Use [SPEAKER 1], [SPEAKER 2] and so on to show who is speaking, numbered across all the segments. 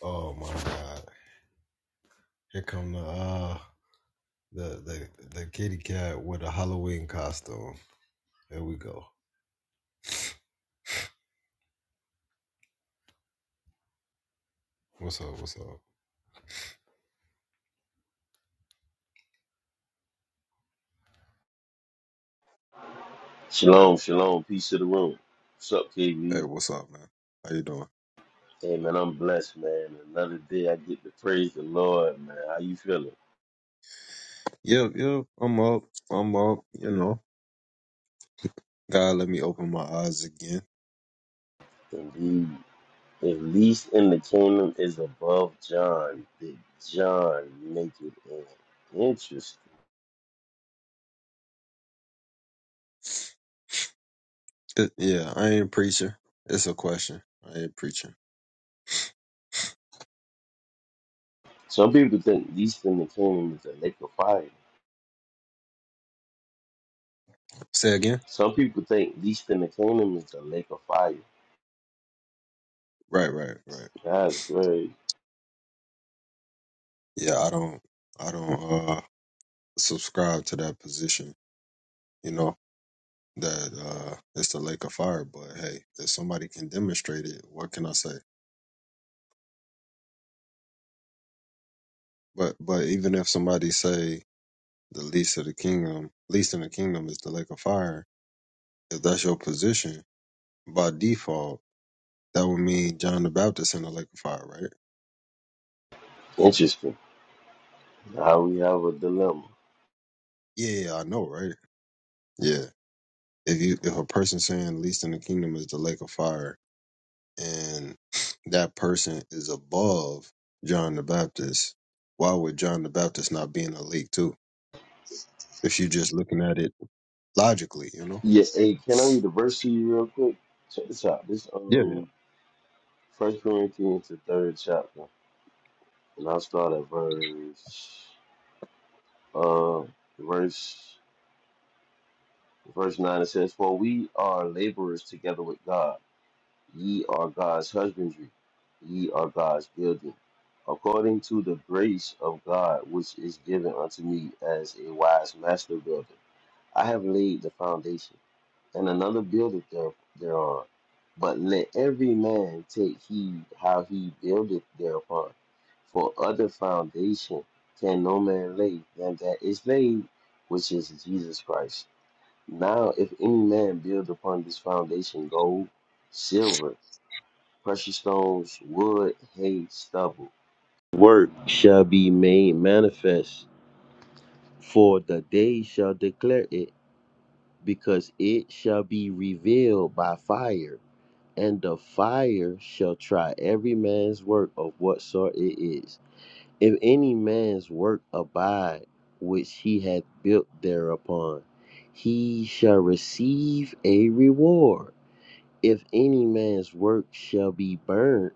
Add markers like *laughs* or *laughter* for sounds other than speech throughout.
[SPEAKER 1] Oh my God! Here come the uh the the the kitty cat with a Halloween costume. There we go. What's up? What's up?
[SPEAKER 2] Shalom, shalom, peace to the room. What's up,
[SPEAKER 1] Hey,
[SPEAKER 2] KB?
[SPEAKER 1] what's up, man? How you doing?
[SPEAKER 2] Hey man, I'm blessed, man. Another day I get to praise the Lord, man. How you feeling?
[SPEAKER 1] Yep, yep. I'm up. I'm up. You know, God let me open my eyes again.
[SPEAKER 2] Indeed. At least in the kingdom is above John. Did John make it in? Interesting.
[SPEAKER 1] It- yeah, I ain't preaching. It's a question. I ain't preaching.
[SPEAKER 2] Some people think least in the kingdom is a lake of fire.
[SPEAKER 1] Say again.
[SPEAKER 2] Some people think least in the kingdom is a lake of fire.
[SPEAKER 1] Right, right, right.
[SPEAKER 2] That's great.
[SPEAKER 1] Yeah, I don't. I don't uh subscribe to that position. You know that uh it's the lake of fire. But hey, if somebody can demonstrate it, what can I say? But but even if somebody say the least of the kingdom, least in the kingdom is the lake of fire. If that's your position by default, that would mean John the Baptist in the lake of fire, right?
[SPEAKER 2] Interesting. How we have a dilemma.
[SPEAKER 1] Yeah, yeah, I know, right? Yeah. If you if a person saying least in the kingdom is the lake of fire, and *sniffs* that person is above John the Baptist, why would John the Baptist not be in the lake too? If you're just looking at it logically, you know?
[SPEAKER 2] Yeah, hey, can I read the verse to you real quick? Check this out. This
[SPEAKER 1] Yeah, yeah,
[SPEAKER 2] um First Corinthians the third chapter, and I'll start at verse uh verse verse nine. It says, "For we are laborers together with God. Ye are God's husbandry. Ye are God's building, according to the grace of God which is given unto me as a wise master builder. I have laid the foundation, and another buildeth there, thereon. But let every man take heed how he buildeth thereupon. For other foundation can no man lay than that is laid, which is Jesus Christ. Now, if any man build upon this foundation gold, silver, precious stones, wood, hay, stubble, work shall be made manifest, for the day shall declare it, because it shall be revealed by fire and the fire shall try every man's work of what sort it is. If any man's work abide, which he hath built thereupon, he shall receive a reward. If any man's work shall be burnt,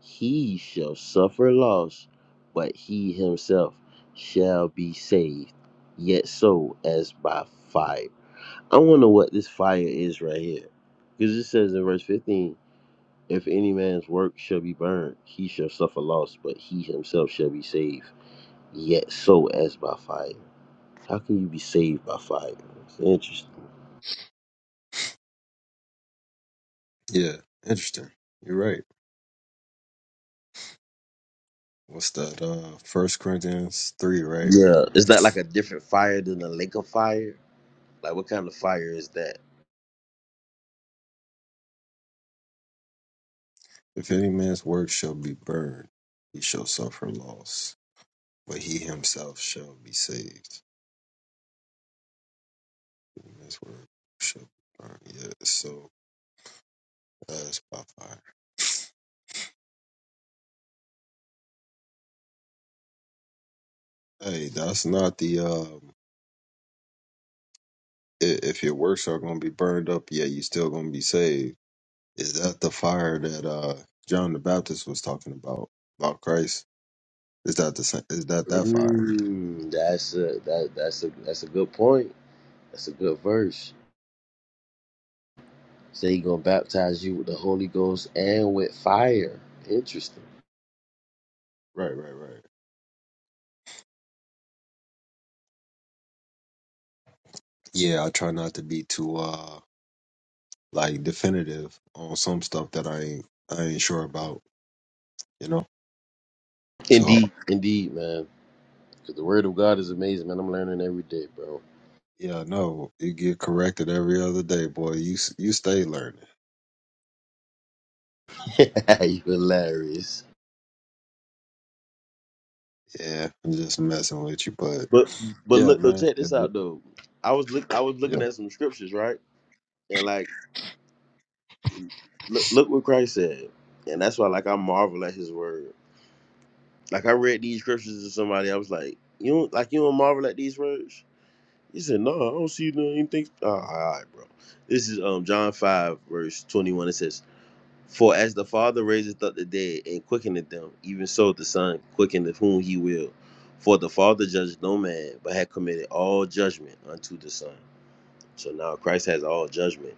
[SPEAKER 2] he shall suffer loss, but he himself shall be saved, yet so as by fire. I wonder what this fire is right here. Because it says in verse 15. If any man's work shall be burned, he shall suffer loss, but he himself shall be saved, yet so as by fire. How can you be saved by fire? It's interesting.
[SPEAKER 1] yeah. Interesting. You're right. What's that? Uh, First Corinthians three, right?
[SPEAKER 2] Yeah, is that like a different fire than the lake of fire? Like, what kind of fire is that?
[SPEAKER 1] If any man's work shall be burned, he shall suffer loss, but he himself shall be saved. Any man's work shall be burned. Yeah, so that's by fire. Hey, that's not the. Um, i- if your works are going to be burned up, yeah, you still going to be saved. Is that the fire that uh John the Baptist was talking about about Christ? Is that the sa- is that that fire?
[SPEAKER 2] Mm, that's a that that's a that's a good point. That's a good verse. Say he gonna baptize you with the Holy Ghost and with fire. Interesting.
[SPEAKER 1] Right, right, right. Yeah, I try not to be too. uh like definitive on some stuff that I ain't I ain't sure about, you know. So
[SPEAKER 2] Indeed, indeed, man. 'Cause the Word of God is amazing, man. I'm learning every day, bro.
[SPEAKER 1] yeah, no, you get corrected every other day, boy. You s- you stay learning.
[SPEAKER 2] *laughs* you hilarious.
[SPEAKER 1] Yeah, I'm just messing with you, but
[SPEAKER 2] But but
[SPEAKER 1] yeah,
[SPEAKER 2] look, though,
[SPEAKER 1] man.
[SPEAKER 2] check
[SPEAKER 1] It,
[SPEAKER 2] this out
[SPEAKER 1] li-
[SPEAKER 2] though. I was look, I was
[SPEAKER 1] yeah.
[SPEAKER 2] looking at some scriptures, right? And like, look, look what Christ said, and that's why like I marvel at His word. Like I read these scriptures to somebody, I was like, you don't like you don't marvel at these words. He said, no, I don't see no- anything. Oh, all right, bro. This is um John five verse twenty one. It says. For as the Father raiseth up the dead and quickeneth them, even so the Son quickeneth whom he will. For the Father judged no man, but hath committed all judgment unto the Son. So now Christ has all judgment.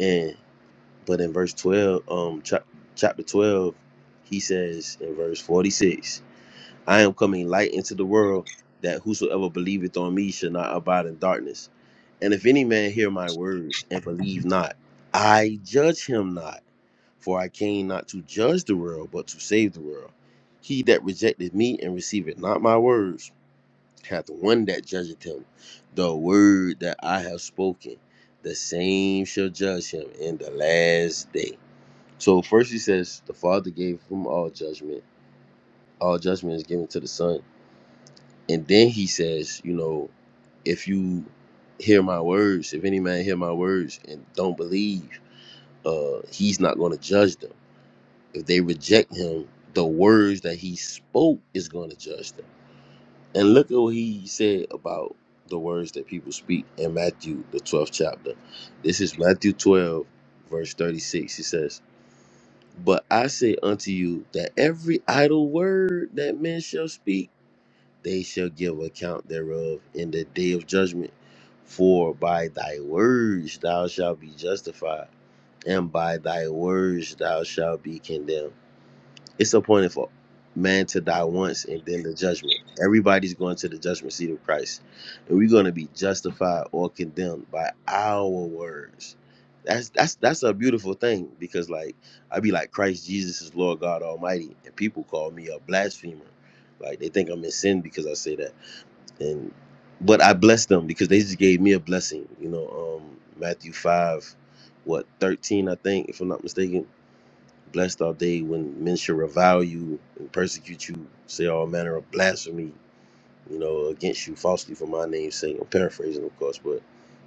[SPEAKER 2] And but in verse twelve, um, chapter twelve, he says in verse forty-six. I am coming light into the world, that whosoever believeth on me shall not abide in darkness. And if any man hear my words and believe not, I judge him not. For I came not to judge the world, but to save the world. He that rejected me and receiveth not my words hath one that judgeth him. The word that I have spoken, the same shall judge him in the last day. So first he says, the Father gave him all judgment. All judgment is given to the Son and then he says, you know, if you hear my words, if any man hear my words and don't believe, uh, he's not going to judge them. If they reject him, the words that he spoke is going to judge them. And look at what he said about the words that people speak in Matthew, the 12th chapter. This is Matthew 12, verse 36. He says, But I say unto you that every idle word that men shall speak, they shall give account thereof in the day of judgment. For by thy words thou shalt be justified, and by thy words thou shalt be condemned. It's appointed for man to die once and then the judgment. Everybody's going to the judgment seat of Christ. And we're going to be justified or condemned by our words. That's that's that's a beautiful thing because like i be like Christ Jesus is Lord God Almighty, and people call me a blasphemer. Like they think I'm in sin because I say that and but I blessed them because they just gave me a blessing. You know, um, Matthew five, what thirteen, I think, if I'm not mistaken. Blessed are they when men shall revile you and persecute you, say all manner of blasphemy, you know, against you falsely for my name's sake. I'm paraphrasing, of course, but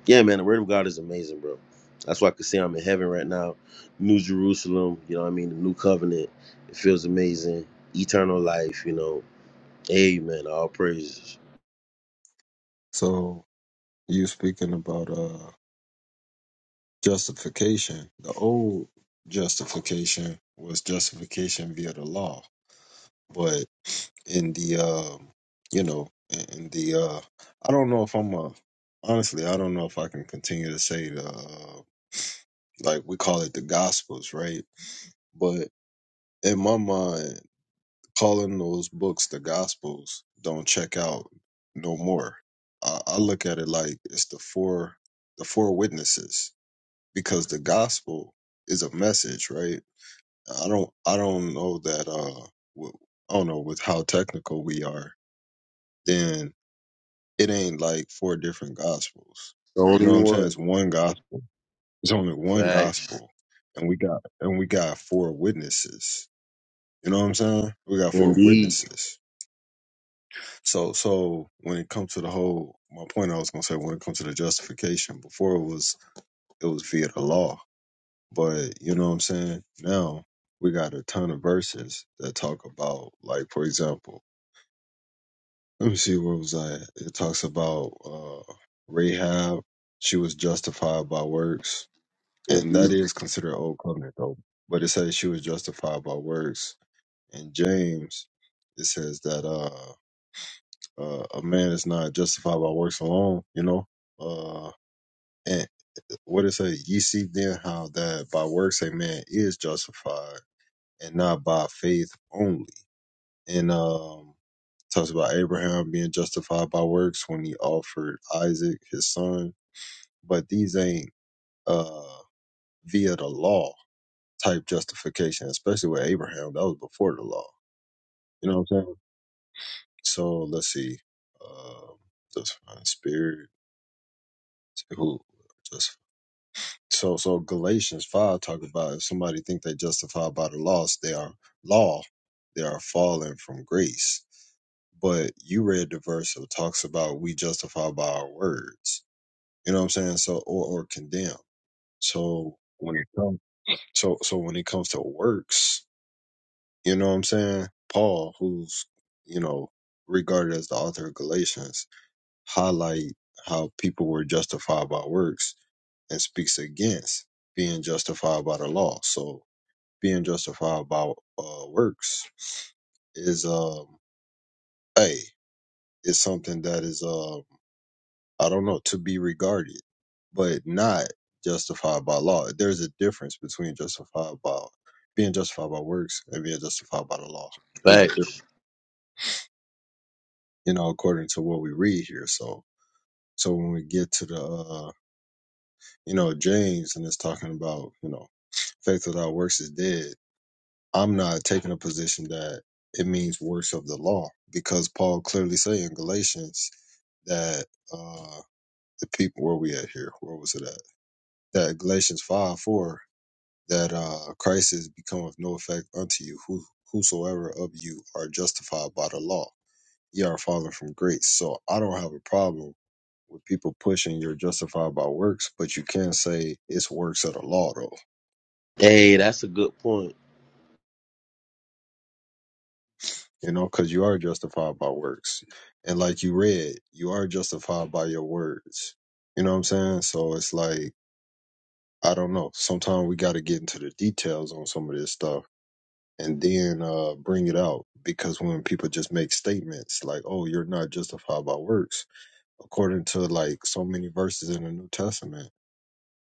[SPEAKER 2] yeah, man, the word of God is amazing, bro. That's why I could say I'm in heaven right now. New Jerusalem, you know what I mean? The new covenant. It feels amazing. Eternal life, you know. Amen. All praises.
[SPEAKER 1] So you speaking about uh justification? The old justification was justification via the law, but in the um, you know, in in the uh, I don't know if I'm a honestly, I don't know if I can continue to say the uh, like we call it the gospels right but in my mind calling those books the gospels don't check out no more i, I look at it like it's the four the four witnesses because the gospel is a message right i don't i don't know that uh w- i don't know with how technical we are then it ain't like four different gospels
[SPEAKER 2] The
[SPEAKER 1] you
[SPEAKER 2] only
[SPEAKER 1] know what i'm saying
[SPEAKER 2] one.
[SPEAKER 1] it's one gospel it's only one
[SPEAKER 2] Facts.
[SPEAKER 1] gospel and we got and we got four witnesses You know what I'm saying? We got four
[SPEAKER 2] Indeed.
[SPEAKER 1] witnesses. So so when it comes to the whole my point I was gonna say when it comes to the justification, before it was it was via the law. But you know what I'm saying? Now we got a ton of verses that talk about like for example, let me see where was I at? It talks about uh Rahab, she was justified by works. And
[SPEAKER 2] Indeed.
[SPEAKER 1] that is considered old covenant though. But it says she was justified by works. And James, it says that uh. Uh, a man is not justified by works alone, you know. Uh, and what it say? Ye see then how that by works a man is justified, and not by faith only. And um, talks about Abraham being justified by works when he offered Isaac his son. But these ain't uh via the law type justification, especially with Abraham. That was before the law. You know what I'm saying? So let's see. Um, just find spirit. Who? So so Galatians five talk about if somebody think they justified by the laws, they are law, they are fallen from grace. But you read the verse that talks about we justify by our words. You know what I'm saying? So or or condemn. So when it comes so so when it comes to works, you know what I'm saying? Paul, who's you know regarded as the author of Galatians, highlight how people were justified by works and speaks against being justified by the law. So being justified by uh, works is um hey, it's something that is uh I don't know to be regarded, but not justified by law. There's a difference between justified by being justified by works and being justified by the law. There's a difference,
[SPEAKER 2] Facts.
[SPEAKER 1] you know, according to what we read here. So so when we get to the uh you know, James and it's talking about, you know, faith without works is dead. I'm not taking a position that it means works of the law because Paul clearly say in Galatians that uh the people where we at here, where was it at? That Galatians five four that uh Christ is become of no effect unto you, who whosoever of you are justified by the law. Ye are fallen from grace. So I don't have a problem with people pushing you're justified by works, but you can't say it's works of the law though
[SPEAKER 2] Hey, that's a good point.
[SPEAKER 1] you know, because you are justified by works. And like you read, you are justified by your words. You know what I'm saying? So it's like, I don't know. Sometimes we got to get into the details on some of this stuff and then uh, bring it out. Because when people just make statements like, oh, you're not justified by works, according to like so many verses in the New Testament,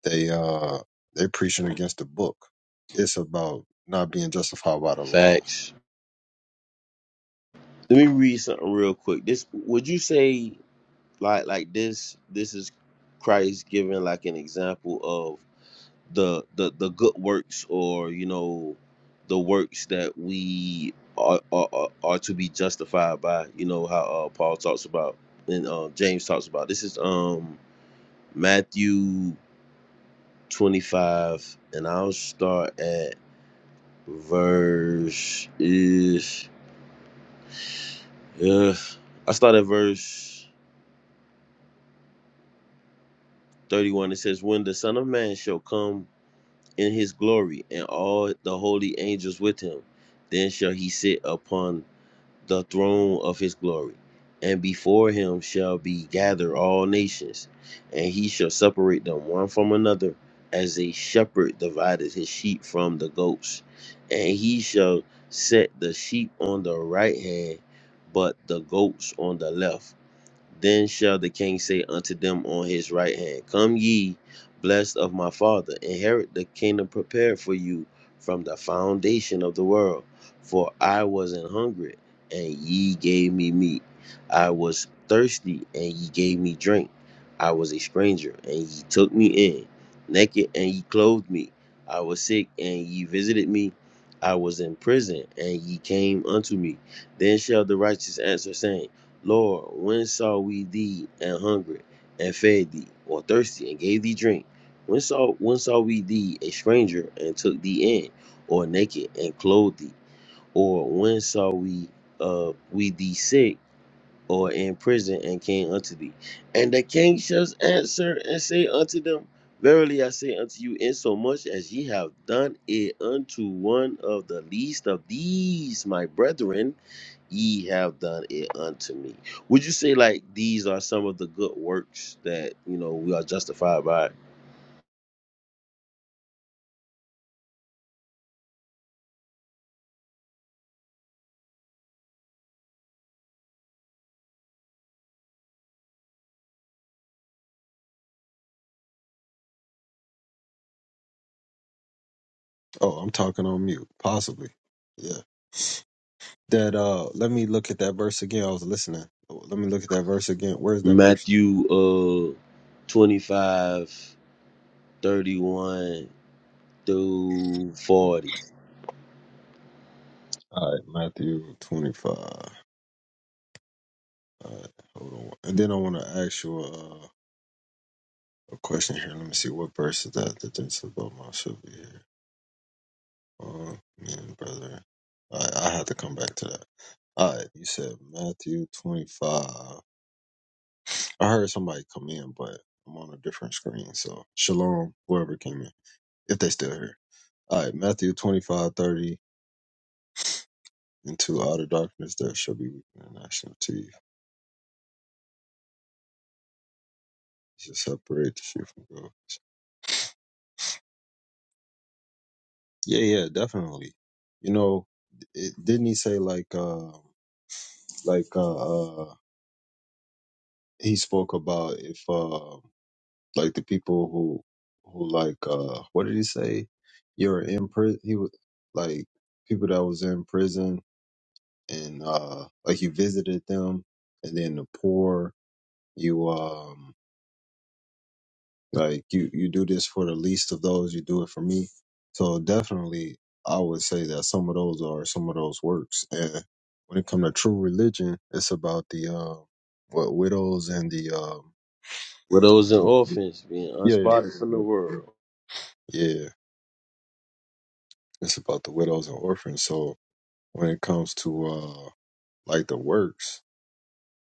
[SPEAKER 1] they, uh, they're preaching against the book. It's about not being justified by the law.
[SPEAKER 2] Facts. Let me read something real quick. This would you say like like this this is Christ giving like an example of the the the good works or you know the works that we are are, are are to be justified by, you know how uh, Paul talks about and uh, James talks about. This is um Matthew 25 and I'll start at verse is yeah. I start at verse 31. It says, When the Son of Man shall come in his glory and all the holy angels with him, then shall he sit upon the throne of his glory, and before him shall be gathered all nations, and he shall separate them one from another, as a shepherd divided his sheep from the goats, and he shall set the sheep on the right hand, but the goats on the left. Then shall the king say unto them on his right hand, Come ye, blessed of my father, inherit the kingdom prepared for you from the foundation of the world. For I was an hungry, and ye gave me meat. I was thirsty, and ye gave me drink. I was a stranger, and ye took me in. Naked, and ye clothed me. I was sick, and ye visited me. I was in prison, and ye came unto me. Then shall the righteous answer, saying, Lord, when saw we thee and hungry, and fed thee, or thirsty, and gave thee drink? When saw when saw we thee a stranger and took thee in, or naked and clothed thee? Or when saw we uh we thee sick or in prison and came unto thee? And the king shall answer and say unto them, Verily I say unto you, insomuch as ye have done it unto one of the least of these my brethren, ye have done it unto me. Would you say like these are some of the good works that you know we are justified by?
[SPEAKER 1] Oh, I'm talking on mute, possibly. Yeah. That uh, let me look at that verse again. I was listening. Let me look at that verse again. Where's that verse?
[SPEAKER 2] Matthew uh 25, thirty-one through 40.
[SPEAKER 1] All right, Matthew twenty-five. All right, hold on. And then I want to ask you uh, a question here. Let me see what verse is that. The things about my should be here. Uh, man, brother. All right, I have to come back to that. All right, you said Matthew twenty-five. I heard somebody come in, but I'm on a different screen. So shalom, whoever came in, if they still here. All right, Matthew 25 30. Into outer darkness that shall be weeping and gnashing of teeth. You shall separate the sheep from goats. Yeah, yeah, definitely. You know, it, didn't he say like, uh, like uh, uh, he spoke about if uh, like the people who who like uh, what did he say? You're in prison. He was like people that was in prison and uh, like you visited them, and then the poor. You um Like you, you do this for the least of those. You do it for me. So definitely, I would say that some of those are some of those works. And when it comes to true religion, it's about the um, what widows and the um,
[SPEAKER 2] Widows and orphans being
[SPEAKER 1] yeah, yeah,
[SPEAKER 2] unspotted from the
[SPEAKER 1] Wid-
[SPEAKER 2] world.
[SPEAKER 1] yeah. It's about the widows and orphans. So when it comes to uh, like the works,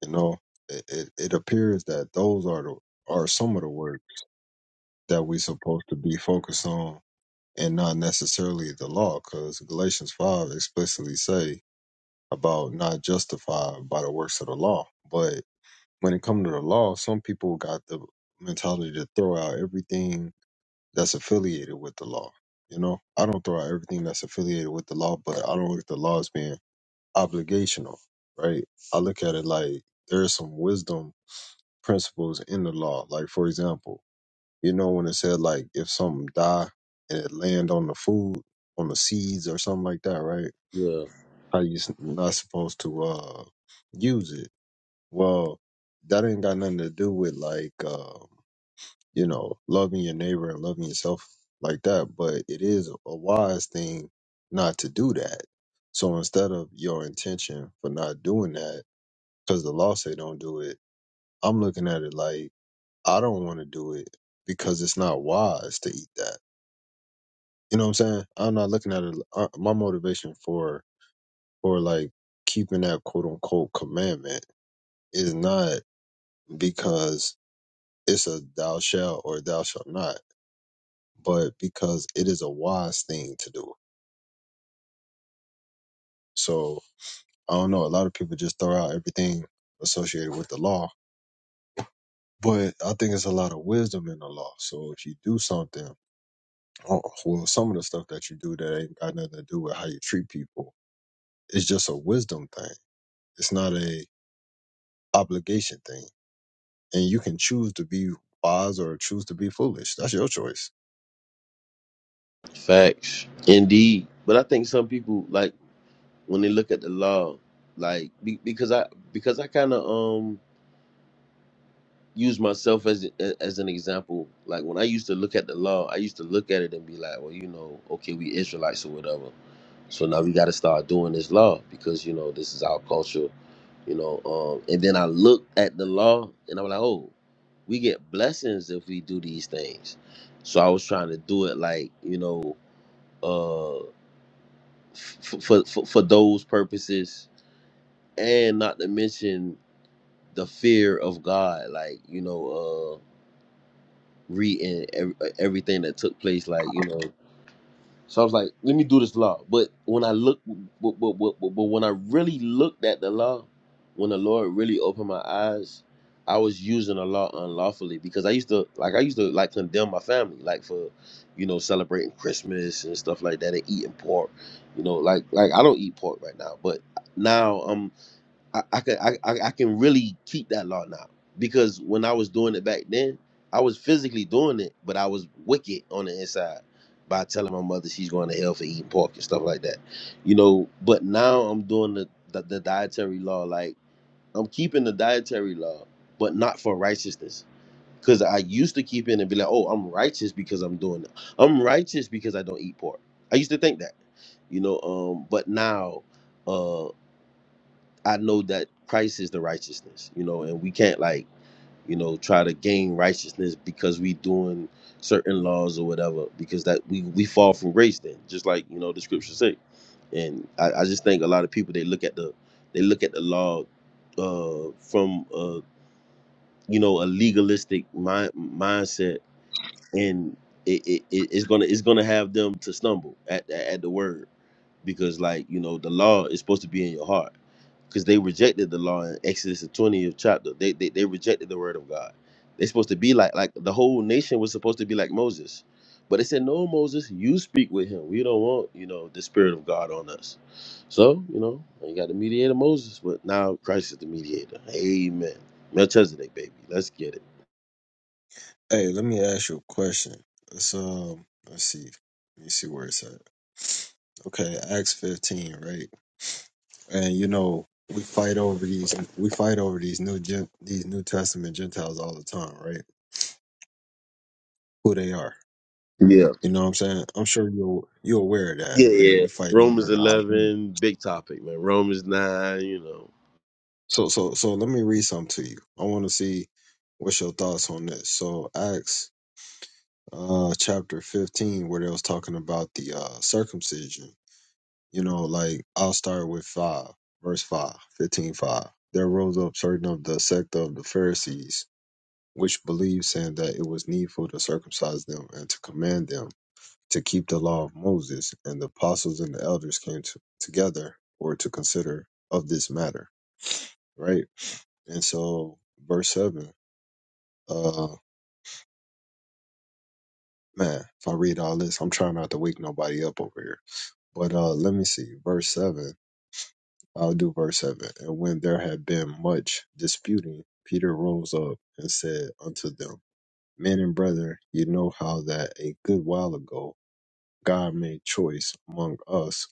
[SPEAKER 1] you know, it, it, it appears that those are the are some of the work that we supposed to be focused on and not necessarily the law, because Galatians 5 explicitly say about not justified by the works of the law. But when it comes to the law, some people got the mentality to throw out everything that's affiliated with the law. You know, I don't throw out everything that's affiliated with the law, but I don't look at the law as being obligational, right? I look at it like there's some wisdom principles in the law. Like, for example, you know when it said like if something die and it land on the food, on the seeds or something like that, right?
[SPEAKER 2] Yeah.
[SPEAKER 1] How you s- not supposed to uh use it? Well, that ain't got nothing to do with like uh, you know loving your neighbor and loving yourself like that, but it is a wise thing not to do that. So instead of your intention for not doing that, because the law say don't do it, I'm looking at it like I don't want to do it because it's not wise to eat that You know what I'm saying? I'm not looking at it. Uh, my motivation for for like keeping that quote unquote commandment is not because it's a thou shalt or thou shalt not, but because it is a wise thing to do. So I don't know. A lot of people just throw out everything associated with the law, but I think it's a lot of wisdom in the law. So if you do something, oh, well, some of the stuff that you do that ain't got nothing to do with how you treat people, it's just a wisdom thing. It's not a obligation thing and you can choose to be wise or choose to be foolish. That's your choice.
[SPEAKER 2] Facts. Indeed. But I think some people like when they look at the law, like be- because I because I kinda um use myself as as an example. Like when I used to look at the law, I used to look at it and be like, well, you know, okay, we Israelites or whatever. So now we got to start doing this law because you know this is our culture, you know. Um, and then I look at the law and I'm like, oh, we get blessings if we do these things. So I was trying to do it like you know, uh, f- for for for those purposes, and not to mention the fear of God, like you know. uh, reading ev- everything that took place. Like you know, so I was like, let me do this law. But when I look, but but but, but, but when I really looked at the law, when the Lord really opened my eyes, I was using the law unlawfully because I used to like I used to like condemn my family like for you know celebrating Christmas and stuff like that and eating pork. You know, like like I don't eat pork right now, but now I'm. I, I can I, I I can really keep that law now because when I was doing it back then, I was physically doing it, but I was wicked on the inside by telling my mother she's going to hell for eating pork and stuff like that, you know. But now I'm doing the the, the dietary law, like I'm keeping the dietary law, but not for righteousness. Cause I used to keep it and be like, oh, I'm righteous because I'm doing it. I'm righteous because I don't eat pork. I used to think that, you know. Um, but now um, I know that Christ is the righteousness, you know, and we can't like, you know, try to gain righteousness because we doing certain laws or whatever, because that we we fall from grace then, just like you know the scriptures say. And I, I just think a lot of people they look at the they look at the law uh from uh you know a legalistic mind mindset and it, it it- it's gonna it's gonna have them to stumble at at the word because like you know the law is supposed to be in your heart because they rejected the law in Exodus the 20th chapter. They, they they rejected the word of God. They're supposed to be like like the whole nation was supposed to be like Moses. But they said, No, Moses, you speak with him. We don't want, you know, the spirit of God on us. So, you know, you got the mediator Moses, but now Christ is the mediator. Amen. Melchizedek, baby. Let's get it.
[SPEAKER 1] Hey, let me ask you a question. It's um, let's see, let me see where it's at. Okay, Acts fifteen, right? And you know we fight over these, we fight over these new gen, these New Testament Gentiles all the time, right? Who they are.
[SPEAKER 2] Yeah.
[SPEAKER 1] You know what I'm saying? I'm sure you're you're aware of that,
[SPEAKER 2] Yeah,
[SPEAKER 1] right?
[SPEAKER 2] yeah.
[SPEAKER 1] We fighting
[SPEAKER 2] Romans
[SPEAKER 1] over the identity.
[SPEAKER 2] eleven, big topic, man. Romans nine, you know.
[SPEAKER 1] So so so let me read something to you. I want to see what's your thoughts on this. So Acts uh chapter 15 where they was talking about the uh circumcision you know like i'll start with 5 verse 5, 15 5. there rose up certain of the sect of the pharisees which believed saying that it was needful to circumcise them and to command them to keep the law of moses and the apostles and the elders came to, together or to consider of this matter right and so verse 7 uh man if i read all this i'm trying not to wake nobody up over here But uh, let me see, verse 7. I'll do verse 7. And when there had been much disputing, Peter rose up and said unto them, Men and brethren, you know how that a good while ago God made choice among us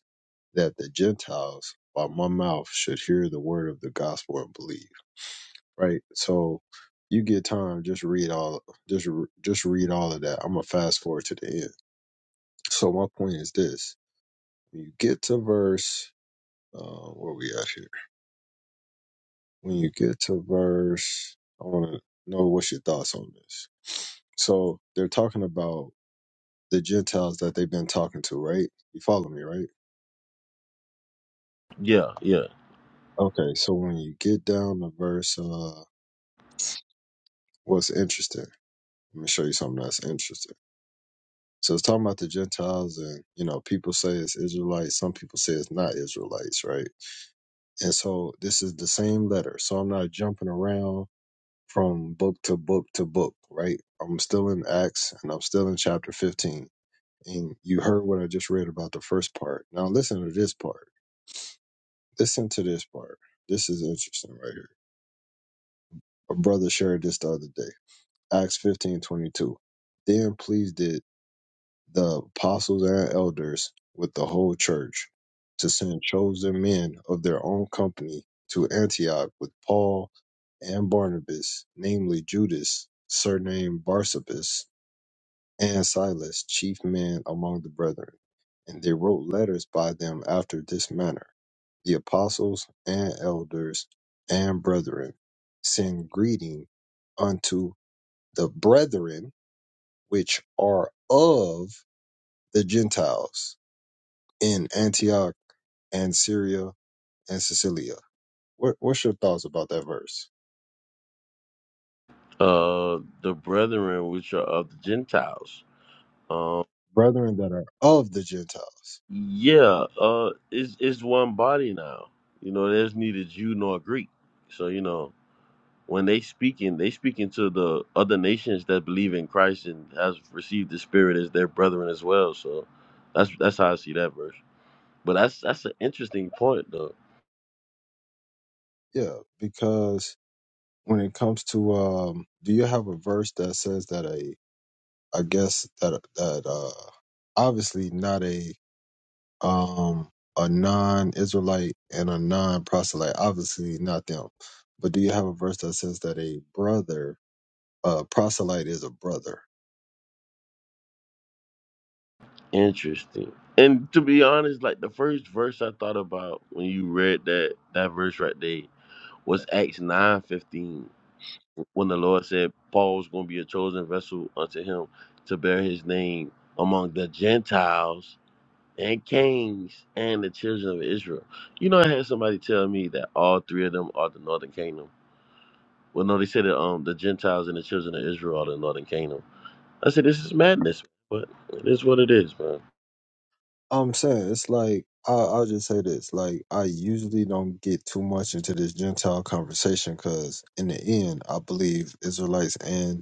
[SPEAKER 1] that the Gentiles by my mouth should hear the word of the gospel and believe. Right? So you get time, just read all just re- just read all of that. I'm gonna fast forward to the end. So my point is this. When you get to verse uh where we at here? when you get to verse, I want to know what's your thoughts on this. So they're talking about the Gentiles that they've been talking to, right? You follow me, right?
[SPEAKER 2] Yeah, yeah.
[SPEAKER 1] Okay, so when you get down to verse, uh, what's interesting? Let me show you something that's interesting. So it's talking about the Gentiles, and you know, people say it's Israelites. Some people say it's not Israelites, right? And so this is the same letter. So I'm not jumping around from book to book to book, right? I'm still in Acts, and I'm still in chapter 15 And you heard what I just read about the first part. Now listen to this part. Listen to this part. This is interesting right here. A brother shared this the other day. Acts fifteen twenty two. Then pleased did the apostles and elders with the whole church to send chosen men of their own company to Antioch with Paul and Barnabas, namely Judas, surnamed Barsabas and Silas, chief men among the brethren. And they wrote letters by them after this manner The apostles and elders and brethren send greeting unto the brethren which are of the Gentiles in Antioch and Syria and Sicilia. What, what's your thoughts about that verse?
[SPEAKER 2] Uh, the brethren which are of the Gentiles.
[SPEAKER 1] Brethren that are of the Gentiles.
[SPEAKER 2] Yeah, uh, it's it's one body now. You know, there's neither Jew nor Greek. So you know, when they speaking, they speaking to the other nations that believe in Christ and has received the Spirit as their brethren as well. So that's that's how I see that verse. But that's that's an interesting point though.
[SPEAKER 1] Yeah, because when it comes to, um, do you have a verse that says that a I guess that that uh obviously not a um a non-Israelite and a non-proselyte, obviously not them. But do you have a verse that says that a brother, uh proselyte is a brother?
[SPEAKER 2] Interesting. And to be honest, like the first verse I thought about when you read that that verse right there was Acts nine fifteen. when the Lord said Paul was going to be a chosen vessel unto him to bear his name among the Gentiles and kings and the children of Israel. You know, I had somebody tell me that all three of them are the northern kingdom. Well, no, they said that um, the Gentiles and the children of Israel are the northern kingdom. I said, this is madness, but it is what it is, man.
[SPEAKER 1] I'm saying it's like I, I'll just say this: like I usually don't get too much into this Gentile conversation because in the end, I believe Israelites and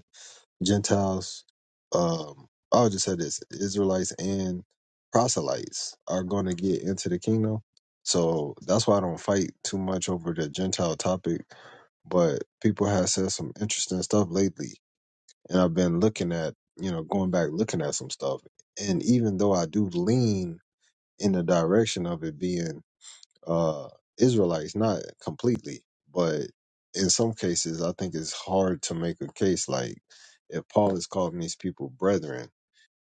[SPEAKER 1] Gentiles, um, I'll just say this Israelites and proselytes are going to get into the kingdom. So that's why I don't fight too much over the Gentile topic. But people have said some interesting stuff lately. And I've been looking at, you know, going back looking at some stuff. And even though I do lean in the direction of it being uh, Israelites, not completely, but in some cases, I think it's hard to make a case like if Paul is calling these people brethren,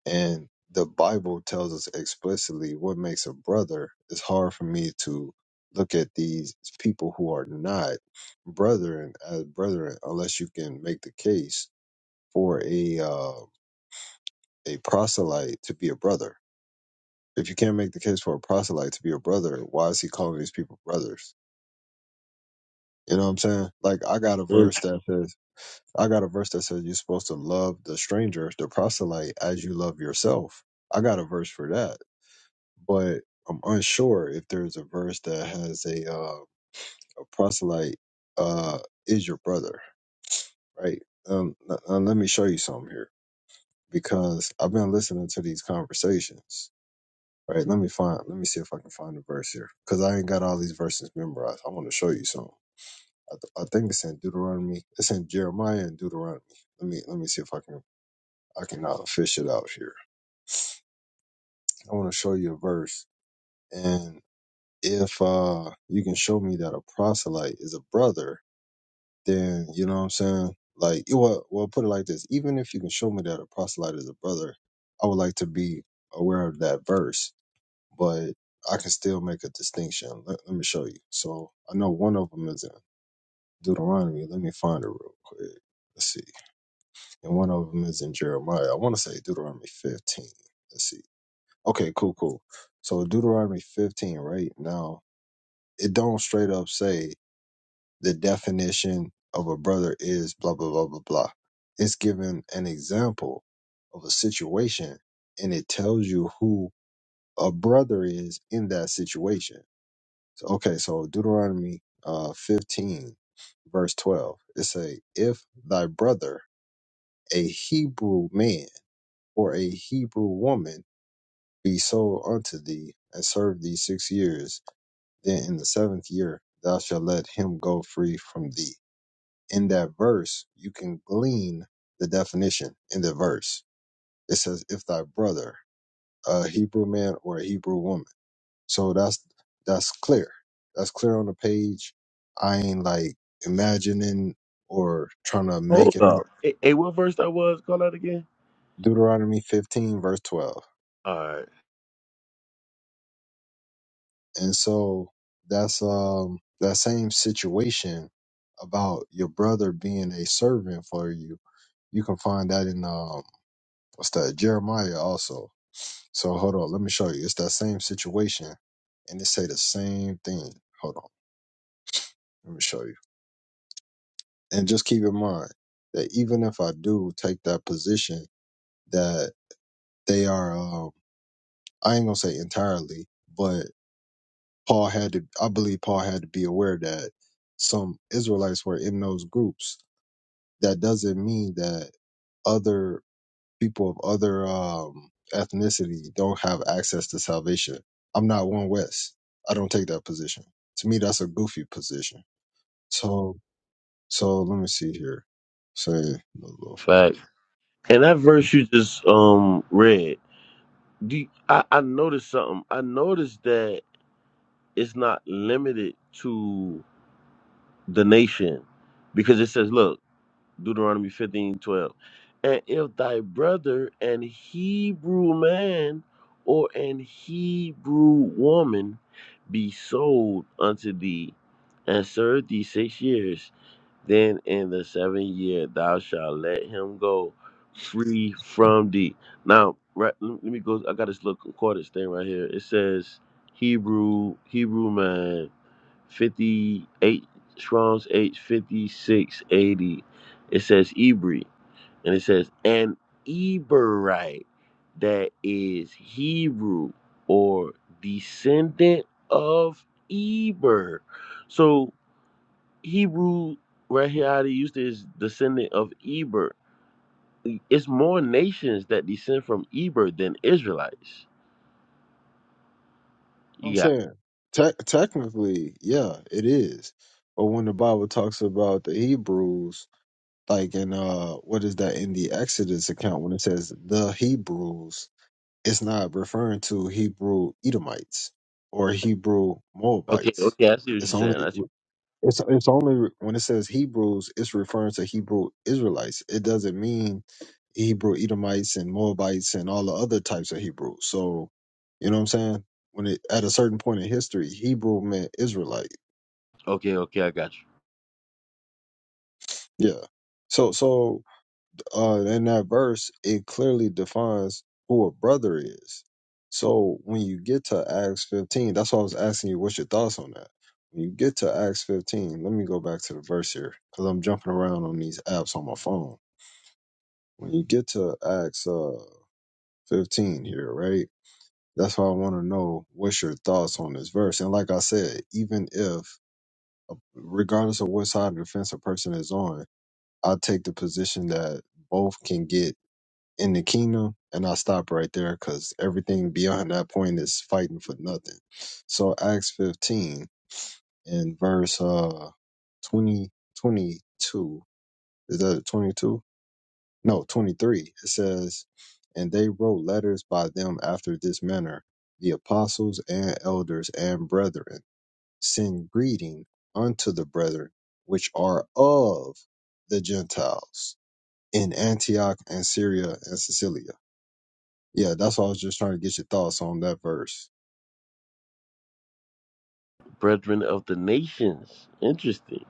[SPEAKER 1] and the Bible tells us explicitly what makes a brother, it's hard for me to look at these people who are not brethren as brethren unless you can make the case for a uh, a proselyte to be a brother. If you can't make the case for a proselyte to be a brother, why is he calling these people brothers? You know what I'm saying? Like I got a
[SPEAKER 2] And
[SPEAKER 1] verse that says I got a verse that says you're supposed to love the stranger, the proselyte, as you love yourself. I got a verse for that, but I'm unsure if there's a verse that has a uh, a proselyte uh, is your brother, right? Um, n- uh, let me show you something here because I've been listening to these conversations. Right, let me find. Let me see if I can find a verse here because I ain't got all these verses memorized. I want to show you something. I, th- I think it's in Deuteronomy. It's in Jeremiah and Deuteronomy. Let me let me see if I can I can uh, fish it out here. I want to show you a verse, and if uh you can show me that a proselyte is a brother, then you know what I'm saying. Like, well, well, put it like this: even if you can show me that a proselyte is a brother, I would like to be aware of that verse, but I can still make a distinction. Let, let me show you. So I know one of them is in Deuteronomy. Let me find it real quick. Let's see. and one of them is in Jeremiah. I want to say Deuteronomy 15. Let's see. Okay, cool, cool. So Deuteronomy 15, right now, it don't straight up say the definition of a brother is blah blah blah blah blah. It's giving an example of a situation, and it tells you who a brother is in that situation. So, okay, so Deuteronomy uh, 15, verse 12, it say, "If thy brother, a Hebrew man." or a Hebrew woman be sold unto thee, and serve thee six years, then in the seventh year thou shalt let him go free from thee. In that verse, you can glean the definition in the verse. It says, if thy brother, a Hebrew man or a Hebrew woman. So that's that's clear. That's clear on the page. I ain't like imagining or trying to
[SPEAKER 2] hold
[SPEAKER 1] make it
[SPEAKER 2] up.
[SPEAKER 1] up.
[SPEAKER 2] Hey, hey, what verse that was? Call out again?
[SPEAKER 1] Deuteronomy 15, verse 12.
[SPEAKER 2] All right.
[SPEAKER 1] And so that's um that same situation about your brother being a servant for you. You can find that in um what's that Jeremiah also. So hold on, let me show you. It's that same situation, and it say the same thing. Hold on, let me show you. And just keep in mind that even if I do take that position that they are, um, I ain't gonna say entirely, but. Paul had to, I believe Paul had to be aware that some Israelites were in those groups. That doesn't mean that other people of other um, ethnicity don't have access to salvation. I'm not one West. I don't take that position. To me, that's a goofy position. So, so let me see here. Say no go for.
[SPEAKER 2] Fact. And that verse you just um read, do you- I, I noticed something. I noticed that it's not limited to the nation because it says, look, Deuteronomy 15 12, And if thy brother, an Hebrew man or an Hebrew woman, be sold unto thee and serve thee six years, then in the seventh year thou shalt let him go free from thee. Now, right, let me go. I got this little concordance thing right here. It says, Hebrew, Hebrew man 58 Strong's H 5680. It says Ebri, and it says an Eberite that is Hebrew or descendant of Eber. So Hebrew right here how they used it is descendant of Eber. It's more nations that descend from Eber than Israelites.
[SPEAKER 1] I'm
[SPEAKER 2] You got
[SPEAKER 1] saying te- technically, yeah, it is. But when the Bible talks about the Hebrews like in uh what is that in the Exodus account when it says the Hebrews, it's not referring to Hebrew Edomites or Hebrew
[SPEAKER 2] okay,
[SPEAKER 1] Moabites.
[SPEAKER 2] okay, I see what
[SPEAKER 1] It's
[SPEAKER 2] you're saying.
[SPEAKER 1] only
[SPEAKER 2] I see.
[SPEAKER 1] it's it's only when it says Hebrews, it's referring to Hebrew Israelites. It doesn't mean Hebrew Edomites and Moabites and all the other types of Hebrews. So you know what I'm saying? When it at a certain point in history, Hebrew meant Israelite.
[SPEAKER 2] Okay, okay, I got you.
[SPEAKER 1] Yeah. So so uh, in that verse, it clearly defines who a brother is. So when you get to Acts 15, that's why I was asking you, what's your thoughts on that? When you get to Acts 15, let me go back to the verse here because I'm jumping around on these apps on my phone. When you get to Acts uh, 15 here, right? That's why I want to know what's your thoughts on this verse. And like I said, even if, regardless of what side of the fence a person is on, I take the position that both can get in the kingdom and i stop right there because everything beyond that point is fighting for nothing so acts 15 in verse uh 20 twenty-two, is that 22 no 23 it says and they wrote letters by them after this manner the apostles and elders and brethren send greeting unto the brethren which are of the gentiles in antioch and syria and Sicilia." Yeah, that's why I was just trying to get your thoughts on that verse.
[SPEAKER 2] brethren of the nations. Interesting.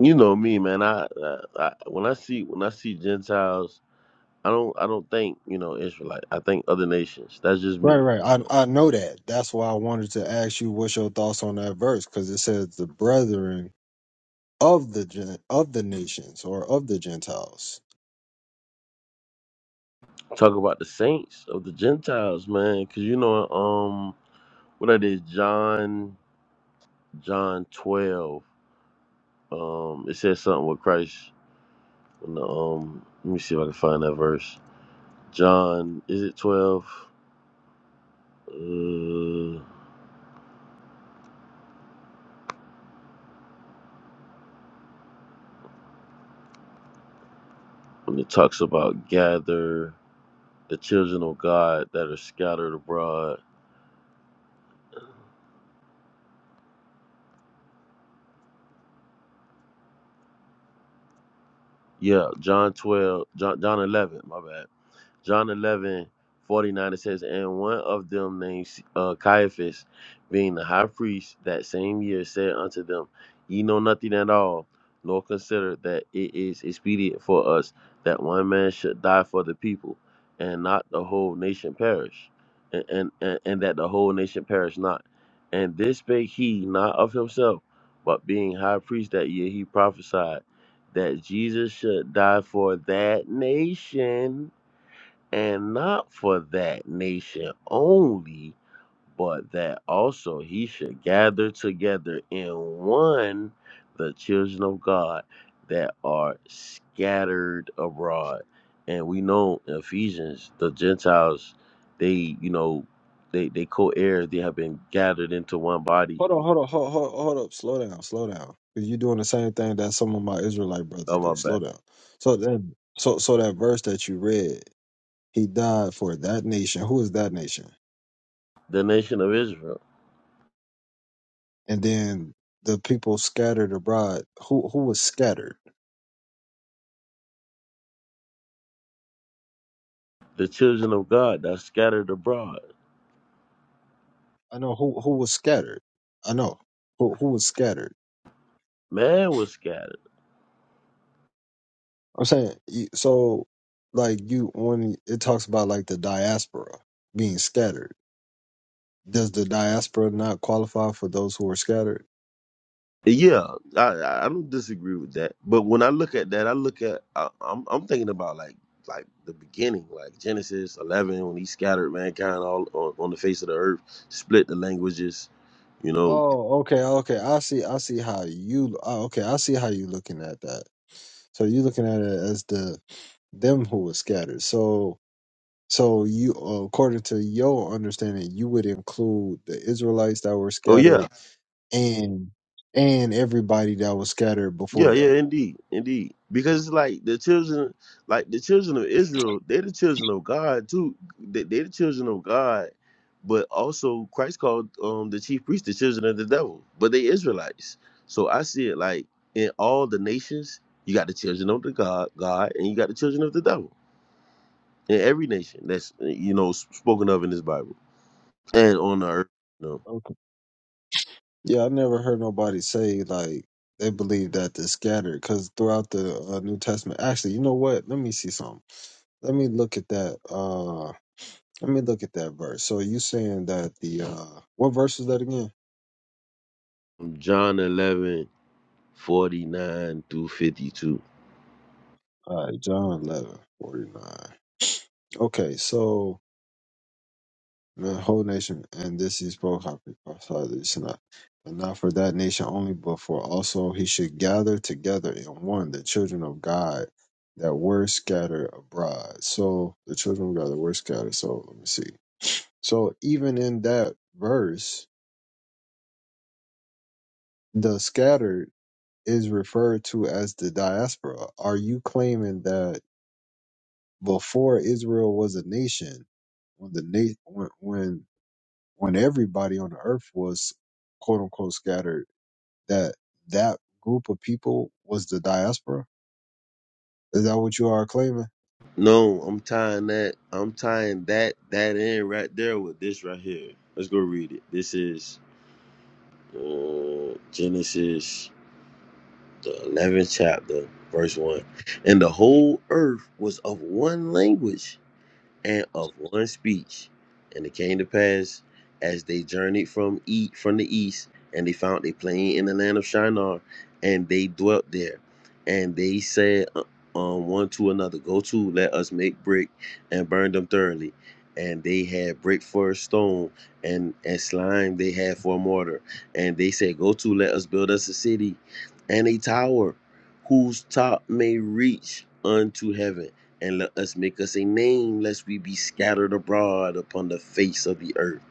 [SPEAKER 2] You know me, man. I, I, I when I see when I see Gentiles, I don't I don't think you know Israelite. I think other nations. That's just
[SPEAKER 1] Right,
[SPEAKER 2] me.
[SPEAKER 1] right.
[SPEAKER 2] You know,
[SPEAKER 1] I I know that. That's why I wanted to ask you what's your thoughts on that verse because it says the brethren of the gen- of the nations or of the Gentiles.
[SPEAKER 2] talk about the saints of the Gentiles, man. Because you know, um, what that is, John John twelve. Um, it says something with Christ. When the, um, let me see if I can find that verse. John, is it twelve? Uh, when it talks about gather. the children of God that are scattered abroad. Yeah, John 12, John, John 11, my bad. John 11 49. it says, And one of them named uh, Caiaphas, being the high priest that same year, said unto them, Ye know nothing at all, nor consider that it is expedient for us that one man should die for the people, and not the whole nation perish, and, and, and, and that the whole nation perish not. And this spake he not of himself, but being high priest that year, he prophesied that Jesus should die for that nation and not for that nation only, but that also he should gather together in one the children of God that are scattered abroad. And we know in Ephesians, the Gentiles, they, you know, they, they co heirs, they have been gathered into one body.
[SPEAKER 1] Hold on, hold on, hold hold, hold up, slow down, slow down. Because you're doing the same thing that some of my Israelite brothers
[SPEAKER 2] Oh,
[SPEAKER 1] do.
[SPEAKER 2] my bad.
[SPEAKER 1] Slow down. So then, so so that verse that you read, he died for that nation. Who is that nation?
[SPEAKER 2] The nation of Israel,
[SPEAKER 1] And then the people scattered abroad. Who who was scattered?
[SPEAKER 2] the children of God that scattered abroad.
[SPEAKER 1] I know who who was scattered. I know who who was scattered.
[SPEAKER 2] Man was scattered.
[SPEAKER 1] I'm saying you- so, like you when it talks about like the diaspora being scattered. Does the diaspora not qualify for those who are scattered?
[SPEAKER 2] Yeah, I I don't disagree with that. But when I look at that, I look at I, I'm I'm thinking about like like the beginning, like Genesis 11 when he scattered mankind all on, on the face of the earth, split the languages, you know.
[SPEAKER 1] Oh, okay, okay. I see. I see how you. oh, Okay, I see how you looking at that. So you looking at it as the them who were scattered. So so you according to your understanding, you would include the Israelites that were
[SPEAKER 2] Oh yeah,
[SPEAKER 1] scattered and and everybody that was scattered
[SPEAKER 2] Yeah,
[SPEAKER 1] before
[SPEAKER 2] yeah,
[SPEAKER 1] that.
[SPEAKER 2] indeed, indeed. Because it's like the children, like the children of Israel, they're the children of God too. They- They're the children of God, but also Christ called um the chief priest the children of the devil, but they Israelites. So I see it like in all the nations, you got the children of the God, God, and you got the children of the devil in every nation that's you know spoken of in this Bible and on the earth. You
[SPEAKER 1] Okay. Yeah, I never heard nobody say like they believe that they're scattered because throughout the uh, New Testament, actually, you know what? Let me see something. Let me look at that. Uh, let me look at that verse. So you saying that the uh, what verse is that again?
[SPEAKER 2] know, John eleven forty nine through 52.
[SPEAKER 1] All right, John eleven forty nine. Okay, so the whole nation, and this he spoke hypothesized it's not, and not for that nation only, but for also he should gather together in one the children of God that were scattered abroad. So the children of God that were scattered. So let me see. So even in that verse, the scattered is referred to as the diaspora. Are you claiming that before Israel was a nation, when the na- when when when everybody on the earth was quote unquote scattered? that that group of people was the diaspora? Is that what you are claiming?
[SPEAKER 2] No, I'm tying that. I'm tying that that in right there with this right here. Let's go read it. This is uh, Genesis, the eleventh chapter, verse one. And the whole earth was of one language and of one speech. And it came to pass as they journeyed from e- from the east, and they found a plain in the land of Shinar, and they dwelt there. And they said uh, um, one to another, Go to, let us make brick and burn them thoroughly. And they had brick for a stone, and, and slime they had for a mortar. And they said, Go to, let us build us a city and a tower whose top may reach unto heaven and let us make us a name lest we be scattered abroad upon the face of the earth.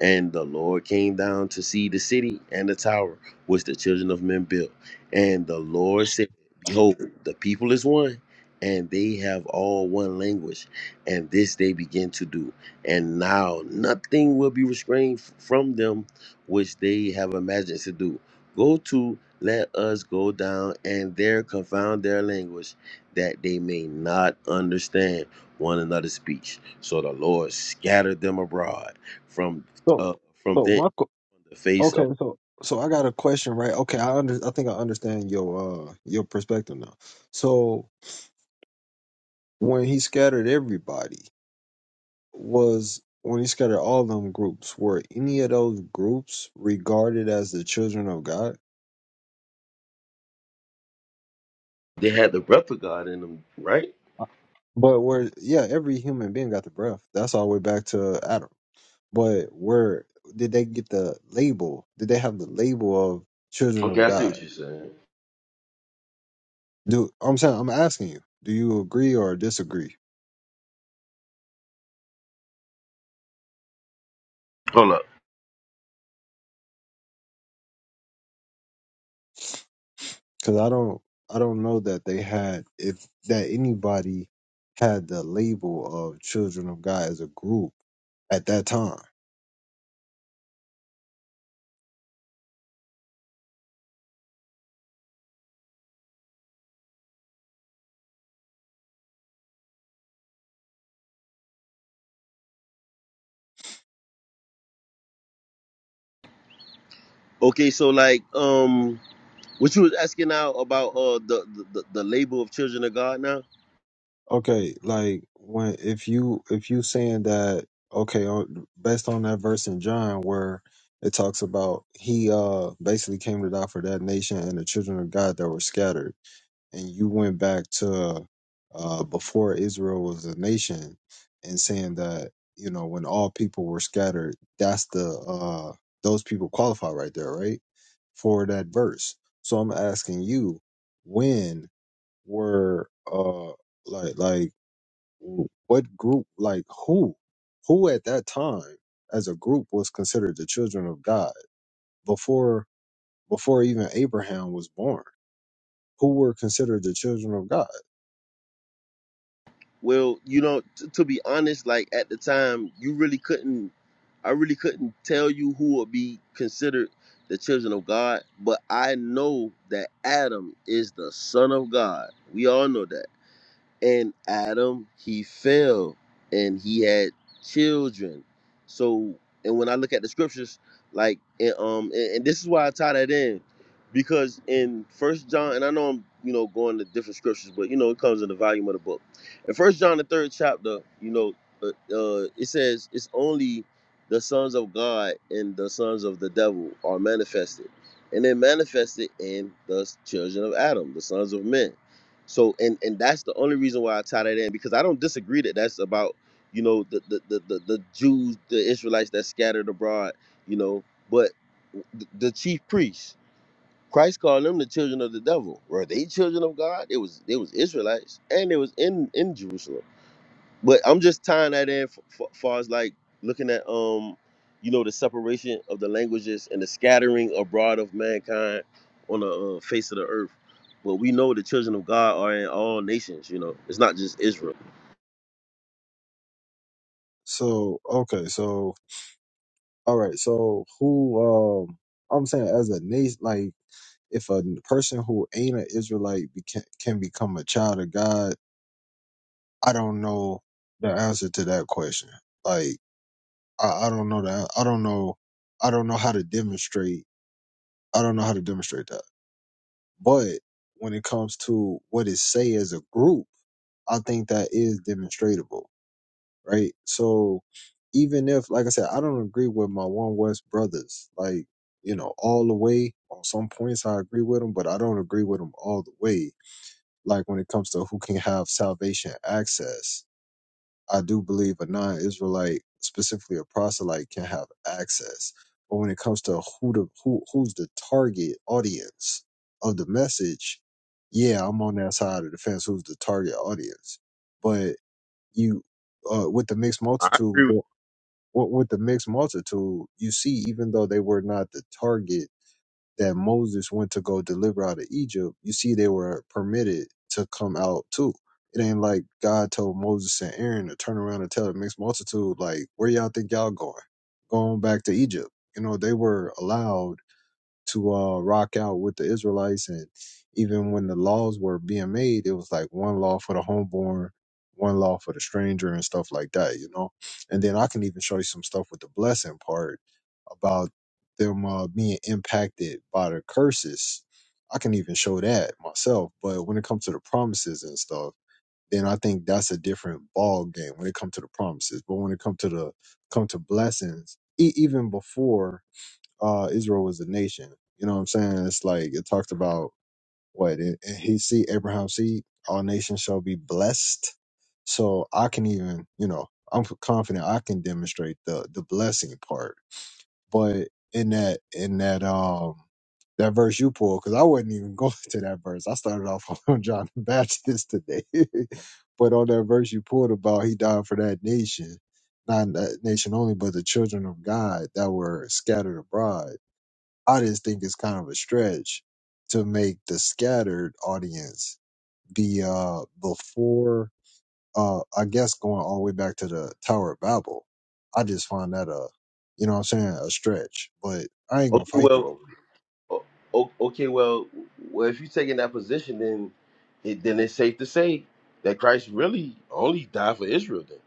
[SPEAKER 2] And the Lord came down to see the city and the tower which the children of men built. And the Lord said, Behold, the people is one, and they have all one language. And this they begin to do. And now nothing will be restrained f- from them which they have imagined to do. Go to, let us go down and there confound their language, that they may not understand one another's speech. So the Lord scattered them abroad from
[SPEAKER 1] So,
[SPEAKER 2] uh, from
[SPEAKER 1] so
[SPEAKER 2] then
[SPEAKER 1] my qu-
[SPEAKER 2] on the face
[SPEAKER 1] okay,
[SPEAKER 2] of
[SPEAKER 1] so so I got a question, right? Okay, I under I think I understand your uh your perspective now. So when he scattered everybody, was when he scattered all them groups, were any of those groups regarded as the children of God?
[SPEAKER 2] they had the breath of God in them, right?
[SPEAKER 1] Uh, But where yeah, every human being got the breath. That's all the way back to Adam. But where did they get the label? Did they have the label of children
[SPEAKER 2] Okay,
[SPEAKER 1] of
[SPEAKER 2] I see
[SPEAKER 1] God?
[SPEAKER 2] what you're saying.
[SPEAKER 1] Do I'm saying I'm asking you. Do you agree or disagree?
[SPEAKER 2] Hold up.
[SPEAKER 1] Because I don't I don't know that they had if that anybody had the label of children of God as a group at that time.
[SPEAKER 2] Okay, so like um what you was asking now about uh the the, the the label of children of God now?
[SPEAKER 1] Okay, like when if you if you saying that okay on, based on that verse in John where it talks about he uh basically came to die for that nation and the children of God that were scattered and you went back to uh, before Israel was a nation and saying that you know when all people were scattered, that's the uh, those people qualify right there, right, for that verse. So I'm asking you, when were uh like like what group like who who at that time as a group was considered the children of God before before even Abraham was born? Who were considered the children of God?
[SPEAKER 2] Well, you know, t- to be honest, like at the time you really couldn't I really couldn't tell you who would be considered the children of God, but I know that Adam is the son of God. We all know that. and Adam he fell and he had children. So and when I look at the scriptures, like and, um and, and this is why I tie that in because in First John and I know I'm you know going to different scriptures, but you know it comes in the volume of the book. In First John the third chapter, you know uh, uh, it says it's only the sons of God and the sons of the devil are manifested, and they're manifested in the children of Adam, the sons of men. So and and that's the only reason why I tie that in because I don't disagree that that's about you know the the the the, the Jews the Israelites that scattered abroad you know but the, the chief priests Christ called them the children of the devil were they children of God it was they was Israelites and it was in in Jerusalem but I'm just tying that in f- f- far as like looking at um, you know, the separation of the languages and the scattering abroad of mankind on the uh, face of the earth. But we know the children of God are in all nations. You know, it's not just Israel.
[SPEAKER 1] So okay, so all right, so who um I'm saying as a nation, like if a person who ain't an Israelite beca- can become a child of God, I don't know the answer to that question. Like I, I don't know that I don't know I don't know how to demonstrate I don't know how to demonstrate that. But when it comes to what it say as a group, I think that is demonstratable right? So even if, like I said, I don't agree with my One West brothers, like, you know, all the way on some points, I agree with them, but I don't agree with them all the way. Like when it comes to who can have salvation access, I do believe a non Israelite, specifically a proselyte, can have access. But when it comes to who the who who's the target audience of the message, yeah, I'm on that side of the fence. Who's the target audience? But you uh, with the mixed
[SPEAKER 2] I
[SPEAKER 1] multitude.
[SPEAKER 2] agree with
[SPEAKER 1] What with the mixed multitude, you see, even though they were not the target that Moses went to go deliver out of Egypt, you see, they were permitted to come out too. It ain't like God told Moses and Aaron to turn around and tell the mixed multitude, like, where y'all think y'all going? Going back to Egypt. You know, they were allowed to uh, rock out with the Israelites. And even when the laws were being made, it was like one law for the homeborn, one law for the stranger, and stuff like that, you know? And then I can even show you some stuff with the blessing part about them uh, being impacted by the curses. I can even show that myself. But when it comes to the promises and stuff, then I think that's a different ball game when it comes to the promises. But when it comes to the come to blessings, e- even before uh, Israel was a nation. You know what I'm saying? It's like it talks about what it, it- he see Abraham's seed, all nations shall be blessed. So I can even, you know, I'm confident I can demonstrate the the blessing part. But in that in that um that verse you pulled, because I wasn't even going *laughs* to that verse. I started off *laughs* on John the Baptist today, *laughs* but on that verse you pulled about he died for that nation, not that nation only, but the children of God that were scattered abroad I just think it's kind of a stretch to make the scattered audience be uh before uh I guess going all the way back to the Tower of Babel. I just find that a you know what I'm saying a stretch, but I ain't gonna
[SPEAKER 2] Okay,
[SPEAKER 1] fight you
[SPEAKER 2] well,
[SPEAKER 1] over it.
[SPEAKER 2] o- o- okay, well, well, if you're taking that position, then it then it's safe to say that Christ really only died for Israel. Then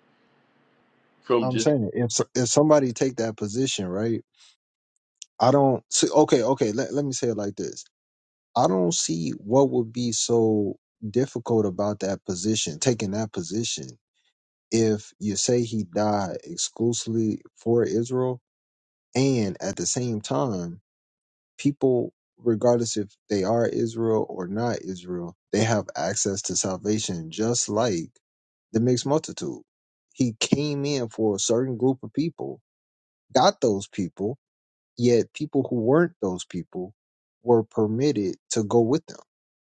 [SPEAKER 2] from
[SPEAKER 1] I'm
[SPEAKER 2] just
[SPEAKER 1] saying if s- if somebody take that position, right? I don't see. Okay, okay. Let let me say it like this. I don't see what would be so difficult about that position, taking that position if you say he died exclusively for Israel, and at the same time, people, regardless if they are Israel or not Israel, they have access to salvation just like the mixed multitude. He came in for a certain group of people, got those people, yet people who weren't those people were permitted to go with them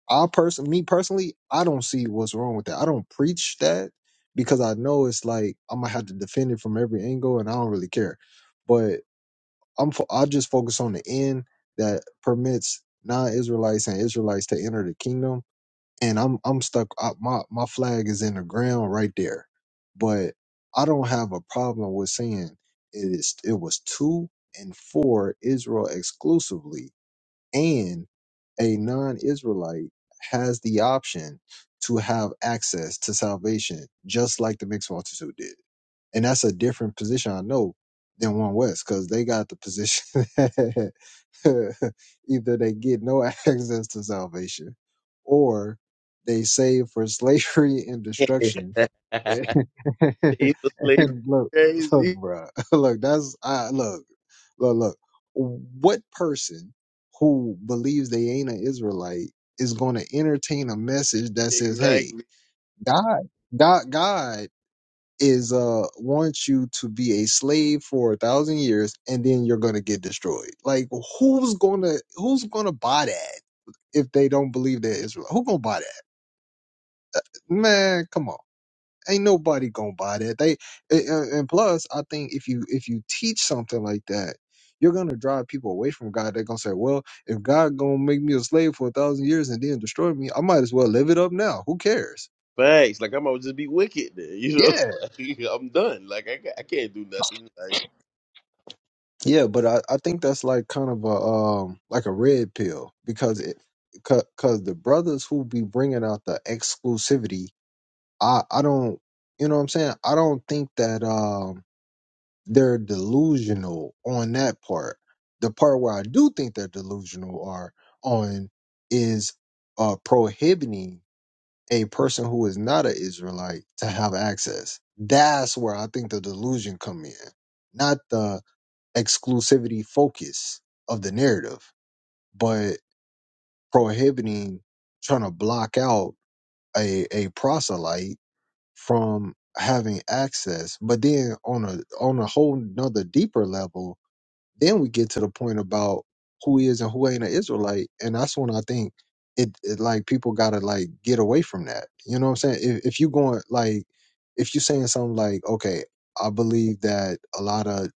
[SPEAKER 1] I person, me personally, I don't see what's wrong with that. I don't preach that because I know it's like I'm gonna have to defend it from every angle, and I don't really care. But I'm, fo- I just focus on the end that permits non-Israelites and Israelites to enter the kingdom, and I'm, I'm stuck. I, my, my flag is in the ground right there, but I don't have a problem with saying it is, it was two and four Israel exclusively and a non-Israelite has the option to have access to salvation, just like the mixed multitude did. And that's a different position, I know, than one West, because they got the position *laughs* that either they get no *laughs* access to salvation, or they save for slavery and
[SPEAKER 2] *laughs* *laughs* Save
[SPEAKER 1] destruction. *laughs* *laughs*
[SPEAKER 2] the slavery.
[SPEAKER 1] and look, look,
[SPEAKER 2] Crazy.
[SPEAKER 1] bro, *laughs* look, that's I look, look, look. What person who believes they ain't an Israelite is going to entertain a message that says, "Hey,
[SPEAKER 2] Exactly.
[SPEAKER 1] God, God, God is uh wants you to be a slave for a thousand years, and then you're going to get destroyed." Like, who's gonna who's gonna buy that if they don't believe they're Israel? Who gonna buy that? Uh, Man, come on ain't nobody gonna buy that. They a- a- and plus, I think if you if you teach something like that, you're gonna drive people away from God. They're gonna say, "Well, if God gonna make me a slave for a thousand years and then destroy me, I might as well live it up now. Who cares?"
[SPEAKER 2] Facts, Like I'm gonna just be wicked then. You know,
[SPEAKER 1] Yeah,
[SPEAKER 2] *laughs* like, I'm done. Like I, ca- I can't do nothing. Like
[SPEAKER 1] yeah, but I, I think that's like kind of a um like a red pill because it because the brothers who be bringing out the exclusivity, I I don't you know what I'm saying. I don't think that um they're delusional on that part. The part where I do think they're delusional are on is uh, prohibiting a person who is not an Israelite to have access. That's where I think the delusion come in, not the exclusivity focus of the narrative, but prohibiting trying to block out a a proselyte from having access. But then on a on a whole nother deeper level, then we get to the point about who is and who ain't an Israelite, and that's when I think it, it like people gotta like get away from that. You know what I'm saying? If if you going like if you saying something like, okay, I believe that a lot of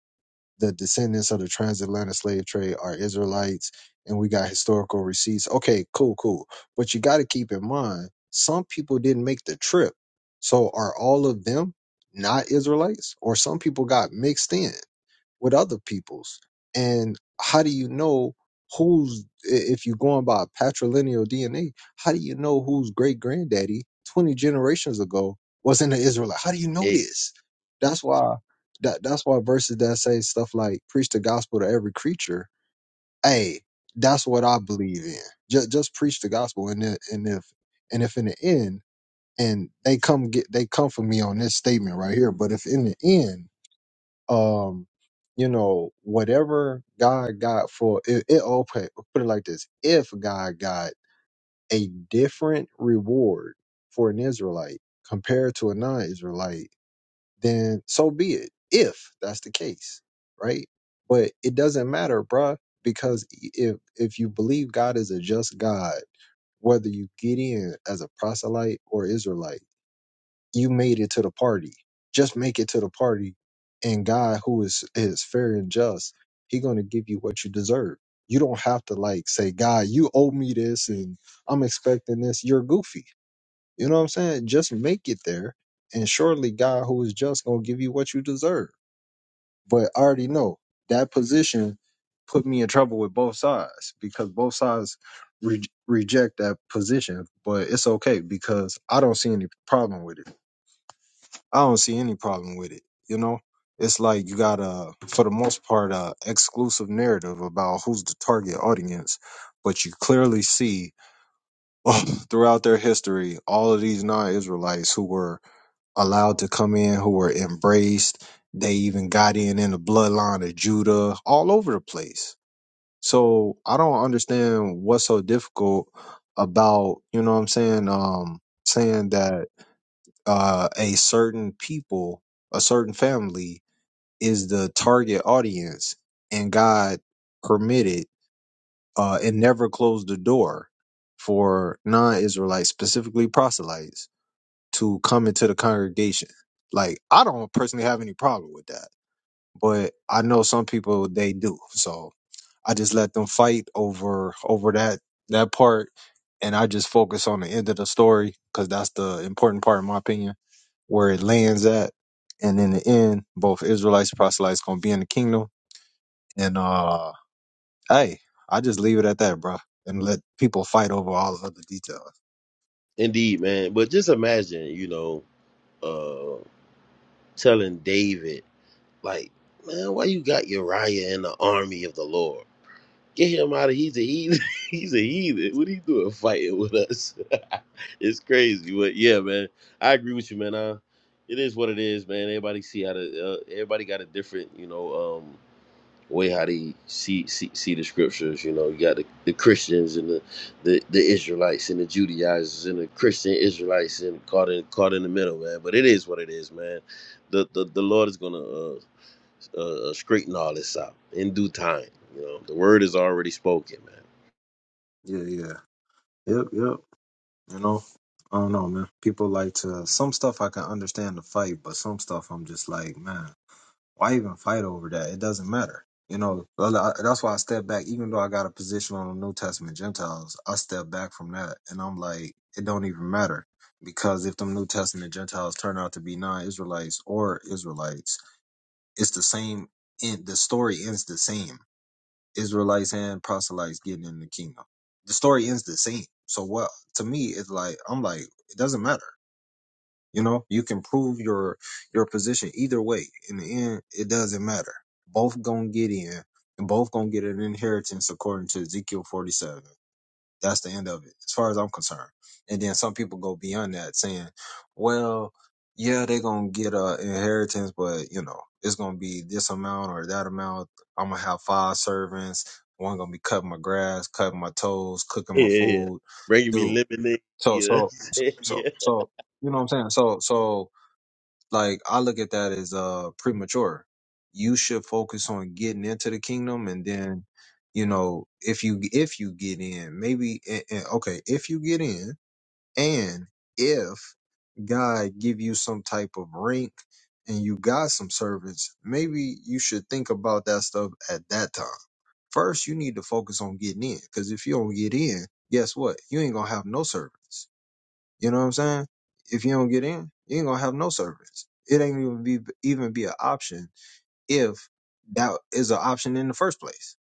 [SPEAKER 1] the descendants of the transatlantic slave trade are Israelites, and we got historical receipts. Okay, cool, cool. But you got to keep in mind, some people didn't make the trip. So are all of them not Israelites, or some people got mixed in? with other people's. And how do you know who's, i- if you're going by patrilineal DNA, how do you know whose great granddaddy 20 generations ago wasn't an Israelite? How do you know
[SPEAKER 2] ex-
[SPEAKER 1] this? That's why. That, that's why verses that say stuff like preach the gospel to every creature. Hey, that's what I believe in. Just just preach the gospel, and if, and if and if in the end, and they come get they come for me on this statement right here. But if in the end um you know whatever god got for it, it oh, put put it like this if god got a different reward for an israelite compared to a non-israelite then so be it if that's the case right but it doesn't matter bruh because if if you believe god is a just god whether you get in as a proselyte or israelite you made it to the party. Just make it to the party, and God, who is is fair and just, He gonna give you what you deserve. You don't have to like say, God, you owe me this, and I'm expecting this. You're goofy. You know what I'm saying? Just make it there, and surely God, who is just, gonna give you what you deserve. But I already know that position put me in trouble with both sides because both sides re- reject that position. But it's okay because I don't see any problem with it. I don't see any problem with it. You know, it's like you got a, for the most part, a exclusive narrative about who's the target audience, but you clearly see throughout their history all of these non-Israelites who were allowed to come in, who were embraced. They even got in in the bloodline of Judah, all over the place. So I don't understand what's so difficult about, you know what I'm saying, um, saying that uh, a certain people, a certain family is the target audience and God permitted uh, and never closed the door for non-Israelites, specifically proselytes, to come into the congregation. Like I don't personally have any problem with that, but I know some people they do. So I just let them fight over over that that part, and I just focus on the end of the story because that's the important part, in my opinion, where it lands at. And in the end, both Israelites, and proselytes, gonna be in the kingdom and uh hey, I just leave it at that, bro. And let people fight over all the other details.
[SPEAKER 2] indeed, man. But just imagine, you know, uh telling David, like, man, why you got Uriah in the army of the Lord? Get him out of he's a heathen. *laughs* he's a heathen. What he doing fighting with us? *laughs* it's crazy. But yeah, man, I agree with you, man. Uh, it is what it is, man. Everybody see how to. Uh, everybody got a different, you know. um. way how they see see, see the scriptures. You know, you got the, the Christians and the, the the Israelites and the Judaizers and the Christian Israelites and caught in caught in the middle, man. But it is what it is, man. The the, the Lord is gonna uh, uh, uh, straighten all this out in due time. You know, the word is already spoken, man.
[SPEAKER 1] Yeah, yeah. Yep, yep. You know? I don't know, man. People like to some stuff I can understand the fight, but some stuff I'm just like, man, why even fight over that? It doesn't matter. You know, well, I- that's why I step back. Even though I got a position on the New Testament Gentiles, I step back from that, and I'm like, it don't even matter because if them New Testament Gentiles turn out to be non-Israelites or Israelites, It's the same. In the story ends the same. Israelites and proselytes getting in the kingdom. The story ends the same. So what? To me, it's like I'm like it doesn't matter. You know, you can prove your your position either way. In the end, it doesn't matter. Both gonna get in, and both gonna get an inheritance according to Ezekiel 47. That's the end of it, as far as I'm concerned. And then some people go beyond that, saying, "Well, yeah, they're gonna get a inheritance, but you know, it's gonna be this amount or that amount. I'm gonna have five servants. One gonna be cutting my grass, cutting my toes, cooking
[SPEAKER 2] Yeah,
[SPEAKER 1] my
[SPEAKER 2] yeah. yeah.
[SPEAKER 1] food,
[SPEAKER 2] Bringing me
[SPEAKER 1] dude.
[SPEAKER 2] lemonade.
[SPEAKER 1] So,
[SPEAKER 2] You know what I'm
[SPEAKER 1] so, so,
[SPEAKER 2] saying? *laughs*
[SPEAKER 1] so,
[SPEAKER 2] Yeah.
[SPEAKER 1] so you know what I'm saying? So, so." like I look at that as uh premature. You should focus on getting into the kingdom, and then you know if you if you get in, maybe and, and, okay if you get in, and if God give you some type of rank and you got some servants, maybe you should think about that stuff at that time. First, you need to focus on getting in, because if you don't get in, guess what? You ain't gonna have no servants. You know what I'm saying? If you don't get in, you ain't gonna have no service. It ain't even be even be an option if that is an option in the first place.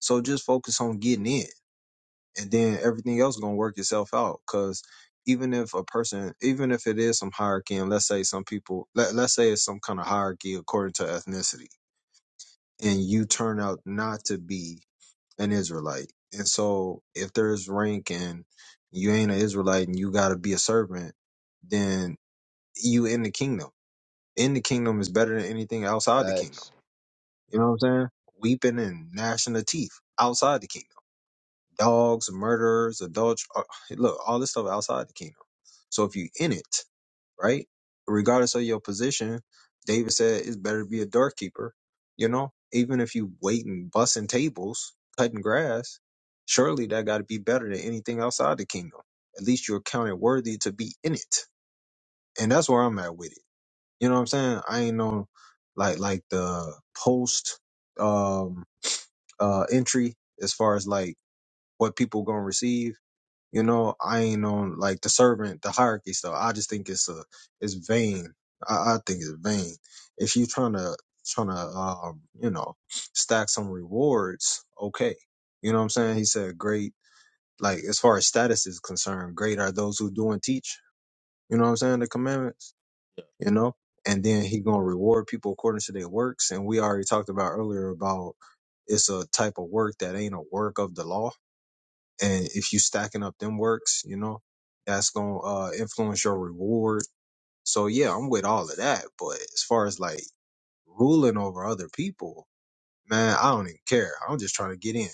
[SPEAKER 1] So just focus on getting in, and then everything else is gonna work itself out. Cause even if a person, even if it is some hierarchy, and let's say some people, let, let's say it's some kind of hierarchy according to ethnicity, and you turn out not to be an Israelite, and so if there's rank and you ain't an Israelite and you gotta be a servant, then you in the kingdom. In the kingdom is better than anything outside the kingdom.
[SPEAKER 2] Facts.
[SPEAKER 1] You know what I'm saying? Weeping and gnashing of teeth outside the kingdom. Dogs, murderers, adultery. Look, all this stuff outside the kingdom. So if you in it, right? Regardless of your position, David said it's better to be a doorkeeper. You know, even if you waiting, bussing tables, cutting grass, surely that got to be better than anything outside the kingdom. At least you're counted worthy to be in it. And that's where I'm at with it You know what I'm saying? I ain't know like like the post um uh entry as far as like what people gonna receive. You know, I ain't on like the servant, the hierarchy stuff. I just think it's a it's vain. I, I think it's vain. If you're trying to trying to um, you know, stack some rewards, okay. You know what I'm saying? He said great like as far as status is concerned, great are those who do and teach. You know what I'm saying? The commandments you know and then he gonna reward people according to their works and we already talked about earlier about it's a type of work that ain't a work of the law and if you stacking up them works you know that's gonna uh influence your reward so yeah i'm with all of that but as far as like ruling over other people man i don't even care i'm just trying to get in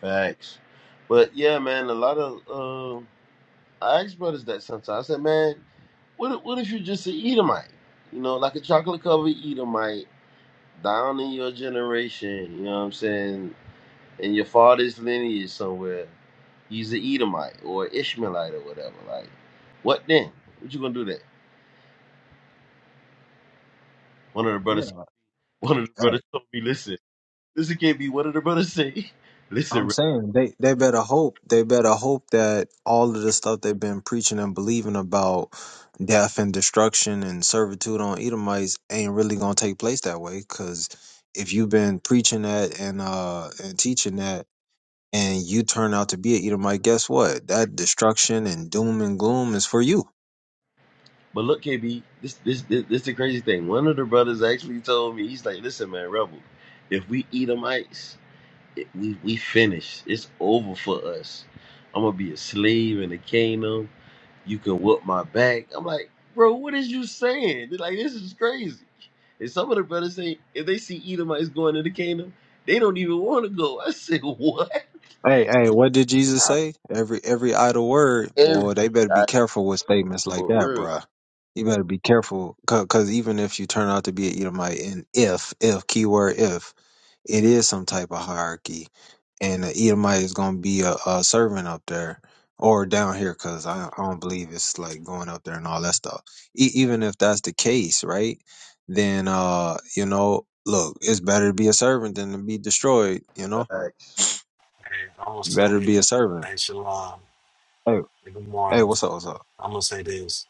[SPEAKER 2] Facts. But yeah, man, a lot of. Uh, I ask brothers that sometimes. I said, man, what if, what if you just an Edomite? You know, like a chocolate covered Edomite down in your generation, you know what I'm saying? In your father's lineage somewhere, he's an Edomite or Ishmaelite or whatever. Like, what then? What you gonna do that? One of the brothers
[SPEAKER 1] yeah
[SPEAKER 2] one of the brothers told me, listen, listen KB, what did the brothers say? *laughs* Listen,
[SPEAKER 1] I'm
[SPEAKER 2] Rep,
[SPEAKER 1] saying they, they better hope they better hope that all of the stuff they've been preaching and believing about death and destruction and servitude on Edomites ain't really gonna take place that way. Cause if you've been preaching that and uh and teaching that and you turn out to be an Edomite, guess what? That destruction and doom and gloom is for you.
[SPEAKER 2] but look KB, this this this, this the crazy thing. One of the brothers actually told me, he's like, listen man, Rebel, if we Edomites It- we we finished. It's over for us. I'm gonna be a slave in the kingdom. You can whoop my back. I'm like, bro, what is you saying? They're like, this is crazy. And some of the brothers say if they see Edomites going to the kingdom, they don't even want to go. I said, *laughs* what?
[SPEAKER 1] Hey, hey, what did Jesus say? Every every idle word,
[SPEAKER 2] Every
[SPEAKER 1] boy, they better be
[SPEAKER 2] time
[SPEAKER 1] careful with statements like
[SPEAKER 2] for
[SPEAKER 1] that,
[SPEAKER 2] real,
[SPEAKER 1] bruh. You better be careful, cause even if you turn out to be an Edomite, and if if keyword if it is some type of hierarchy, and the Edomite is gonna be a, a servant up there or down here, cause I, I don't believe it's like going up there and all that stuff. E- even if that's the case, right? Then uh, you know, look, it's better to be a servant than to be destroyed. You know,
[SPEAKER 2] facts.
[SPEAKER 3] Hey, I'm gonna say,
[SPEAKER 1] better to be a servant.
[SPEAKER 3] hey, Shalom,
[SPEAKER 1] Hey,
[SPEAKER 3] Hey, good
[SPEAKER 1] Hey,
[SPEAKER 3] morning.
[SPEAKER 1] what's up? What's up?
[SPEAKER 3] I'm gonna say this: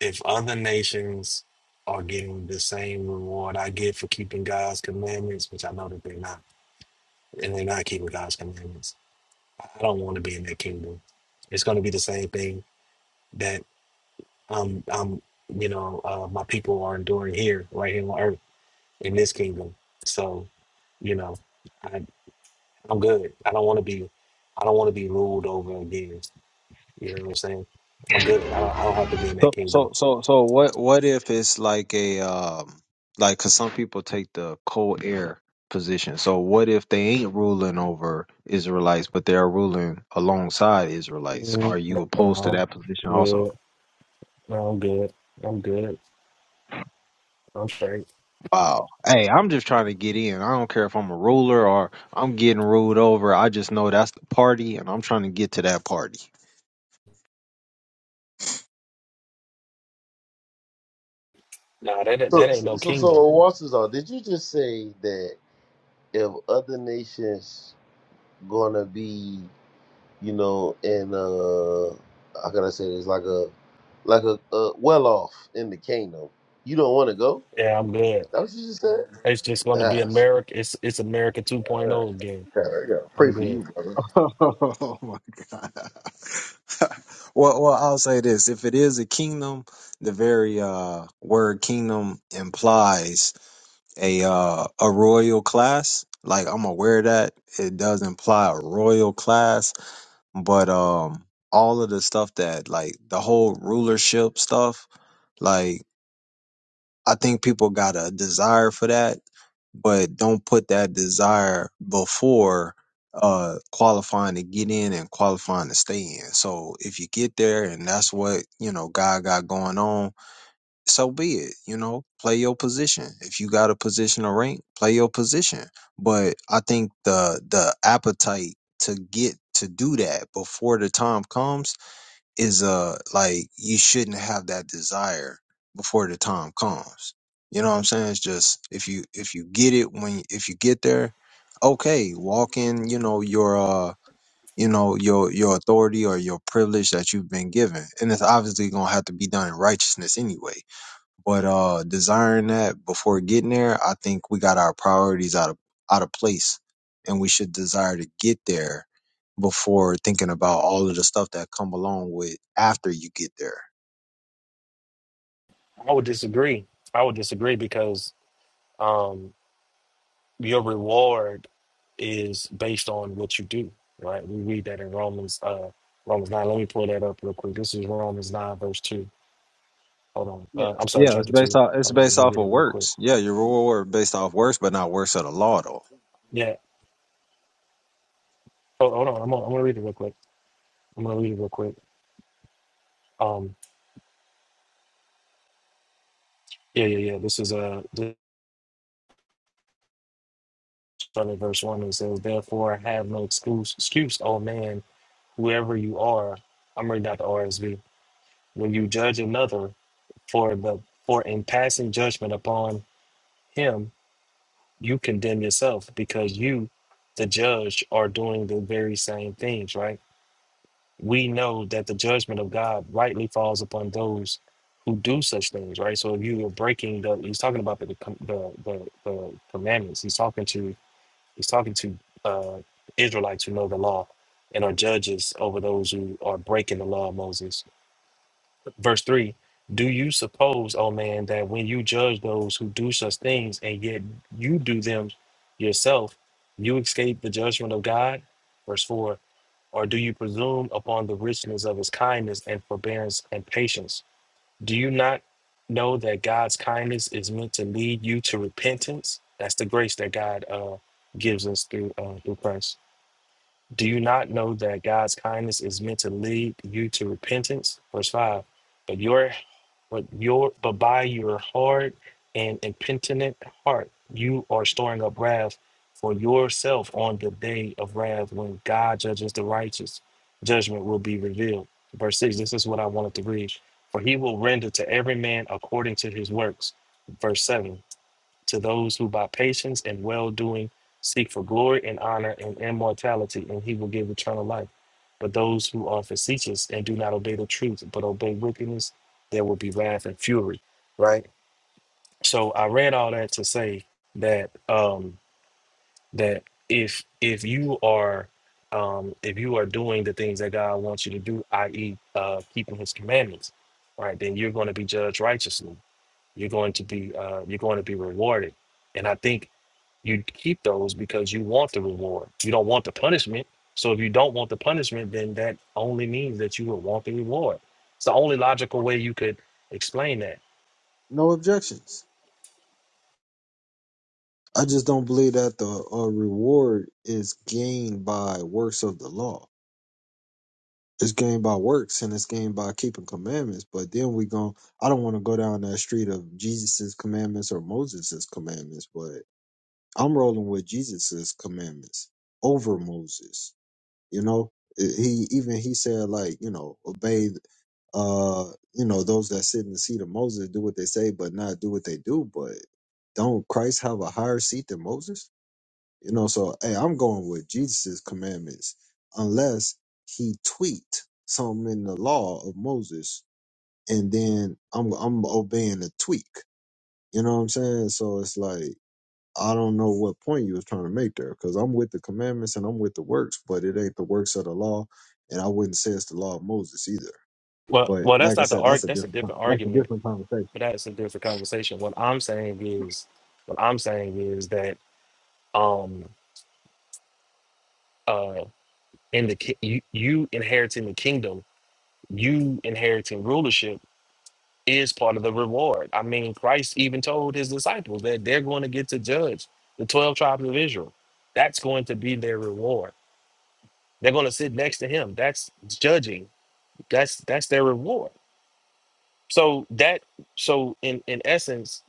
[SPEAKER 3] if other nations are getting the same reward I get for keeping God's commandments, which I know that they're not, and they're not keeping God's commandments, I don't want to be in that kingdom. It's gonna be the same thing that um um you know uh, my people are enduring here, right here on earth, in this kingdom. So, you know, I, I'm good. I don't want to be, I don't want to be ruled over again. You know what I'm saying? I'm good. I don't, I don't have to be in that
[SPEAKER 1] So,
[SPEAKER 3] kingdom.
[SPEAKER 1] so, so, so, what? What if it's like a um, like, cause some people take the cold air position. So, what if they ain't ruling over Israelites, but they're ruling alongside Israelites?
[SPEAKER 3] Mm,
[SPEAKER 1] Are you opposed to
[SPEAKER 3] No,
[SPEAKER 1] that position
[SPEAKER 3] I'm
[SPEAKER 1] also?
[SPEAKER 3] good. No, I'm good. I'm good. I'm straight.
[SPEAKER 1] Wow. Hey, I'm just trying to get in. I don't care if I'm a ruler or I'm getting ruled over. I just know that's the party, and I'm trying to get to that party.
[SPEAKER 3] No, that ain't-
[SPEAKER 2] So,
[SPEAKER 3] that ain't
[SPEAKER 2] so,
[SPEAKER 3] no
[SPEAKER 2] so, so
[SPEAKER 3] kingdom.
[SPEAKER 2] Walter's on. Did you just say that if other nations gonna be? you know, and uh, how can I say this? Like a, like a, a well off in the kingdom. You don't want to go?
[SPEAKER 3] Yeah, I'm good.
[SPEAKER 2] That what you just said?
[SPEAKER 3] It's just going to be
[SPEAKER 2] Yes.
[SPEAKER 3] America. It's it's America
[SPEAKER 2] All right.
[SPEAKER 3] 2.0 again.
[SPEAKER 2] Yeah, I
[SPEAKER 3] I'm
[SPEAKER 2] Pray for you,
[SPEAKER 3] good.
[SPEAKER 2] brother.
[SPEAKER 1] *laughs* Oh my God. *laughs* well, well, I'll say this: if it is a kingdom, the very uh, word "kingdom" implies a uh, a royal class. Like I'm aware of that it does imply a royal class, but um, all of the stuff that like the whole rulership stuff, like. I think people got a desire for that, but don't put that desire before uh qualifying to get in and qualifying to stay in. So if you get there and that's what, you know, God got going on, so be it, you know, play your position. If you got a position to rank, play your position. But I think the the appetite to get to do that before the time comes is uh like you shouldn't have that desire before the time comes. You know what I'm saying? It's just if you if you get it when if you get there, okay, walk in, you know, your uh you know, your your authority or your privilege that you've been given. And it's obviously gonna have to be done in righteousness anyway. But uh desiring that before getting there, I think we got our priorities out of out of place. And we should desire to get there before thinking about all of the stuff that come along with after you get there.
[SPEAKER 3] I would disagree. I would disagree because um, your reward is based on what you do, right? We read that in Romans uh, Romans 9. Let me pull that up real quick. This is Romans 9 verse 2. Hold on.
[SPEAKER 1] Yeah.
[SPEAKER 3] Uh, I'm sorry,
[SPEAKER 1] Yeah, it's
[SPEAKER 3] chapter
[SPEAKER 1] based
[SPEAKER 3] two.
[SPEAKER 1] off it's
[SPEAKER 3] Hold on. Let
[SPEAKER 1] based
[SPEAKER 3] me
[SPEAKER 1] off
[SPEAKER 3] get it
[SPEAKER 1] of
[SPEAKER 3] real quick.
[SPEAKER 1] works. Yeah, your reward based off works, but not works of the law though.
[SPEAKER 3] Yeah. Oh, hold on. I'm gonna, I'm gonna read it real quick. I'm gonna read it real quick. Um. Yeah, yeah, yeah. This is uh, this starting at verse one. It says, "Therefore, have no excuse, excuse, oh man, whoever you are." I'm reading out the RSV. When you judge another for the for in passing judgment upon him, you condemn yourself because you, the judge, are doing the very same things. Right we know that the judgment of God rightly falls upon those who do such things, right? So if you were breaking the, he's talking about the com- the the, the commandments. He's talking to he's talking to uh, Israelites who know the law and are judges over those who are breaking the law of Moses. Verse three: Do you suppose, O man, that when you judge those who do such things and yet you do them yourself, you escape the judgment of God? Verse four. Or do you presume upon the richness of his kindness and forbearance and patience? Do you not know that God's kindness is meant to lead you to repentance? That's the grace that God uh, gives us through uh, through Christ. Do you not know that God's kindness is meant to lead you to repentance? Verse five. But your but your but by your hard and impenitent heart you are storing up wrath for yourself on the day of wrath when God judges the righteous. Judgment will be revealed. Verse six. This is what I wanted to read. For he will render to every man according to his works. Verse seven to those who by patience and well doing seek for glory and honor and immortality, and he will give eternal life. But those who are facetious and do not obey the truth, but obey wickedness, there will be wrath and fury. So I read all that to say that um that if if you are um if you are doing the things that God wants you to do, i.e. uh keeping his commandments, right, then you're going to be judged righteously. You're going to be uh you're going to be rewarded. And I think you keep those because you want the reward. You don't want the punishment. So if you don't want the punishment, then that only means that you would want the reward. It's the only logical way you could explain that.
[SPEAKER 1] No objections. I just don't believe that the uh, reward is gained by works of the law. It's gained by works and it's gained by keeping commandments. But then we go. I don't want to go down that street of Jesus's commandments or Moses's commandments, but I'm rolling with Jesus's commandments over Moses. You know, It- he even he said like you know obey uh, you know, those that sit in the seat of Moses do what they say, but not do what they do. But don't Christ have a higher seat than Moses? You know, so hey, I'm going with Jesus' commandments, unless he tweaked something in the law of Moses, and then I'm I'm obeying the tweak. You know what I'm saying? So it's like I don't know what point you was trying to make there, because I'm with the commandments and I'm with the works, but it ain't the works of the law, and I wouldn't say it's the law of Moses either.
[SPEAKER 3] Well,
[SPEAKER 1] But
[SPEAKER 3] well, that's
[SPEAKER 1] like I
[SPEAKER 3] not the
[SPEAKER 1] said,
[SPEAKER 3] arg.
[SPEAKER 1] that's a
[SPEAKER 3] That's a
[SPEAKER 1] different
[SPEAKER 3] different
[SPEAKER 1] that's a
[SPEAKER 3] argument,
[SPEAKER 1] different conversation.
[SPEAKER 3] but that's a different conversation. What I'm saying is, what I'm saying is that um uh in the ki- you, you inheriting the kingdom, you inheriting rulership is part of the reward. I mean, Christ even told his disciples that they're going to get to judge the 12 tribes of Israel. That's going to be their reward. They're going to sit next to him. That's judging. That's that's their reward. So that so in in essence,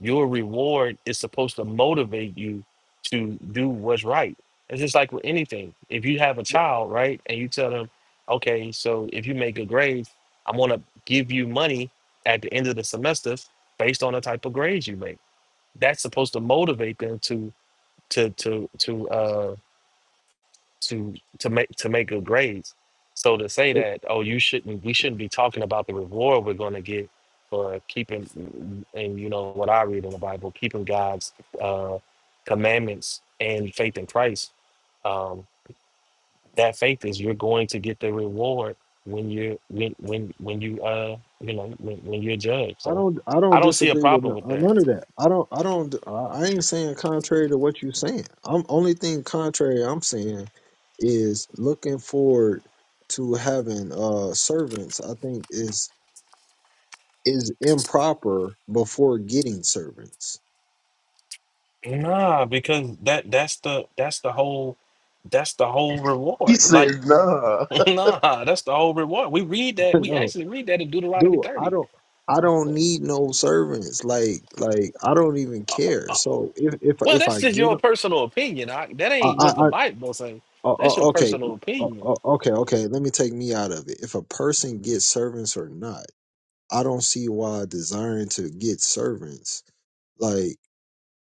[SPEAKER 3] your reward is supposed to motivate you to do what's right. It's just like with anything. If you have a child, right, and you tell them, okay, so if you make a grade, I'm gonna give you money at the end of the semester based on the type of grades you make. That's supposed to motivate them to to to to uh to to make to make good grades. So to say that, oh, you shouldn't, we shouldn't be talking about the reward we're going to get for keeping, and you know what I read in the Bible, keeping God's uh, commandments and faith in Christ. Um, that faith is you're going to get the reward when you when when when you uh you know when, when you're judged.
[SPEAKER 1] I
[SPEAKER 3] So
[SPEAKER 1] don't I
[SPEAKER 3] I
[SPEAKER 1] don't
[SPEAKER 3] don't see a
[SPEAKER 1] disagree with
[SPEAKER 3] problem
[SPEAKER 1] no-
[SPEAKER 3] with
[SPEAKER 1] uh,
[SPEAKER 3] that.
[SPEAKER 1] none of that. I don't I don't I I ain't saying contrary to what you're saying. I'm only thing contrary I'm saying is looking forward to having uh servants. I think is is improper before getting servants.
[SPEAKER 3] Nah, because that that's the that's the whole that's the whole
[SPEAKER 2] He
[SPEAKER 3] reward. Like
[SPEAKER 2] said, nah. *laughs*
[SPEAKER 3] *laughs* Nah, that's the whole reward. We read
[SPEAKER 1] *laughs*
[SPEAKER 3] that. We
[SPEAKER 1] no,
[SPEAKER 3] actually read that in Deuteronomy
[SPEAKER 1] dude, I
[SPEAKER 3] 30.
[SPEAKER 1] don't I don't need no servants. Like like I don't even care. So
[SPEAKER 3] Oh,
[SPEAKER 1] if if
[SPEAKER 3] well,
[SPEAKER 1] if
[SPEAKER 3] that's
[SPEAKER 1] I
[SPEAKER 3] just
[SPEAKER 1] get
[SPEAKER 3] your
[SPEAKER 1] 'em,
[SPEAKER 3] personal opinion. I, that ain't
[SPEAKER 1] I,
[SPEAKER 3] what the
[SPEAKER 1] I
[SPEAKER 3] Bible say.
[SPEAKER 1] Oh,
[SPEAKER 3] That's your
[SPEAKER 1] oh, okay.
[SPEAKER 3] personal
[SPEAKER 1] Oh,
[SPEAKER 3] opinion.
[SPEAKER 1] oh, okay, okay. Let me take me out of it. If a person gets servants or not, I don't see why desiring to get servants. Like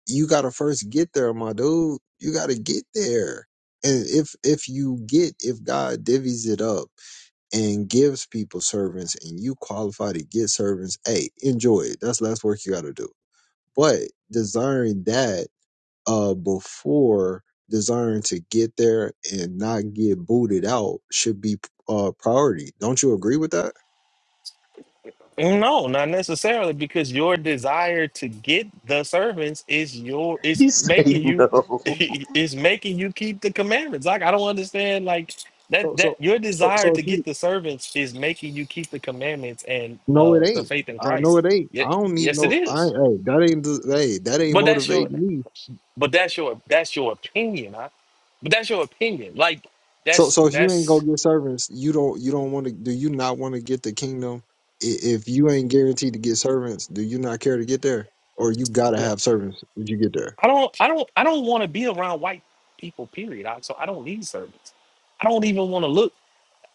[SPEAKER 1] you got to first get there, my dude. You got to get there. And if if you get if God divvies it up and gives people servants and you qualify to get servants, hey, enjoy it. That's less work you got to do. But desiring that uh, before desiring to get there and not get booted out should be uh, priority. Don't you agree with that?
[SPEAKER 3] No, not necessarily, because your desire to get the servants is your is
[SPEAKER 2] He
[SPEAKER 3] making
[SPEAKER 2] said,
[SPEAKER 3] you
[SPEAKER 2] no.
[SPEAKER 3] *laughs* is making you keep the commandments. Like I don't understand. Like that
[SPEAKER 1] So,
[SPEAKER 3] that
[SPEAKER 1] so,
[SPEAKER 3] your
[SPEAKER 1] so,
[SPEAKER 3] desire
[SPEAKER 1] so if
[SPEAKER 3] to get
[SPEAKER 1] you
[SPEAKER 3] the servants is making you keep the commandments and
[SPEAKER 1] no,
[SPEAKER 3] uh
[SPEAKER 1] it
[SPEAKER 3] the
[SPEAKER 1] ain't.
[SPEAKER 3] faith in
[SPEAKER 1] I know
[SPEAKER 3] Christ.
[SPEAKER 1] it ain't.
[SPEAKER 3] Yet,
[SPEAKER 1] I don't need
[SPEAKER 3] yes, it
[SPEAKER 1] no. I
[SPEAKER 3] is.
[SPEAKER 1] hey, that ain't. the- Hey, that ain't
[SPEAKER 3] But that's your
[SPEAKER 1] motivating me.
[SPEAKER 3] But that's your that's your opinion. Huh? But that's your opinion. Like
[SPEAKER 1] So,
[SPEAKER 3] that's
[SPEAKER 1] so if you ain't
[SPEAKER 3] that's
[SPEAKER 1] gonna get servants, you don't. You don't want to. Do you not want to get the kingdom? I- If you ain't guaranteed to get servants, do you not care to get there, or you gotta have servants when you get there?
[SPEAKER 3] I don't I don't I don't want to be around white people. Period. I, so I don't need servants. I don't even want to look.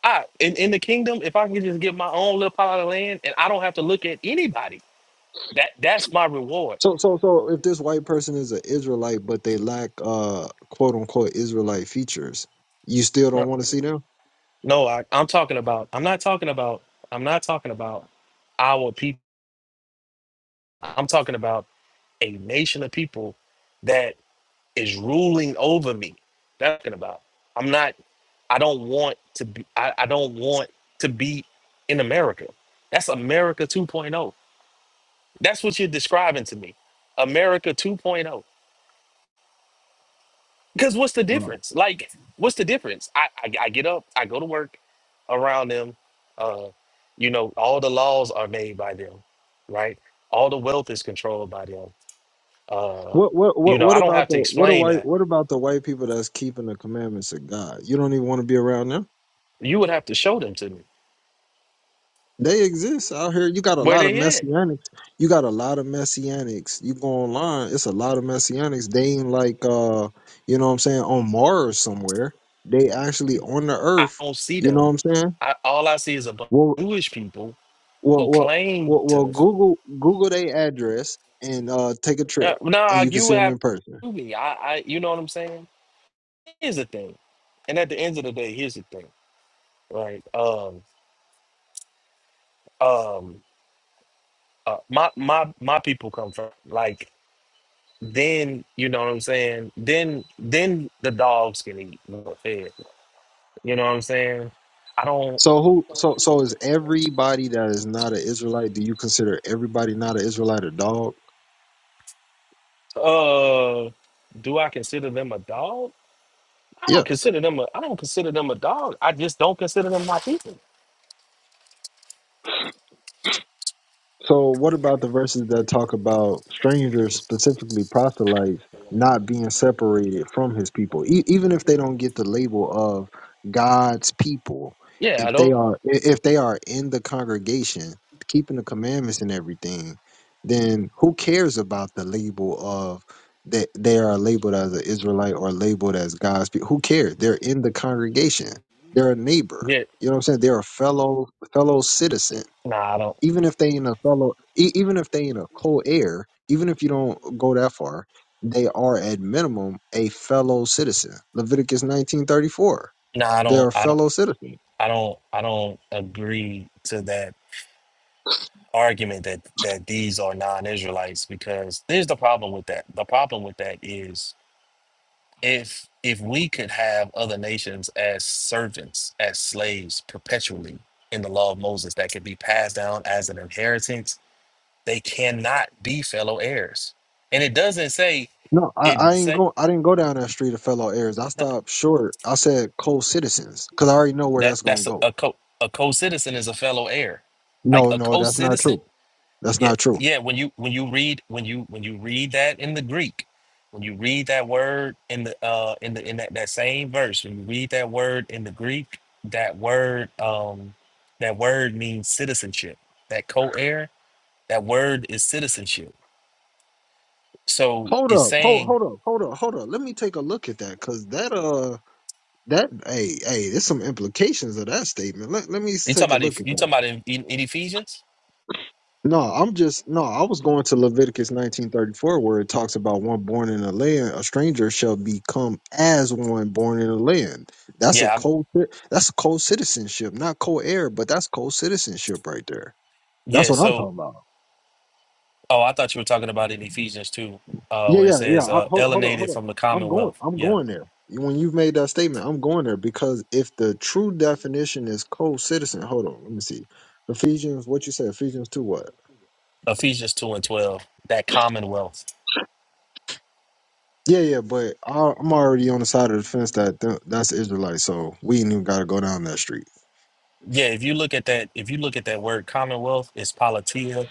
[SPEAKER 3] I in, in the kingdom, if I can just get my own little pile of land and I don't have to look at anybody, that that's my reward.
[SPEAKER 1] So so so if this white person is an Israelite but they lack uh quote unquote Israelite features, you still don't
[SPEAKER 3] No,
[SPEAKER 1] want to see them?
[SPEAKER 3] no, I, I'm talking about. I'm not talking about. I'm not talking about our people. I'm talking about a nation of people that. is ruling over me. That's what I'm talking about. I'm not. I don't want to be. I, I don't want to be in America. That's America 2.0. That's what you're describing to me. America 2.0. Because what's the
[SPEAKER 1] Wow.
[SPEAKER 3] difference? Like, what's the difference? I, I I get up. I go to work around them. Uh, you know, all the laws are made by them, right? All the wealth is controlled by them. Uh,
[SPEAKER 1] What what
[SPEAKER 3] you
[SPEAKER 1] what
[SPEAKER 3] know,
[SPEAKER 1] what
[SPEAKER 3] I don't have
[SPEAKER 1] about the
[SPEAKER 3] to
[SPEAKER 1] what are
[SPEAKER 3] explain
[SPEAKER 1] white
[SPEAKER 3] that.
[SPEAKER 1] what about the white people that's keeping the commandments of God? You don't even want to be around them.
[SPEAKER 3] You would have to show them to me
[SPEAKER 1] They exist out here. You got a
[SPEAKER 3] where
[SPEAKER 1] lot of
[SPEAKER 3] they at
[SPEAKER 1] messianics. You got a lot of messianics. You go online, it's a lot of messianics. They ain't like uh, you know what I'm saying, on Mars somewhere. They actually on the
[SPEAKER 3] I
[SPEAKER 1] earth,
[SPEAKER 3] don't see
[SPEAKER 1] you know
[SPEAKER 3] them.
[SPEAKER 1] what I'm saying?
[SPEAKER 3] I, all I see is a bunch
[SPEAKER 1] Well,
[SPEAKER 3] of Jewish people
[SPEAKER 1] Well,
[SPEAKER 3] who
[SPEAKER 1] well,
[SPEAKER 3] claim
[SPEAKER 1] well, well
[SPEAKER 3] to.
[SPEAKER 1] Google Google their address and uh, take a
[SPEAKER 3] Uh,
[SPEAKER 1] trip, and
[SPEAKER 3] nah,
[SPEAKER 1] you can
[SPEAKER 3] you
[SPEAKER 1] see them
[SPEAKER 3] have
[SPEAKER 1] in person.
[SPEAKER 3] to be. I, I, you know what I'm saying. Here's the thing, and at the end of the day, here's the thing, right? Um, um, uh, my my my people come from like then you know what I'm saying. Then then the dogs can eat and get fed. You know what I'm saying. I don't.
[SPEAKER 1] So who? So so is everybody that is not an Israelite? Do you consider everybody not an Israelite a dog?
[SPEAKER 3] Uh, do I consider them a dog? I
[SPEAKER 1] Yeah.
[SPEAKER 3] don't consider them a I don't consider them a dog. I just don't consider them my people.
[SPEAKER 1] So, what about the verses that talk about strangers, specifically proselytes, not being separated from his people? E- even if they don't get the label of God's people,
[SPEAKER 3] Yeah, I
[SPEAKER 1] if they
[SPEAKER 3] don't
[SPEAKER 1] are i- if they are in the congregation, keeping the commandments and everything, then who cares about the label of that they are labeled as an Israelite or labeled as God's people? Who cares? They're in the congregation. They're a neighbor.
[SPEAKER 3] yeah.
[SPEAKER 1] You know what I'm saying? They're a fellow fellow citizen
[SPEAKER 3] Nah, I don't
[SPEAKER 1] even if they in a fellow e- even if they in a co-heir even if you don't go that far they are at minimum a fellow citizen leviticus 1934
[SPEAKER 3] nah I
[SPEAKER 1] they are
[SPEAKER 3] don't I don't
[SPEAKER 1] fellow citizens
[SPEAKER 3] I don't I don't agree to that argument that that these are non-Israelites because there's the problem with that. The problem with that is if if we could have other nations as servants, as slaves perpetually in the law of Moses that could be passed down as an inheritance, they cannot be fellow heirs. And it doesn't say
[SPEAKER 1] no i, I ain't
[SPEAKER 3] it
[SPEAKER 1] go i didn't go down that street of fellow heirs i
[SPEAKER 3] That
[SPEAKER 1] stopped short i said co-citizens because i already know where
[SPEAKER 3] that
[SPEAKER 1] that's gonna
[SPEAKER 3] that's a,
[SPEAKER 1] go
[SPEAKER 3] a co a co-citizen is a fellow heir. Like
[SPEAKER 1] no
[SPEAKER 3] a
[SPEAKER 1] no that's not
[SPEAKER 3] co-citizen,
[SPEAKER 1] true that's
[SPEAKER 3] yeah,
[SPEAKER 1] not true
[SPEAKER 3] yeah. When you when you read when you when you read that in the Greek, when you read that word in the uh in the in that, that same verse, when you read that word in the Greek, that word um that word means citizenship. That co-heir, that word is citizenship. So
[SPEAKER 1] hold
[SPEAKER 3] it's
[SPEAKER 1] up hold
[SPEAKER 3] saying
[SPEAKER 1] hold up hold up hold up let me take a look at that because that uh that hey hey there's some implications of that statement let, let me s-
[SPEAKER 3] you
[SPEAKER 1] take
[SPEAKER 3] talking
[SPEAKER 1] a
[SPEAKER 3] about Eph-
[SPEAKER 1] look at
[SPEAKER 3] you
[SPEAKER 1] that
[SPEAKER 3] talking about in, in, in Ephesians?
[SPEAKER 1] No, I'm just no. I was going to Leviticus 19:34, where it talks about one born in a land, a stranger shall become as one born in a land. That's a
[SPEAKER 3] Yeah, I'm-
[SPEAKER 1] co. That's a co-citizenship, not co-heir, but that's co-citizenship right there. That's
[SPEAKER 3] yeah.
[SPEAKER 1] what I'm
[SPEAKER 3] So
[SPEAKER 1] talking about.
[SPEAKER 3] Oh, I thought you were talking about in Ephesians 2, uh,
[SPEAKER 1] Yeah,
[SPEAKER 3] where it
[SPEAKER 1] yeah, yeah.
[SPEAKER 3] says,
[SPEAKER 1] I,
[SPEAKER 3] uh,
[SPEAKER 1] hold, hold on, hold
[SPEAKER 3] alienated
[SPEAKER 1] on.
[SPEAKER 3] from the
[SPEAKER 1] I'm going.
[SPEAKER 3] commonwealth.
[SPEAKER 1] I'm
[SPEAKER 3] Yeah.
[SPEAKER 1] going there. When you've made that statement, I'm going there because if the true definition is co-citizen, hold on. Let me see. Ephesians, what you say? Ephesians two, what?
[SPEAKER 3] Ephesians 2 and 12, that commonwealth.
[SPEAKER 1] Yeah, yeah, but I- I'm already on the side of the fence that th- that's Israelite, so we ain't even got to go down that street.
[SPEAKER 3] Yeah, if you look at that, if you look at that word commonwealth, it's politia,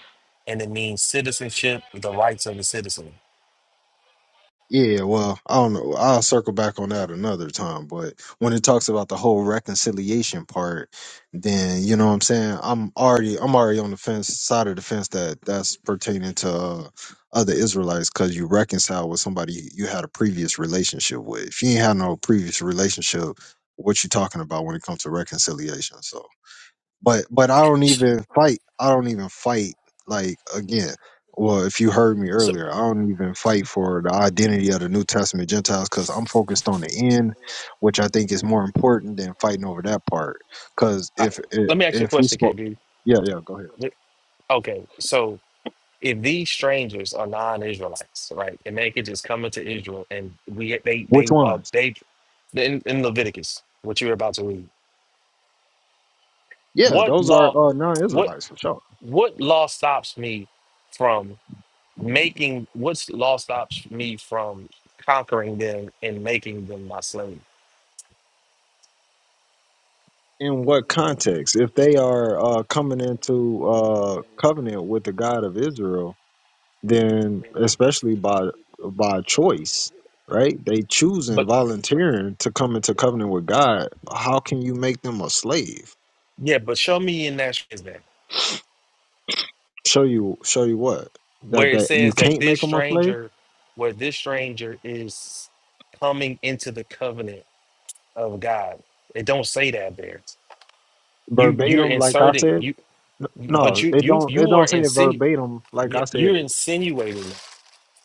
[SPEAKER 3] and it means citizenship, the rights of the citizen.
[SPEAKER 1] Yeah, well, I don't know. I'll circle back on that another time. But when it talks about the whole reconciliation part, then you know what I'm saying. I'm already I'm already on the fence side of the fence that that's pertaining to uh, other Israelites because you reconcile with somebody you had a previous relationship with. If you ain't had no previous relationship, what you talking about when it comes to reconciliation? So. but but I don't even fight. I don't even fight like again. Well, if you heard me
[SPEAKER 3] So
[SPEAKER 1] earlier, I don't even fight for the identity of the New Testament Gentiles because I'm focused on the end, which I think is more important than fighting over that part. Because
[SPEAKER 3] I,
[SPEAKER 1] if if
[SPEAKER 3] let me ask you a
[SPEAKER 1] if we
[SPEAKER 3] question,
[SPEAKER 1] spoke,
[SPEAKER 3] KB.
[SPEAKER 1] yeah, yeah, go ahead.
[SPEAKER 3] Okay, so if these strangers are non-Israelites, right, and they could just come into Israel, and we they
[SPEAKER 1] Which
[SPEAKER 3] they are
[SPEAKER 1] ones?
[SPEAKER 3] they in, in Leviticus, what you were about to read,
[SPEAKER 1] Yeah,
[SPEAKER 3] what
[SPEAKER 1] those are
[SPEAKER 3] law?
[SPEAKER 1] uh,
[SPEAKER 3] what
[SPEAKER 1] non-Israelites for sure.
[SPEAKER 3] what law stops me from making what's law stops me from conquering them and making them my slave
[SPEAKER 1] In what context? If they are uh, coming into uh, covenant with the God of Israel, then especially by by choice, right? They choosing
[SPEAKER 3] but
[SPEAKER 1] volunteering to come into covenant with God. How can you make them a slave?
[SPEAKER 3] yeah but show me in that is that
[SPEAKER 1] Show you show you what that
[SPEAKER 3] where it
[SPEAKER 1] that you
[SPEAKER 3] says that
[SPEAKER 1] can't
[SPEAKER 3] this
[SPEAKER 1] make them a slave
[SPEAKER 3] stranger where this stranger is coming into the covenant of god it don't say that there you you're
[SPEAKER 1] verbatim, like I
[SPEAKER 3] inserting
[SPEAKER 1] said.
[SPEAKER 3] you
[SPEAKER 1] N-
[SPEAKER 3] but
[SPEAKER 1] No,
[SPEAKER 3] you
[SPEAKER 1] it
[SPEAKER 3] you
[SPEAKER 1] don't it
[SPEAKER 3] you are
[SPEAKER 1] don't say it
[SPEAKER 3] insinu-
[SPEAKER 1] verbatim like
[SPEAKER 3] yeah,
[SPEAKER 1] I said
[SPEAKER 3] you're
[SPEAKER 1] it.
[SPEAKER 3] insinuating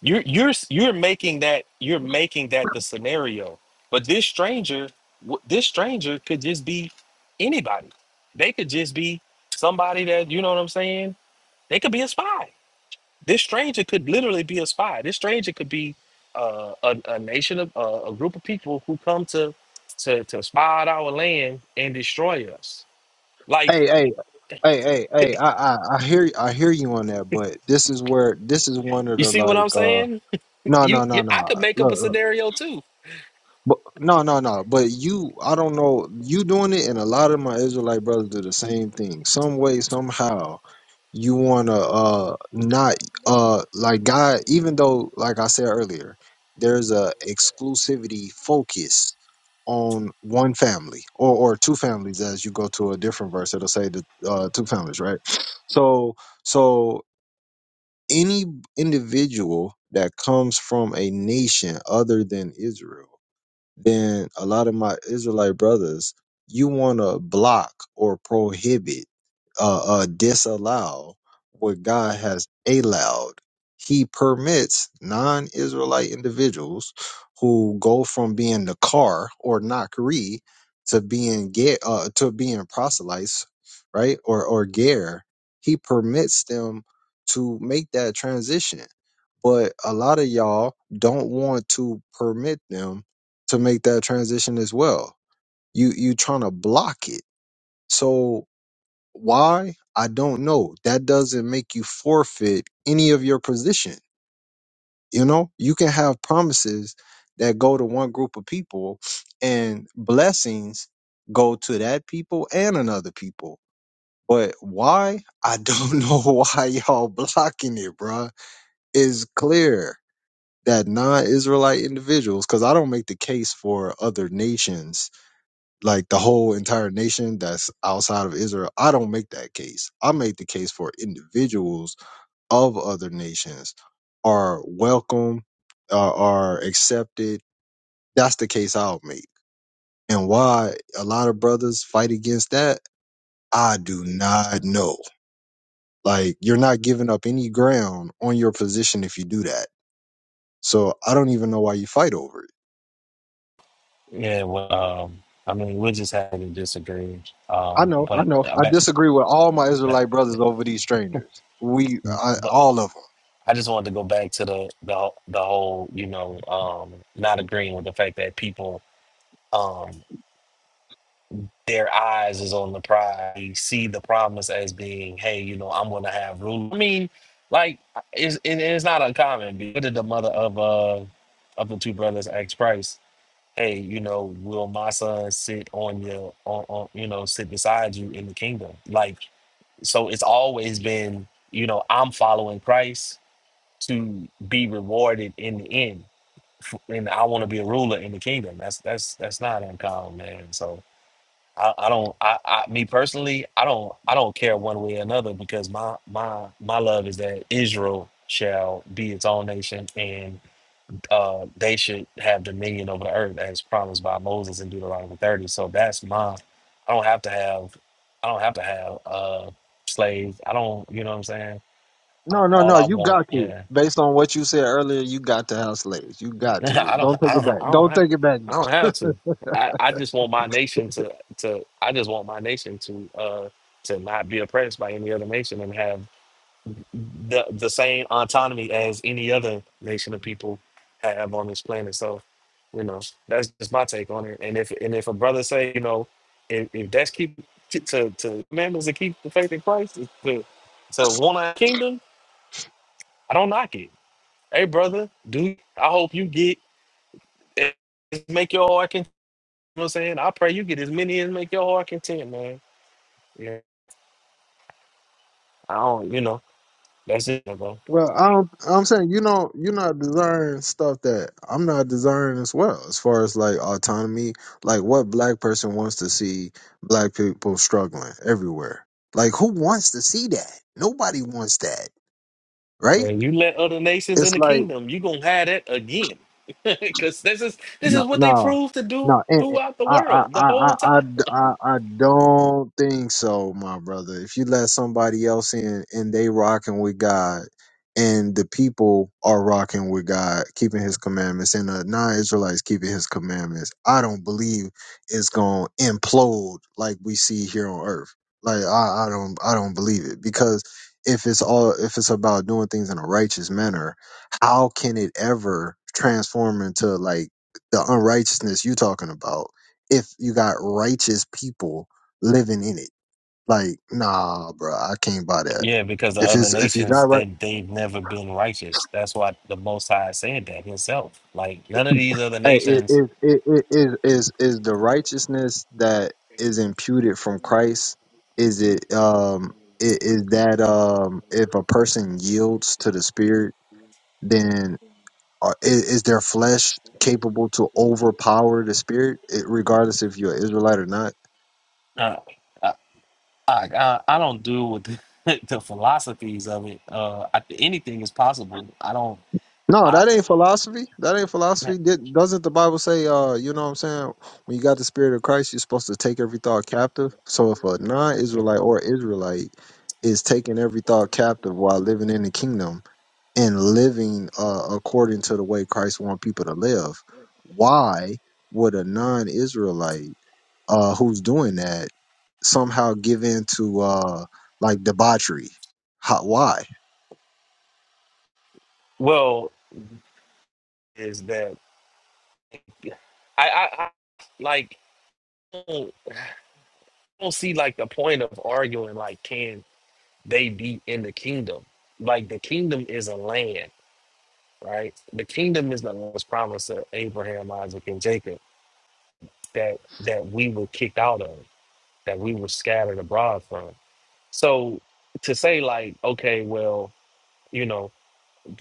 [SPEAKER 3] You're you're you're making that you're making that the scenario. But this stranger, w- this stranger could just be anybody. They could just be somebody that you know what I'm saying. They could be a spy. This stranger could literally be a spy. This stranger could be uh, a, a nation of uh, a group of people who come to to to spy out our land and destroy us. Like
[SPEAKER 1] Hey, hey, hey, hey, hey, I, I, I hear I hear you on that, but this is where this is one of
[SPEAKER 3] you
[SPEAKER 1] the
[SPEAKER 3] see what I'm
[SPEAKER 1] like uh
[SPEAKER 3] saying?
[SPEAKER 1] no no
[SPEAKER 3] You,
[SPEAKER 1] no
[SPEAKER 3] you I
[SPEAKER 1] no
[SPEAKER 3] could make up
[SPEAKER 1] look
[SPEAKER 3] a
[SPEAKER 1] look.
[SPEAKER 3] scenario too
[SPEAKER 1] But no, no, no. But you, I don't know. You doing it, and a lot of my Israelite brothers do the same thing. Some way, somehow, you wanna uh not uh like God. Even though, like I said earlier, there's a exclusivity focus on one family or or two families. As you go to a different verse, it'll say the uh, two families, right? So so any individual that comes from a nation other than Israel then a lot of my Israelite brothers, you want to block or prohibit, uh, uh, disallow what God has allowed. He permits non Israelite individuals who go from being the car or Nakri to being get uh, to being proselytes, right? Or or ger. He permits them to make that transition. But a lot of y'all don't want to permit them to make that transition as well. You you trying to block it. So why? I don't know. That doesn't make you forfeit any of your position. You know, you can have promises that go to one group of people and blessings go to that people and another people. But why? I don't *laughs* know why y'all blocking it, bruh. It's clear that non-Israelite individuals, because I don't make the case for other nations like the whole entire nation that's outside of Israel. I don't make that case. I make the case for individuals of other nations are welcome, uh, are accepted. That's the case I'll make. And why a lot of brothers fight against that, I do not know. Like you're not giving up any ground on your position if you do that. So I don't even know why you fight over it.
[SPEAKER 3] Yeah, well, um, I mean, we're just having to disagree.
[SPEAKER 1] I
[SPEAKER 3] Um,
[SPEAKER 1] know, I
[SPEAKER 3] but
[SPEAKER 1] know.
[SPEAKER 3] I
[SPEAKER 1] I
[SPEAKER 3] bet
[SPEAKER 1] disagree with all my
[SPEAKER 3] that,
[SPEAKER 1] Israelite brothers over these strangers. We, I,
[SPEAKER 3] but
[SPEAKER 1] all of them.
[SPEAKER 3] I just wanted to go back to the the the whole, you know, um, not agreeing with the fact that people, um, their eyes is on the prize. They see the promise as being, hey, you know, I'm gonna have rule. I mean, like, it's it, it's not uncommon. What did the mother of uh of the two brothers ask Price? Hey, you know, will my son sit on your on, on you know sit beside you in the kingdom? Like So it's always been, you know, I'm following Christ to be rewarded in the end, F- and I want to be a ruler in the kingdom. That's that's that's not uncommon, man. So I, I don't, I, I, me personally, I don't, I don't care one way or another because my my my love is that Israel shall be its own nation and uh, they should have dominion over the earth as promised by Moses in Deuteronomy 30. So that's my, I don't have to have, I don't have to have uh, slaves. I don't, you know what I'm saying? A-
[SPEAKER 1] No, no,
[SPEAKER 3] All
[SPEAKER 1] no.
[SPEAKER 3] I
[SPEAKER 1] You
[SPEAKER 3] want,
[SPEAKER 1] got to.
[SPEAKER 3] yeah.
[SPEAKER 1] Based on what you said earlier, you got to have slaves. You
[SPEAKER 3] *laughs*
[SPEAKER 1] got to.
[SPEAKER 3] I don't,
[SPEAKER 1] Don't
[SPEAKER 3] I
[SPEAKER 1] take it
[SPEAKER 3] don't,
[SPEAKER 1] back.
[SPEAKER 3] I don't,
[SPEAKER 1] Don't
[SPEAKER 3] have,
[SPEAKER 1] take it back
[SPEAKER 3] I
[SPEAKER 1] now.
[SPEAKER 3] don't have to. I, I just want my nation
[SPEAKER 1] *laughs*
[SPEAKER 3] to, to, I just want my nation to, uh, to not be oppressed by any other nation and have the the same autonomy as any other nation of people have on this planet. So, you know, that's just my take on it. And if and if a brother say, you know, if, if that's keep to to to commandments to keep the faith in Christ is to to want our kingdom, I don't knock it. Hey, brother, dude, I hope you get make your heart content. You know what I'm saying? I pray you get as many as make your heart content, man. Yeah, I don't, you know, that's it, bro.
[SPEAKER 1] Well, I don't, I'm saying you know you're not desiring stuff that I'm not desiring as well. As far as like autonomy, like what black person wants to see black people struggling everywhere. Like who wants to see that? Nobody wants that. right?
[SPEAKER 3] Man, you let other nations in
[SPEAKER 1] It's
[SPEAKER 3] the
[SPEAKER 1] like
[SPEAKER 3] kingdom, you gonna have that again. *laughs* Because this is this is
[SPEAKER 1] No,
[SPEAKER 3] what they
[SPEAKER 1] no,
[SPEAKER 3] proved to do
[SPEAKER 1] no. And, and
[SPEAKER 3] throughout the
[SPEAKER 1] I, I,
[SPEAKER 3] world the
[SPEAKER 1] I, I,
[SPEAKER 3] whole
[SPEAKER 1] I,
[SPEAKER 3] time.
[SPEAKER 1] d- I- I don't think so, my brother. If you let somebody else in and they rocking with God, and the people are rocking with God, keeping His commandments, and the non-Israelites keeping His commandments, I don't believe it's gonna implode like we see here on Earth. Like I, I don't, I don't believe it because if it's all, if it's about doing things in a righteous manner, how can it ever transform into like the unrighteousness you talking about if you got righteous people living in it. Like, nah, bro, I can't buy that.
[SPEAKER 3] Yeah, because the
[SPEAKER 1] If
[SPEAKER 3] other
[SPEAKER 1] it's if you got
[SPEAKER 3] nations they
[SPEAKER 1] right,
[SPEAKER 3] they've never been righteous. That's why the Most High said that Himself. Like none of these other
[SPEAKER 1] hey, it,
[SPEAKER 3] nations,
[SPEAKER 1] it, it, it, it, is is the righteousness that is imputed from Christ? Is it um i- is that um if a person yields to the Spirit, then are, i- is their flesh capable to overpower the Spirit, eh, regardless if you're an Israelite or not?
[SPEAKER 3] uh, I, I I I don't do with the, *laughs* the philosophies of it. Uh, I, anything is possible. I don't.
[SPEAKER 1] No,
[SPEAKER 3] I
[SPEAKER 1] that ain't philosophy. That ain't philosophy. Did, doesn't the Bible say, uh, you know what I'm saying? When you got the spirit of Christ, you're supposed to take every thought captive. So if a non Israelite or Israelite is taking every thought captive while living in the kingdom and living uh, according to the way Christ wants people to live, why would a non Israelite uh, who's doing that somehow give in to uh, like debauchery? How, why?
[SPEAKER 3] well is that. I, I, I like don't, don't see like the point of arguing like can they be in the kingdom? Like the kingdom is a land, right? The kingdom is the was promised to Abraham, Isaac, and Jacob that that we were kicked out of, that we were scattered abroad from. So to say like, okay, well, you know,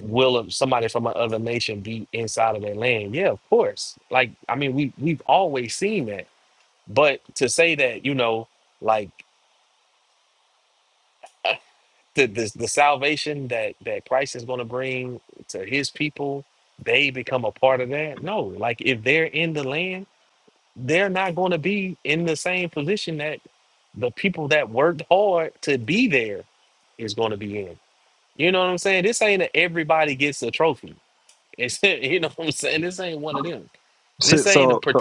[SPEAKER 3] will a- somebody from another nation be inside of their land? Yeah, of course. Like I mean, we we've always seen that But to say that, you know, like the the, the salvation that that Christ is going to bring to His people, they become a part of that. No, like if they're in the land, they're not going to be in the same position that the people that worked hard to be there is going to be in. You know what I'm saying? This ain't a everybody gets a trophy. It's *laughs* you know what I'm saying. This ain't one of them. This
[SPEAKER 1] So,
[SPEAKER 3] ain't a
[SPEAKER 1] so
[SPEAKER 3] par-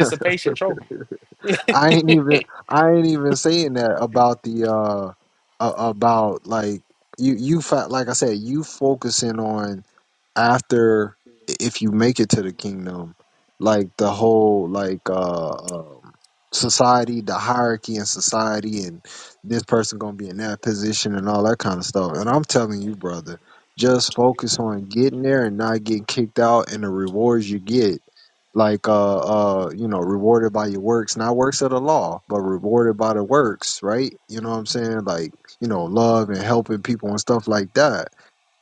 [SPEAKER 1] *laughs*
[SPEAKER 3] trophy.
[SPEAKER 1] I ain't even
[SPEAKER 3] *laughs*
[SPEAKER 1] I ain't even saying that about the uh a- about like you you fa- like I said you focusing on after if you make it to the kingdom like the whole like uh um, society the hierarchy in society and this person gonna be in that position and all that kind of stuff and i'm telling you brother just focus on getting there and not getting kicked out and the rewards you get like uh uh you know rewarded by your works not works of the law but rewarded by the works right you know what i'm saying like you know love and helping people and stuff like that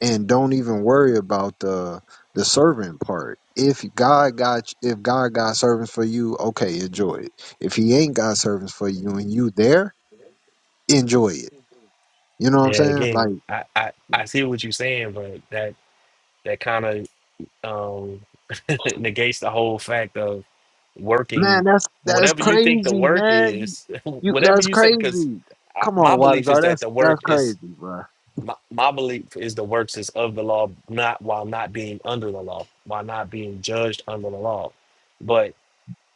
[SPEAKER 1] and don't even worry about the the servant part. If God got if God got servants for you, okay, enjoy it. If He ain't got servants for you and you there, enjoy it. You know what I'm
[SPEAKER 3] Yeah,
[SPEAKER 1] saying? Like,
[SPEAKER 3] again, I, I I see what you're saying, but that. that kind of um, *laughs* negates the whole fact of
[SPEAKER 1] man,
[SPEAKER 3] working
[SPEAKER 1] that's that's
[SPEAKER 3] whatever you think the
[SPEAKER 1] crazy,
[SPEAKER 3] work
[SPEAKER 1] man. You,
[SPEAKER 3] is *laughs*
[SPEAKER 1] you
[SPEAKER 3] whatever
[SPEAKER 1] that's
[SPEAKER 3] you say because
[SPEAKER 1] crazy. Come
[SPEAKER 3] my
[SPEAKER 1] on,
[SPEAKER 3] belief is
[SPEAKER 1] Wadazar,
[SPEAKER 3] that
[SPEAKER 1] that's
[SPEAKER 3] the work
[SPEAKER 1] that's
[SPEAKER 3] is
[SPEAKER 1] crazy, bro.
[SPEAKER 3] my, my belief is the works is of the law not while not being under the law while not being judged under the law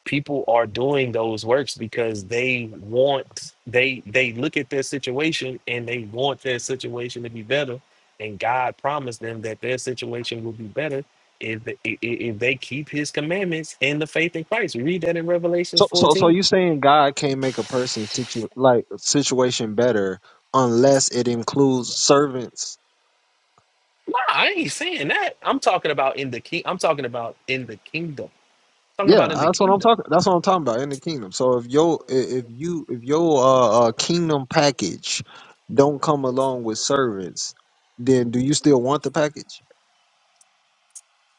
[SPEAKER 3] people are doing those works because they want they they look at their situation and they want their situation to be better and god promised them that their situation will be better if the- i- i- if they keep his commandments and the faith in christ we read that in revelations
[SPEAKER 1] So so so
[SPEAKER 3] 14
[SPEAKER 1] you saying God can't make a person's situ- like situation better unless it includes servants
[SPEAKER 3] nah i ain't saying that i'm talking about in the king i'm talking about in the kingdom talking
[SPEAKER 1] Yeah,
[SPEAKER 3] about in the
[SPEAKER 1] that's what I'm
[SPEAKER 3] kingdom
[SPEAKER 1] talking. That's what I'm talking about in the kingdom. So if your i- if you if your uh, uh kingdom package don't come along with servants, then do you still want the package?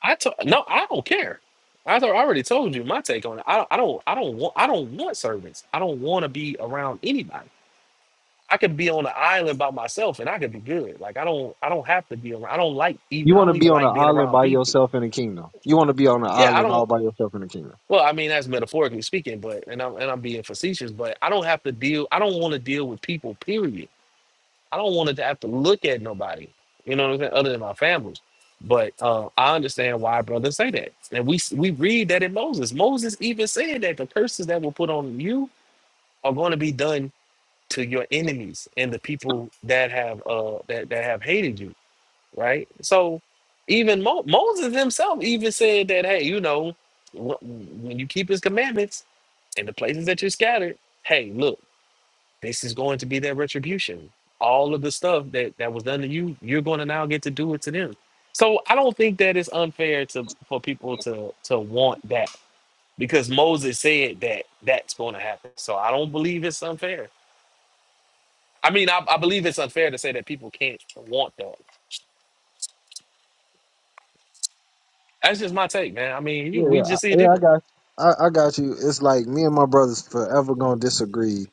[SPEAKER 3] i to- no i don't care I thought I already told you my take on it. I, don't, I don't I don't want I don't want servants. I don't want to be around anybody. I could be on an island by myself and I could be good. Like I don't I don't have to be around. I don't like even
[SPEAKER 1] You
[SPEAKER 3] I
[SPEAKER 1] want to
[SPEAKER 3] don't
[SPEAKER 1] be
[SPEAKER 3] even
[SPEAKER 1] on an
[SPEAKER 3] like being
[SPEAKER 1] island
[SPEAKER 3] around
[SPEAKER 1] by
[SPEAKER 3] people.
[SPEAKER 1] yourself in the kingdom. You want to be on an
[SPEAKER 3] Yeah, I
[SPEAKER 1] island all
[SPEAKER 3] don't
[SPEAKER 1] by yourself in the kingdom.
[SPEAKER 3] well, I mean that's metaphorically speaking, but and I'm and I'm being facetious, but I don't have to deal I don't want to deal with people, period. I don't want to have to look at nobody, you know what I'm saying, other than my families. But uh, I understand why brothers say that. And we we read that in Moses. Moses even said that the curses that were put on you are going to be done to your enemies and the people that have uh that, that have hated you right so even Mo- moses himself even said that hey you know wh- when you keep his commandments and the places that you're scattered hey look this is going to be their retribution all of the stuff that that was done to you you're going to now get to do it to them so i don't think that it's unfair to for people to to want that because moses said that that's going to happen so i don't believe it's unfair I mean, I, I believe it's unfair to say that people can't want that. That's just my take, man. I mean, you,
[SPEAKER 1] Yeah, yeah,
[SPEAKER 3] we just see it
[SPEAKER 1] I, yeah. I
[SPEAKER 3] different.
[SPEAKER 1] got, I, I got you. It's like me and my brothers forever gonna disagree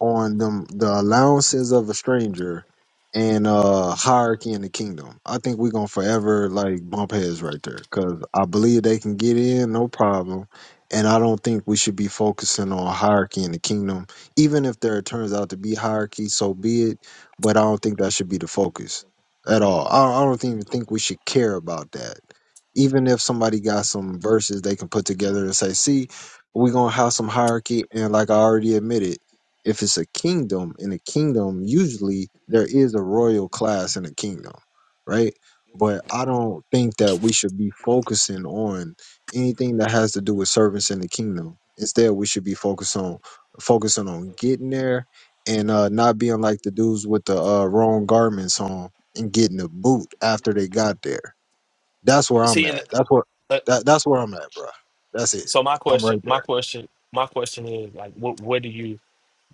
[SPEAKER 1] on them the allowances of a stranger and uh hierarchy in the kingdom. I think we're gonna forever like bump heads right there because I believe they can get in no problem, and I don't think we should be focusing on hierarchy in the kingdom, even if there turns out to be hierarchy, so be it. But I don't think that should be the focus at all. I, I don't even think we should care about that. Even if somebody got some verses they can put together and say, "See, we're gonna have some hierarchy," and like I already admitted if it's a kingdom, in a kingdom, usually there is a royal class in a kingdom, right? But I don't think that we should be focusing on anything that has to do with servants in the kingdom. Instead, we should be focused on focusing on getting there and uh, not being like the dudes with the uh, wrong garments on and getting a boot after they got there. That's where I'm
[SPEAKER 3] See, and
[SPEAKER 1] at. That's what
[SPEAKER 3] uh,
[SPEAKER 1] that, that's where I'm at, bro. That's it.
[SPEAKER 3] so my
[SPEAKER 1] I'm
[SPEAKER 3] question,
[SPEAKER 1] right
[SPEAKER 3] my
[SPEAKER 1] there.
[SPEAKER 3] question, my question is like, what, what do you,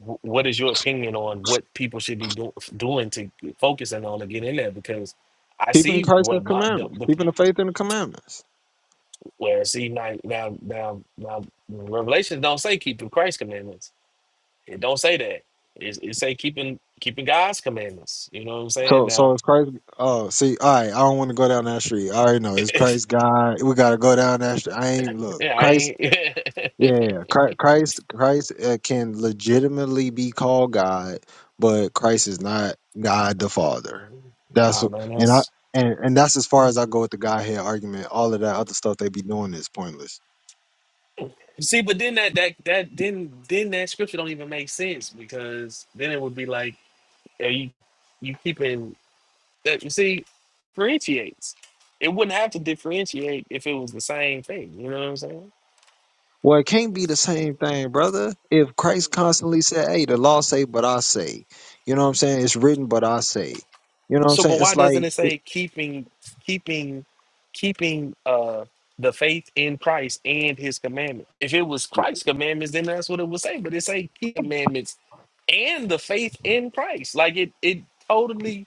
[SPEAKER 3] wh- what is your opinion on what people should be do, doing to focusing on to get in there? Because I
[SPEAKER 1] Keeping
[SPEAKER 3] see
[SPEAKER 1] Christ's
[SPEAKER 3] what my the,
[SPEAKER 1] commandments,
[SPEAKER 3] the
[SPEAKER 1] keeping the faith in the commandments.
[SPEAKER 3] where see now now now now Revelations don't say keeping Christ's commandments. It don't say that. It, it say keeping keeping God's commandments. You know what I'm saying
[SPEAKER 1] So, so
[SPEAKER 3] now.
[SPEAKER 1] it's Christ. Oh, see, all right. I don't want to go down that street. I already know it's
[SPEAKER 3] *clears throat*
[SPEAKER 1] Christ God. We gotta go down that street. I ain't look
[SPEAKER 3] Yeah, I
[SPEAKER 1] Christ.
[SPEAKER 3] ain't.
[SPEAKER 1] Yeah, Chri- Christ. Christ uh, can legitimately be called God, but Christ is not God the Father.
[SPEAKER 3] *laughs*
[SPEAKER 1] That's
[SPEAKER 3] oh
[SPEAKER 1] what-
[SPEAKER 3] man,
[SPEAKER 1] and I
[SPEAKER 3] that's.
[SPEAKER 1] and and that's as far as I go with the Godhead argument. All of that other stuff they be doing is pointless.
[SPEAKER 3] See, but then that that that then then that scripture don't even make sense because then it would be like are you you keeping that you see differentiates. It wouldn't have to differentiate if it was the same thing. You know what I'm saying?
[SPEAKER 1] Well, it can't be the same thing, brother. If Christ constantly said, Hey, the law say, but I say, you know what I'm saying? It's written, but I say, you know what I'm
[SPEAKER 3] So, but
[SPEAKER 1] saying?
[SPEAKER 3] why
[SPEAKER 1] It's
[SPEAKER 3] doesn't
[SPEAKER 1] like,
[SPEAKER 3] it say keeping, keeping, keeping uh the faith in Christ and His commandment? If it was Christ's commandments, then that's what it would say. But it say keep commandments and the faith in Christ. Like it, it totally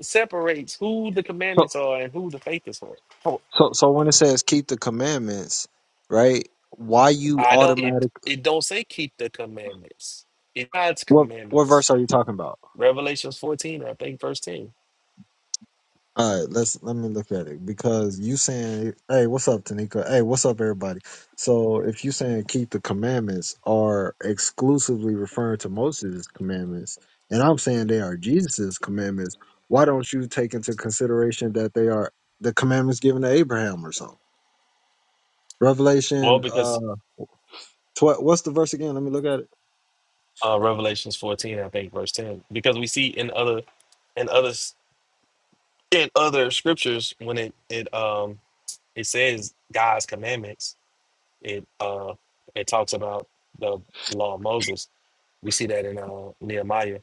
[SPEAKER 3] separates who the
[SPEAKER 1] so,
[SPEAKER 3] commandments are and who the faith is for. Oh,
[SPEAKER 1] so, so when it says keep the commandments, right? Why you
[SPEAKER 3] I don't. It
[SPEAKER 1] automatic,
[SPEAKER 3] it don't say keep the commandments. It's God's
[SPEAKER 1] what, what
[SPEAKER 3] commandments.
[SPEAKER 1] verse are you talking about?
[SPEAKER 3] Revelations fourteen, I think, verse ten.
[SPEAKER 1] All right, let's let me look at it because you saying, "Hey, what's up, Tanika? Hey, what's up, everybody?" So if you saying keep the commandments are exclusively referring to Moses' commandments, and I'm saying they are Jesus' commandments, why don't you take into consideration that they are the commandments given to Abraham or something?
[SPEAKER 3] Well,
[SPEAKER 1] Revelation,
[SPEAKER 3] because
[SPEAKER 1] uh, tw- what's the verse again? Let me look at it.
[SPEAKER 3] uh, Revelations 14, I think, verse 10, because we see in other in others in other scriptures when it it um it says God's commandments, it uh it talks about the law of Moses. We see that in uh, Nehemiah.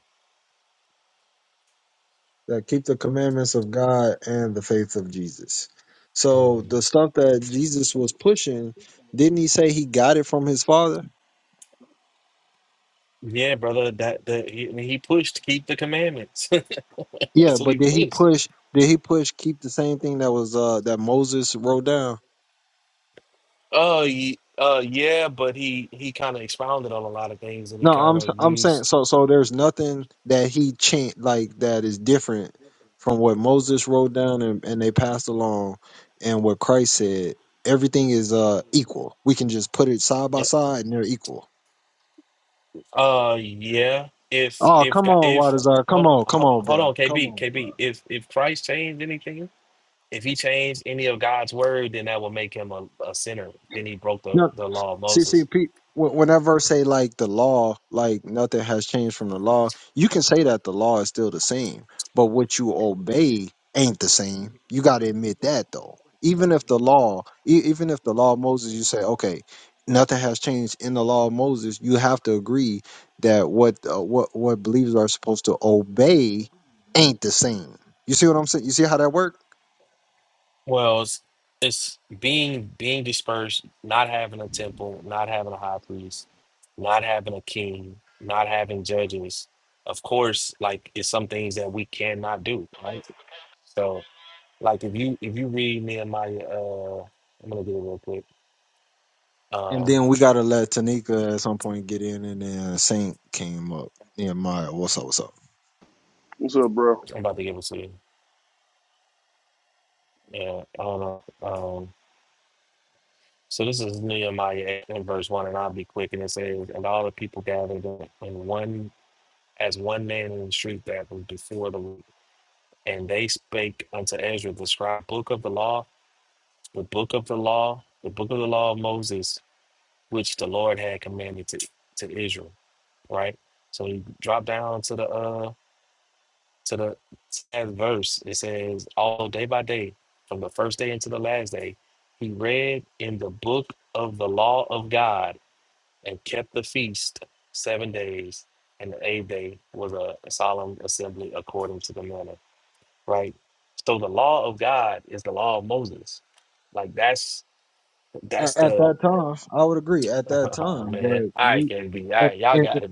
[SPEAKER 1] that keep the commandments of God and the faith of Jesus. So
[SPEAKER 3] Mhm.
[SPEAKER 1] the stuff that Jesus was pushing, didn't he say he got it from his father?
[SPEAKER 3] Yeah, brother, that that he, I mean, he pushed keep the commandments. *laughs*
[SPEAKER 1] Yeah,
[SPEAKER 3] That's what he
[SPEAKER 1] but did he
[SPEAKER 3] pushed.
[SPEAKER 1] push? Did he push keep the same thing that was uh that Moses wrote down?
[SPEAKER 3] Oh, uh, uh, yeah, but he he kind of expounded on a lot of things, and he
[SPEAKER 1] No,
[SPEAKER 3] kind
[SPEAKER 1] I'm s-
[SPEAKER 3] of
[SPEAKER 1] I'm saying
[SPEAKER 3] used.
[SPEAKER 1] so so there's nothing that he chant like that is different from what Moses wrote down and, and they passed along and what Christ said. Everything is uh equal. We can just put it side by side and they're equal.
[SPEAKER 3] Uh, yeah. If
[SPEAKER 1] Oh,
[SPEAKER 3] if
[SPEAKER 1] come
[SPEAKER 3] Ga-
[SPEAKER 1] on,
[SPEAKER 3] if
[SPEAKER 1] Wadazar. Come
[SPEAKER 3] hold
[SPEAKER 1] on, come
[SPEAKER 3] hold
[SPEAKER 1] on,
[SPEAKER 3] hold
[SPEAKER 1] bro.
[SPEAKER 3] on,
[SPEAKER 1] Come
[SPEAKER 3] KB
[SPEAKER 1] on, bro.
[SPEAKER 3] KB. If if Christ changed anything, if he changed any of God's word, then that would make him a, a sinner. Then he broke the
[SPEAKER 1] No,
[SPEAKER 3] the law of
[SPEAKER 1] see,
[SPEAKER 3] Moses.
[SPEAKER 1] see, Pete. wh- Whenever say like the law, like nothing has changed from the law, you can say that the law is still the same, but what you obey ain't the same. You got to admit that though. Even if the law, e- even if the law of Moses, you say, okay, nothing has changed in the law of Moses, you have to agree that what uh, what what believers are supposed to obey ain't the same. You see what I'm saying? You see how that works?
[SPEAKER 3] Well, it's, it's being being dispersed, not having a temple, not having a high priest, not having a king, not having judges. Of course, like it's some things that we cannot do, right? So, Like if you if you read Nehemiah, uh, I'm gonna get it real quick.
[SPEAKER 1] And
[SPEAKER 3] Um,
[SPEAKER 1] then we gotta let Tanika at some point get in, and then Saint came up. Yeah, Maya, what's up? What's up?
[SPEAKER 4] What's up, bro?
[SPEAKER 3] I'm about to give it to you. Yeah, I don't know. Um, so this is Nehemiah 8 and verse one, and I'll be quick. And it says, and all the people gathered in in one as one man in the street that was before the, Lord. and they spake unto Ezra the scribe, book of the law, the book of the law, the book of the law of Moses, which the Lord had commanded to to Israel. Right. So you drop down to the uh to the tenth verse, it says, All day by day, from the first day into the last day, he read in the book of the law of God and kept the feast seven days, and the eighth day was a solemn assembly according to the manner. Right? So the law of God is the law of Moses. Like that's that's
[SPEAKER 1] At, at
[SPEAKER 3] the
[SPEAKER 1] that time, I would agree. At
[SPEAKER 3] *laughs*
[SPEAKER 1] that
[SPEAKER 3] oh
[SPEAKER 1] time,
[SPEAKER 3] man.
[SPEAKER 1] but
[SPEAKER 3] All right,
[SPEAKER 1] we,
[SPEAKER 3] KB. All
[SPEAKER 1] at,
[SPEAKER 3] right, y'all
[SPEAKER 1] and,
[SPEAKER 3] got it.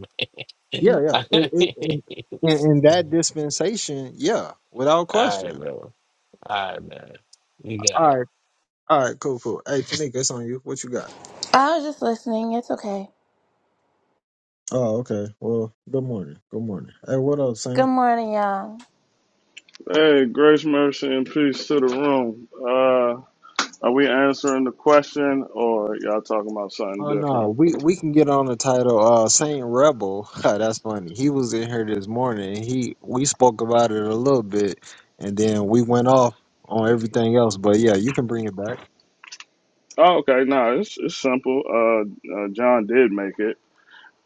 [SPEAKER 1] yeah,
[SPEAKER 3] Man.
[SPEAKER 1] yeah. It, it, it, in, in that dispensation, yeah, without
[SPEAKER 3] *laughs* All
[SPEAKER 1] question.
[SPEAKER 3] right, bro. All right, man. You got it.
[SPEAKER 1] All right, all right, cool, cool. Hey, Tanika, it's on you. What you got?
[SPEAKER 5] I was just listening. It's okay.
[SPEAKER 1] Oh, okay. Well, good morning. Good morning. Hey, what up, Saint?
[SPEAKER 5] Good morning, y'all.
[SPEAKER 4] Hey, grace, mercy, and peace to the room. Uh, are we answering the question, or y'all talking about something
[SPEAKER 1] Oh no,
[SPEAKER 4] different?
[SPEAKER 1] we we can get on the title. Uh, Saint Rebel. *laughs* Ha, That's funny. He was in here this morning. He we spoke about it a little bit, and then we went off on everything else. But yeah, you can bring it back.
[SPEAKER 4] Oh, okay. No, it's it's simple. Uh, uh, John did make it,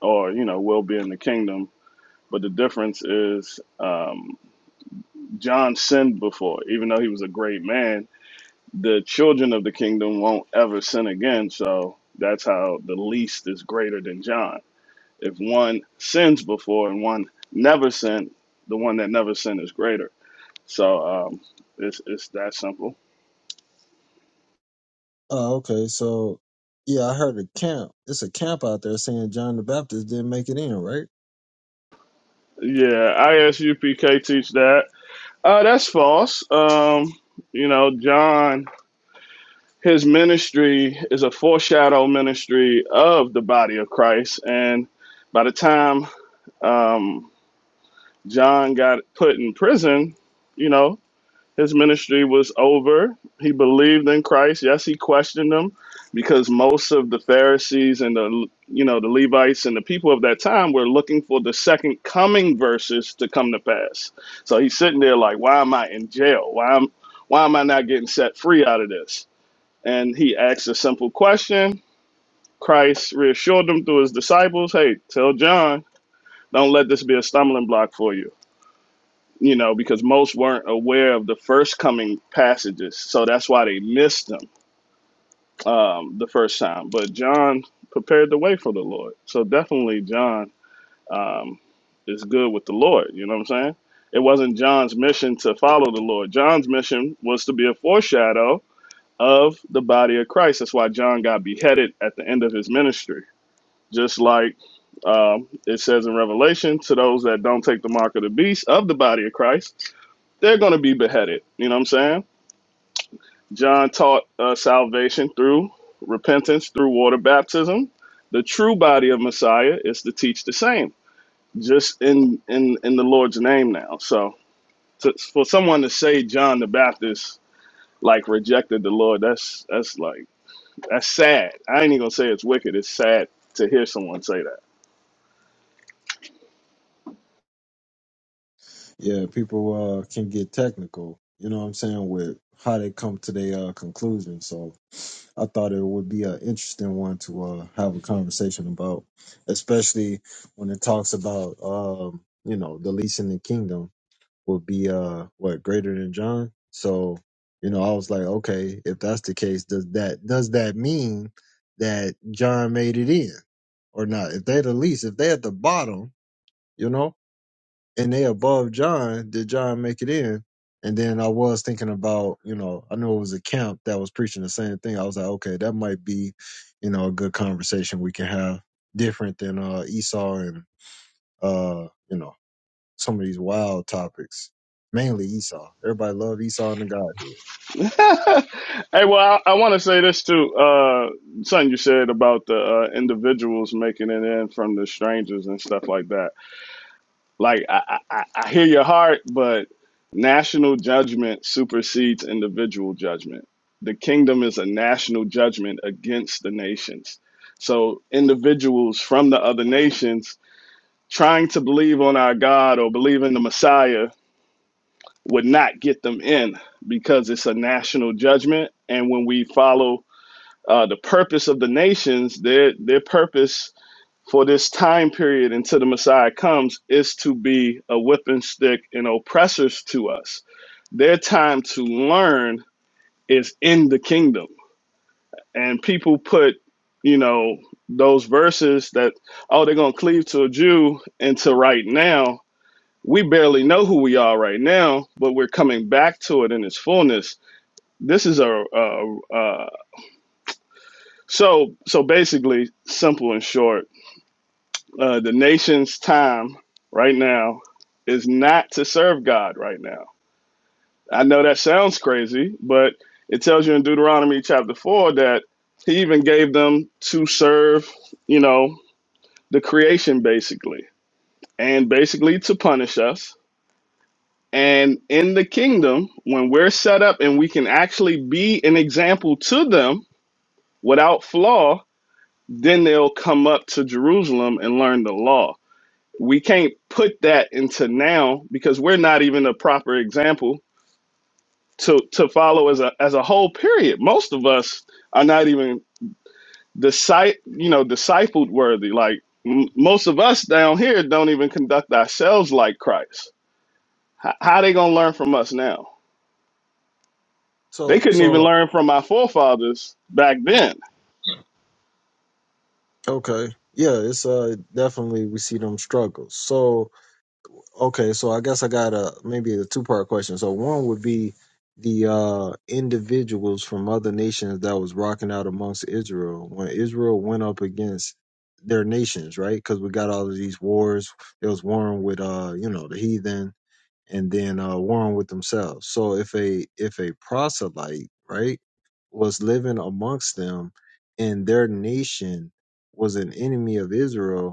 [SPEAKER 4] or you know, will be in the kingdom. But the difference is, um, John sinned before, even though he was a great man. The children of the kingdom won't ever sin again. So that's how the least is greater than John. If one sins before and one never sinned, the one that never sinned is greater. So um, it's it's that simple.
[SPEAKER 1] Oh, okay. So, yeah, I heard a camp. It's a camp out there saying John the Baptist didn't make it in, right?
[SPEAKER 4] Yeah, ISUPK teach that. Uh, that's false. Um, you know, John, his ministry is a foreshadow ministry of the body of Christ. And by the time um, John got put in prison, you know, His ministry was over. He believed in Christ. Yes, he questioned him because most of the Pharisees and the you know the Levites and the people of that time were looking for the second coming verses to come to pass. So he's sitting there like, why am I in jail? Why am why am I not getting set free out of this? And he asked a simple question. Christ reassured him through his disciples, hey, tell John, don't let this be a stumbling block for you you know, because most weren't aware of the first coming passages. So that's why they missed them um, the first time. But John prepared the way for the Lord. So definitely John um, is good with the Lord. You know what I'm saying? It wasn't John's mission to follow the Lord. John's mission was to be a foreshadow of the body of Christ. That's why John got beheaded at the end of his ministry. Just like um, it says in Revelation, to those that don't take the mark of the beast of the body of Christ, they're going to be beheaded. You know what I'm saying? John taught uh, salvation through repentance, through water baptism. The true body of Messiah is to teach the same, just in in in the Lord's name now. So to, for someone to say John the Baptist like rejected the Lord, that's that's like that's sad. I ain't even gonna say it's wicked. It's sad to hear someone say that.
[SPEAKER 1] Yeah, people uh, can get technical, you know what I'm saying, with how they come to their uh, conclusion. So, I thought it would be an interesting one to uh, have a conversation about, especially when it talks about um, you know the least in the kingdom will be uh what greater than John. So you know I was like, okay, if that's the case, does that does that mean that John made it in or not? If they're the least, if they're at the bottom, you know and they above John. Did John make it in? And then I was thinking about, you know, I knew it was a camp that was preaching the same thing. I was like, okay, that might be, you know, a good conversation we can have, different than uh, Esau and uh, you know, some of these wild topics. Mainly Esau. Everybody love Esau and the Godhead.
[SPEAKER 4] hey, well, I, I want to say this too. Uh, something you said about the uh, individuals making it in from the strangers and stuff like that. Like, I, I, I I hear your heart, but national judgment supersedes individual judgment. The kingdom is a national judgment against the nations. So, individuals from the other nations trying to believe on our God or believe in the Messiah would not get them in because it's a national judgment. And when we follow uh, the purpose of the nations, their their purpose for this time period until the Messiah comes is to be a whipping stick and oppressors to us. Their time to learn is in the kingdom. And people put, you know, those verses that, oh, they're going to cleave to a Jew into right now we barely know who we are right now, but we're coming back to it in its fullness this is a, a, a so so basically simple and short uh, the nation's time right now is not to serve god right now i know that sounds crazy but it tells you in deuteronomy chapter 4 that he even gave them to serve you know the creation basically and basically to punish us and in the kingdom when we're set up and we can actually be an example to them without flaw then they'll come up to Jerusalem and learn the law. We can't put that into now because we're not even a proper example to to follow as a as a whole period. Most of us are not even disci- you know discipled worthy. Like m- most of us down here don't even conduct ourselves like Christ. H- how they gonna learn from us now? They
[SPEAKER 1] So,
[SPEAKER 4] couldn't even
[SPEAKER 1] so
[SPEAKER 4] learn from our forefathers back then.
[SPEAKER 1] okay, yeah, it's uh definitely we see them struggles. So Okay, so I guess I got a maybe a two part question. So one would be the uh individuals from other nations that was rocking out amongst Israel when Israel went up against their nations, right? Because we got all of these wars. There was warring with uh, you know, the heathen and then uh warring with themselves. So if a if a proselyte, right, was living amongst them and their nation was an enemy of Israel,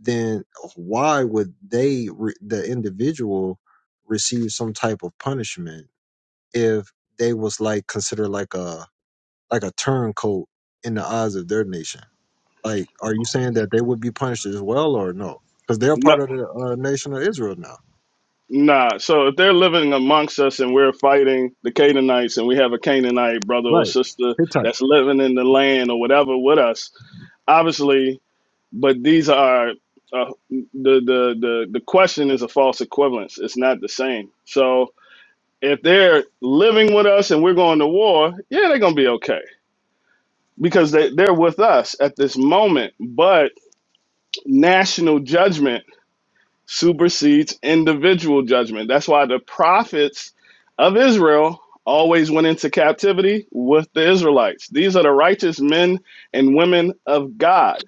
[SPEAKER 1] then why would they re- the individual receive some type of punishment if they was like considered like a like a turncoat in the eyes of their nation like are you saying that they would be punished as well or no because they're
[SPEAKER 4] No,
[SPEAKER 1] part of the uh, nation of israel now
[SPEAKER 4] Nah, so if they're living amongst us and we're fighting the Canaanites and we have a Canaanite brother or
[SPEAKER 1] right
[SPEAKER 4] sister
[SPEAKER 1] Hittite.
[SPEAKER 4] that's living in the land or whatever with us, obviously, but these are uh, the, the the the question is a false equivalence. It's not the same. So if they're living with us and we're going to war, yeah, they're gonna be okay because they they're with us at this moment. But national judgment. supersedes individual judgment. That's why the prophets of Israel always went into captivity with the Israelites. These are the righteous men and women of God.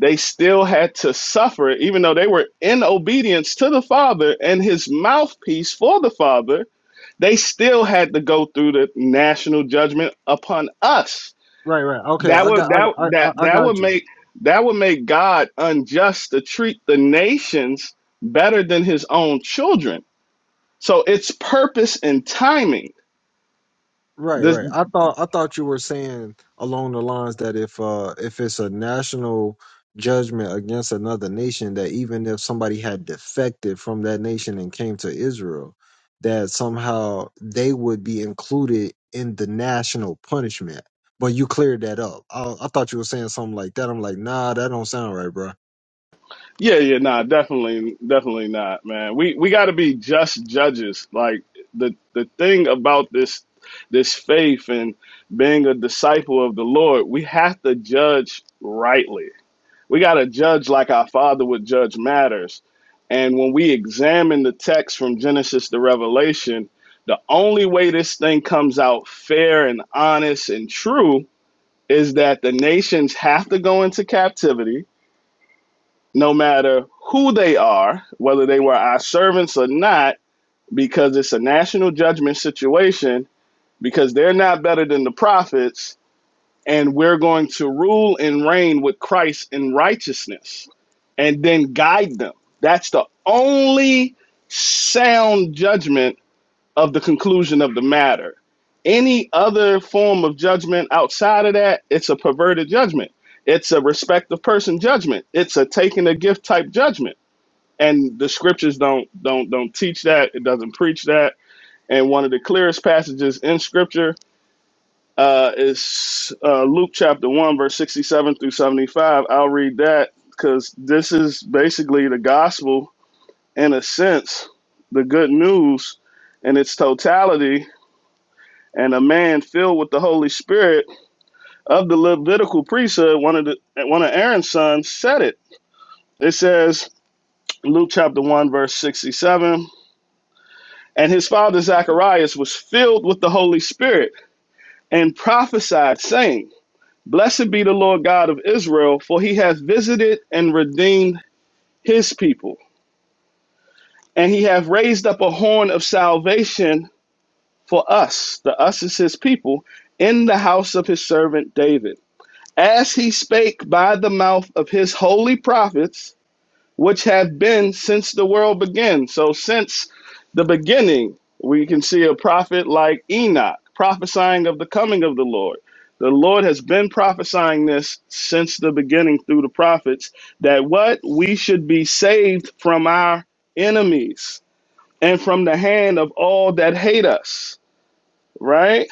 [SPEAKER 4] They still had to suffer, even though they were in obedience to the Father and his mouthpiece for the Father, they still had to go through the national judgment upon us
[SPEAKER 1] right right okay
[SPEAKER 4] that
[SPEAKER 1] i
[SPEAKER 4] would
[SPEAKER 1] got
[SPEAKER 4] that
[SPEAKER 1] i, I, I
[SPEAKER 4] that
[SPEAKER 1] I
[SPEAKER 4] that would
[SPEAKER 1] got you
[SPEAKER 4] make that would make God unjust to treat the nations better than his own children. So it's purpose and timing.
[SPEAKER 1] Right,
[SPEAKER 4] This
[SPEAKER 1] right. I thought I thought you were saying along the lines that if uh if it's a national judgment against another nation, that even if somebody had defected from that nation and came to Israel, that somehow they would be included in the national punishment. But you cleared that up. I, I thought you were saying something like that. I'm like, nah, that don't sound right, bro.
[SPEAKER 4] yeah, yeah, nah, definitely definitely not, man. We we gotta be just judges. Like the the thing about this this faith and being a disciple of the Lord, we have to judge rightly We got to judge like our Father would judge matters. And when we examine the text from Genesis to Revelation, the only way this thing comes out fair and honest and true is that the nations have to go into captivity, no matter who they are, whether they were our servants or not, because it's a national judgment situation, because they're not better than the prophets and we're going to rule and reign with Christ in righteousness and then guide them. That's the only sound judgment of the conclusion of the matter. Any other form of judgment outside of that, it's a perverted judgment. It's a respect of person judgment. It's a taking a gift type judgment. And the scriptures don't don't don't teach that. It doesn't preach that. And one of the clearest passages in scripture uh, it's uh, Luke chapter 1, verse 67 through 75. I'll read that because this is basically the gospel, in a sense, the good news in its totality. And a man filled with the Holy Spirit of the Levitical priesthood, one of, the, one of Aaron's sons, said it. It says, Luke chapter 1, verse 67 And his father Zacharias was filled with the Holy Spirit and prophesied, saying, Blessed be the Lord God of Israel, for he hath visited and redeemed his people, and he hath raised up a horn of salvation for us, the us is his people, in the house of his servant David. As he spake by the mouth of his holy prophets, which have been since the world began. So, since the beginning, we can see a prophet like Enoch prophesying of the coming of the Lord. The Lord has been prophesying this since the beginning through the prophets that what we should be saved from our enemies and from the hand of all that hate us, right?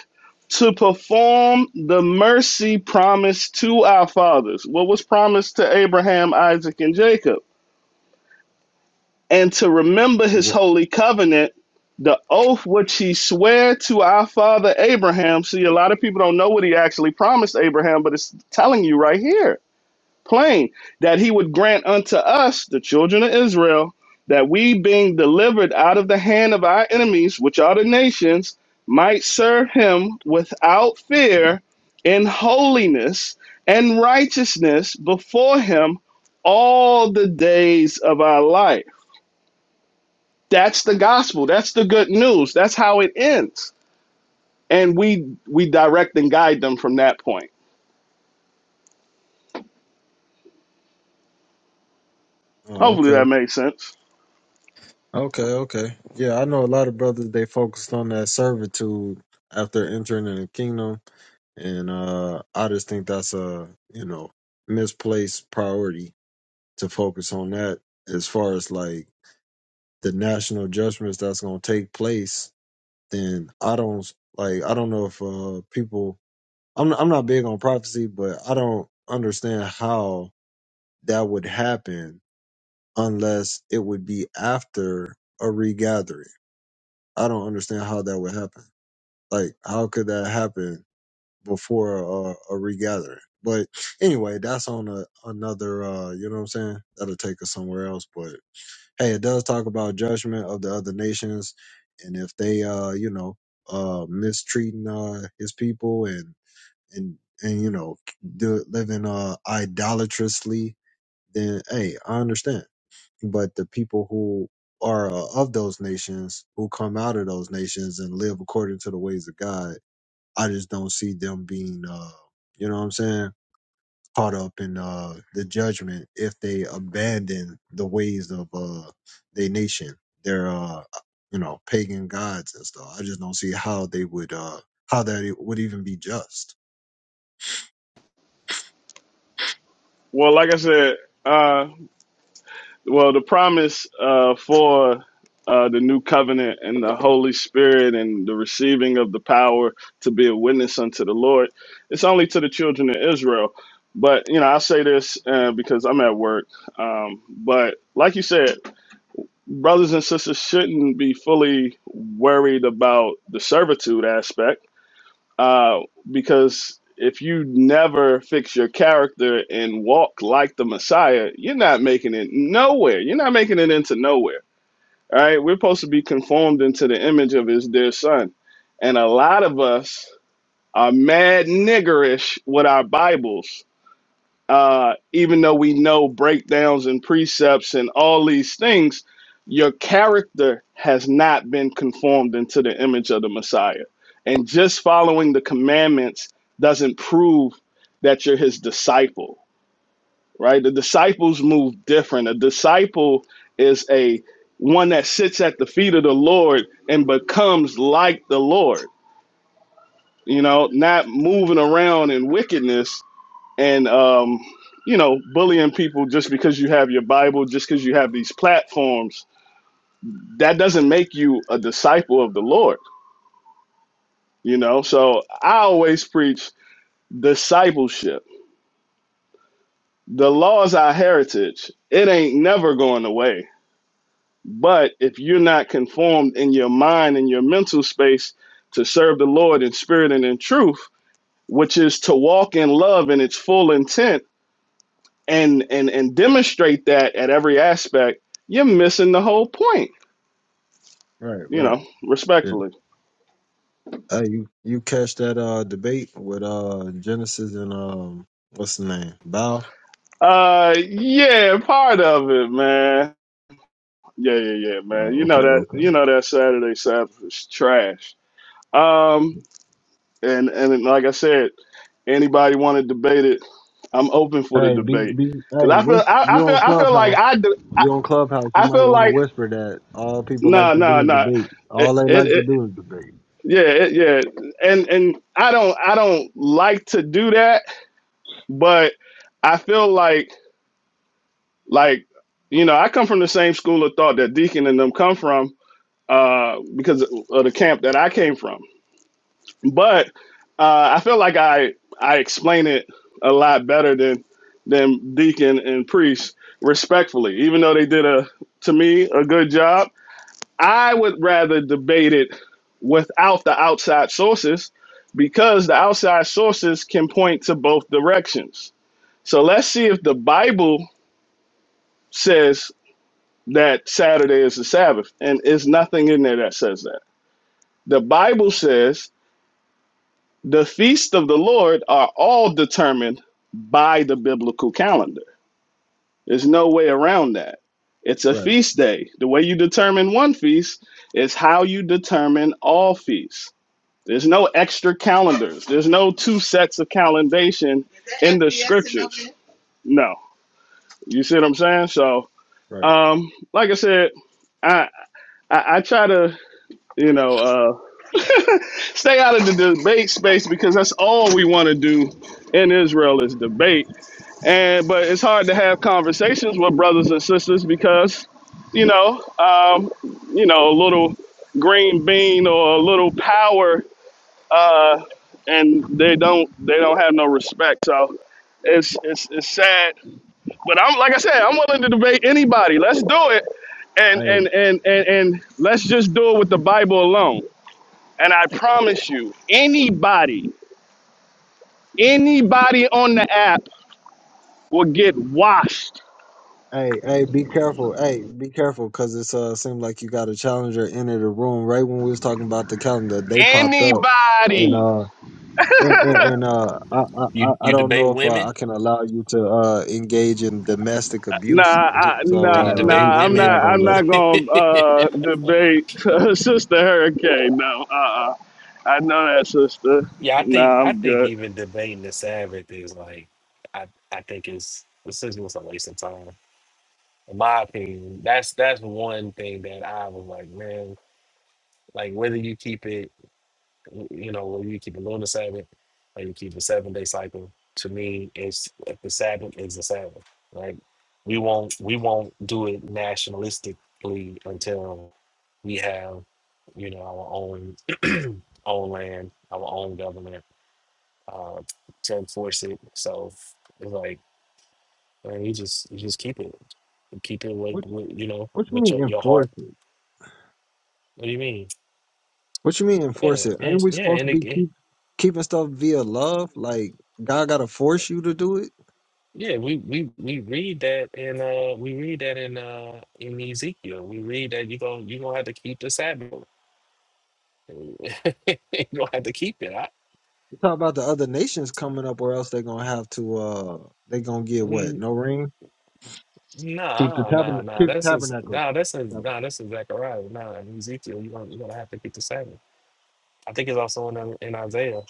[SPEAKER 4] To perform the mercy promised to our fathers. What was promised to Abraham, Isaac, and Jacob? and to remember
[SPEAKER 1] You
[SPEAKER 4] his
[SPEAKER 1] wa-
[SPEAKER 4] holy covenant, the oath which he sware to our father Abraham. See, a lot of people don't know what he actually promised Abraham, but it's telling you right here, plain, that he would grant unto us, the children of Israel, that we being delivered out of the hand of our enemies, which are the nations, might serve him without fear in holiness and righteousness before him all the days of our life. That's the gospel. That's the good news. That's how it ends. And we we direct and guide them from that point.
[SPEAKER 1] Oh,
[SPEAKER 4] Hopefully
[SPEAKER 1] okay.
[SPEAKER 4] that makes sense.
[SPEAKER 1] Okay, okay. Yeah, I know a lot of brothers they focused on that servitude after entering in the kingdom and uh I just think that's a, you know, misplaced priority to focus on that as far as like the national judgments that's going to take place, then I don't like I don't know if uh people I'm I'm not big on prophecy, but I don't understand how that would happen unless it would be after a regathering I don't understand how that would happen. Like, how could that happen before a, a regathering? But anyway, that's on a, another, uh, you know what I'm saying? That'll take us somewhere else. But hey, it does talk about judgment of the other nations. And if they, uh, you know, uh, mistreating, uh, his people and, and, and, you know, do, living, uh, idolatrously, then hey, I understand but the people who are uh, of those nations who come out of those nations and live according to the ways of God, I just don't see them being, uh, you know what I'm saying, caught up in uh, the judgment if they abandon the ways of uh, their nation, their, uh, you know, pagan gods and stuff. I just don't see how they would, uh, how that it would even be just.
[SPEAKER 4] Well, like I said, uh well the promise uh for uh the new covenant and the Holy Spirit and the receiving of the power to be a witness unto the Lord, it's only to the children of Israel. But you know, I say this uh, because I'm at work. Um, but like you said, brothers and sisters shouldn't be fully worried about the servitude aspect uh, because if you never fix your character and walk like the Messiah, you're not making it nowhere. You're not making it into nowhere. All right. We're supposed to be conformed into the image of his dear son. And a lot of us are mad niggerish with our Bibles uh, even though we know breakdowns and precepts and all these things, your character has not been conformed into the image of the Messiah. And just following the commandments doesn't prove that you're his disciple, right? The disciples move different. A disciple is a one that sits at the feet of the Lord and becomes like the Lord, you know, not moving around in wickedness and um, you know bullying people just because you have your bible just because you have these platforms that doesn't make you a disciple of the lord you know so i always preach discipleship the law is our heritage it ain't never going away but if you're not conformed in your mind and your mental space to serve the lord in spirit and in truth which is to walk in love in its full intent and and and demonstrate that at every aspect, you're missing the whole point.
[SPEAKER 1] Right,
[SPEAKER 4] You
[SPEAKER 1] right.
[SPEAKER 4] know,
[SPEAKER 1] Yeah.
[SPEAKER 4] respectfully.
[SPEAKER 1] Hey, you you catch that uh debate with uh Genesis and um what's the name? Bow?
[SPEAKER 4] Uh, yeah, part of it, man. Yeah, yeah, yeah, man.
[SPEAKER 1] Oh,
[SPEAKER 4] You know
[SPEAKER 1] okay,
[SPEAKER 4] that.
[SPEAKER 1] okay.
[SPEAKER 4] You know that Saturday Sabbath is trash. Um, and and like I said, anybody want to debate it? I'm open for the
[SPEAKER 1] Hey, be
[SPEAKER 4] debate
[SPEAKER 1] be
[SPEAKER 4] because
[SPEAKER 1] hey,
[SPEAKER 4] I feel
[SPEAKER 1] whisper,
[SPEAKER 4] I, I
[SPEAKER 1] you
[SPEAKER 4] feel
[SPEAKER 1] on
[SPEAKER 4] I feel like
[SPEAKER 1] Clubhouse.
[SPEAKER 4] I do,
[SPEAKER 1] You on Clubhouse, you
[SPEAKER 4] I
[SPEAKER 1] might
[SPEAKER 4] feel
[SPEAKER 1] want to
[SPEAKER 4] like
[SPEAKER 1] whisper that all people
[SPEAKER 4] no
[SPEAKER 1] like to
[SPEAKER 4] no
[SPEAKER 1] do is
[SPEAKER 4] no
[SPEAKER 1] debate. All
[SPEAKER 4] it,
[SPEAKER 1] they
[SPEAKER 4] it,
[SPEAKER 1] like to
[SPEAKER 4] it
[SPEAKER 1] do is debate.
[SPEAKER 4] yeah it, yeah and and I don't I don't like to do that but I feel like like you know I come from the same school of thought that Deacon and them come from uh, because of the camp that I came from. But uh, I feel like I I explain it a lot better than than Deacon and Priest respectfully, even though they did a to me a good job. I would rather debate it without the outside sources because the outside sources can point to both directions. So let's see if the Bible says that Saturday is the Sabbath, and it's nothing in there that says that. The Bible says the feasts of the Lord are all determined by the biblical calendar. There's no way around that. It's a
[SPEAKER 1] Right,
[SPEAKER 4] feast day. The way you determine one feast is how you determine all feasts. There's no extra calendars. There's no two sets of calendation in the scriptures. No. You see what I'm saying? So,
[SPEAKER 1] right.
[SPEAKER 4] um, like I said, I, I I try to. you know, uh, *laughs* stay out of the debate space because that's all we want to do in Israel is debate. And but it's hard to have conversations with brothers and sisters because, you know, um, you know, a little green bean or a little power, uh, and they don't they don't have no respect. So it's it's it's sad. But I'm like I said, I'm willing to debate anybody. Let's do it, and
[SPEAKER 1] Hey,
[SPEAKER 4] and and and, and let's just do it with the Bible alone. And I promise you, anybody, anybody on the app will get washed.
[SPEAKER 1] hey, hey, be careful. Hey, be careful cuz it's uh seemed like you got a challenger into the room right when we was talking about the calendar. They popped up and
[SPEAKER 4] Anybody.
[SPEAKER 1] uh and, and, and uh I, I I
[SPEAKER 3] You
[SPEAKER 1] I
[SPEAKER 3] you
[SPEAKER 1] don't
[SPEAKER 3] debate
[SPEAKER 1] know if uh,
[SPEAKER 3] women?
[SPEAKER 1] I can allow you to uh engage in domestic
[SPEAKER 4] Nah,
[SPEAKER 1] abuse.
[SPEAKER 3] Do,
[SPEAKER 4] I,
[SPEAKER 1] So
[SPEAKER 3] do
[SPEAKER 4] nah,
[SPEAKER 3] you
[SPEAKER 1] uh
[SPEAKER 3] debate
[SPEAKER 1] we,
[SPEAKER 4] nah. I'm
[SPEAKER 1] we're
[SPEAKER 3] women?
[SPEAKER 1] not
[SPEAKER 4] not.
[SPEAKER 1] going
[SPEAKER 4] I'm
[SPEAKER 3] *laughs*
[SPEAKER 1] to
[SPEAKER 4] not
[SPEAKER 1] let
[SPEAKER 4] gonna uh, debate *laughs* Sister Hurricane. No, uh, uh I know that, Sister.
[SPEAKER 3] yeah, I think
[SPEAKER 4] Nah,
[SPEAKER 3] I
[SPEAKER 4] I'm
[SPEAKER 3] think
[SPEAKER 4] good.
[SPEAKER 3] even debating the Sabbath is like I I think it's this is just it's a waste of time. In my opinion, that's that's one thing that I was like, man, like whether you keep it you know, whether you keep a lunar Sabbath or you keep a seven day cycle, to me, it's the Sabbath is the Sabbath. Like we won't we won't do it nationalistically until we have, you know, our own *clears throat* own land, our own government uh, to enforce it. So it's like man, you just you just keep it, keep it with, with you know
[SPEAKER 1] What you
[SPEAKER 3] with your,
[SPEAKER 1] mean
[SPEAKER 3] your heart.
[SPEAKER 1] enforce it?
[SPEAKER 3] What do you mean?
[SPEAKER 1] What you mean
[SPEAKER 3] Yeah,
[SPEAKER 1] enforce it?
[SPEAKER 3] yeah,
[SPEAKER 1] Ain't we
[SPEAKER 3] yeah.
[SPEAKER 1] supposed to
[SPEAKER 3] And
[SPEAKER 1] be
[SPEAKER 3] it,
[SPEAKER 1] keep keeping stuff via love? Like God gotta force you to do it?
[SPEAKER 3] Yeah, we we we read that in uh we read that in uh in Ezekiel. We read that you going you gonna have to keep the Sabbath. *laughs* you gonna have to keep it. I,
[SPEAKER 1] You talk about the other nations coming up or else they gonna have to uh they gonna get what?
[SPEAKER 3] mm,
[SPEAKER 1] No ring? Keep the
[SPEAKER 3] nah, nah,
[SPEAKER 1] tabernacle
[SPEAKER 3] nah.
[SPEAKER 1] keep the
[SPEAKER 3] That's is
[SPEAKER 1] tabernacle.
[SPEAKER 3] nah. That's is nah. That's in Zechariah. Nah, in Ezekiel, you gonna you gonna have to keep the Sabbath. I think it's also in uh, in Isaiah.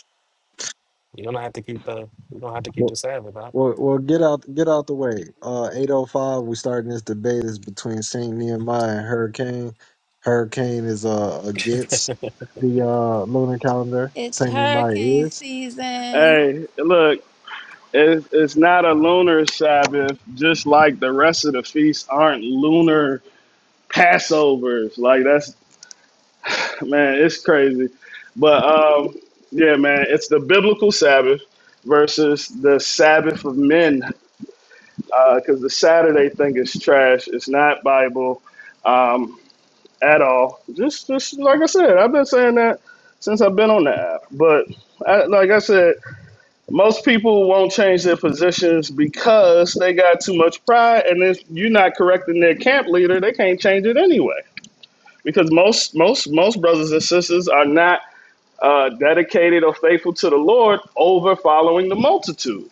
[SPEAKER 3] You're gonna have to keep the you're gonna have to keep the
[SPEAKER 1] Well,
[SPEAKER 3] Sabbath. Huh?
[SPEAKER 1] well, well, get out, get out the way. Uh, eight oh five. We starting this debate is between Saint Nehemiah and Hurricane. Hurricane is uh against the uh lunar calendar.
[SPEAKER 5] It's
[SPEAKER 1] Saint Nehemiah
[SPEAKER 5] hurricane
[SPEAKER 1] is.
[SPEAKER 5] season,
[SPEAKER 4] Hey, look, it's, it's not a lunar Sabbath, just like the rest of the feasts aren't lunar Passovers. Like that's Man, it's crazy. But um, yeah, man, it's the biblical Sabbath versus the Sabbath of men because the Saturday thing is trash. It's not Bible um, at all. Just, just like I said, I've been saying that since I've been on the app. But I, like I said, most people won't change their positions because they got too much pride, and if you're not correcting their camp leader, they can't change it anyway. Because most, most, most brothers and sisters are not uh, dedicated or faithful to the Lord over following the multitude.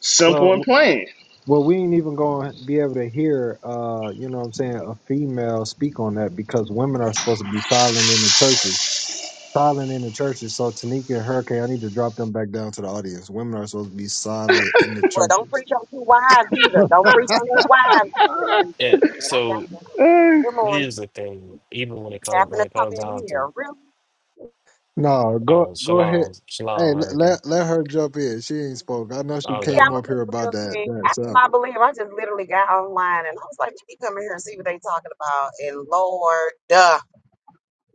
[SPEAKER 4] Simple and
[SPEAKER 1] Well,
[SPEAKER 4] plain.
[SPEAKER 1] Well, we ain't even going to be able to hear, uh, you know what I'm saying, a female speak on that because women are supposed to be silent in the churches. Silent in the churches. So, Tanika and Hurricane, I need to drop them back down to the audience. Women are supposed to be silent in the
[SPEAKER 6] Well, don't
[SPEAKER 1] churches.
[SPEAKER 6] preach on two wives
[SPEAKER 1] *laughs*
[SPEAKER 6] either.
[SPEAKER 1] no,
[SPEAKER 6] Don't preach on two wives either. The New
[SPEAKER 3] And
[SPEAKER 6] Testament. I got
[SPEAKER 3] so
[SPEAKER 6] one.
[SPEAKER 4] Eh,
[SPEAKER 6] Good morning.
[SPEAKER 3] here's the thing. Even when it comes
[SPEAKER 6] Happen
[SPEAKER 3] when
[SPEAKER 6] to
[SPEAKER 3] it
[SPEAKER 6] come
[SPEAKER 3] comes
[SPEAKER 6] in
[SPEAKER 3] down to
[SPEAKER 6] here. Really?
[SPEAKER 1] go
[SPEAKER 3] oh
[SPEAKER 1] go ahead.
[SPEAKER 3] shalom
[SPEAKER 1] Hey,
[SPEAKER 3] shalom
[SPEAKER 1] let,
[SPEAKER 3] everything
[SPEAKER 1] let let her jump in. She ain't spoke. I know she
[SPEAKER 3] all
[SPEAKER 6] Yeah,
[SPEAKER 3] that.
[SPEAKER 1] came
[SPEAKER 6] I'm a
[SPEAKER 1] up here
[SPEAKER 6] big
[SPEAKER 1] about
[SPEAKER 6] real
[SPEAKER 1] that
[SPEAKER 6] quick.
[SPEAKER 1] that
[SPEAKER 6] After my
[SPEAKER 1] subject.
[SPEAKER 6] believe, I just literally got online and I was like, let me come in here and see what they talking about. And Lord, duh,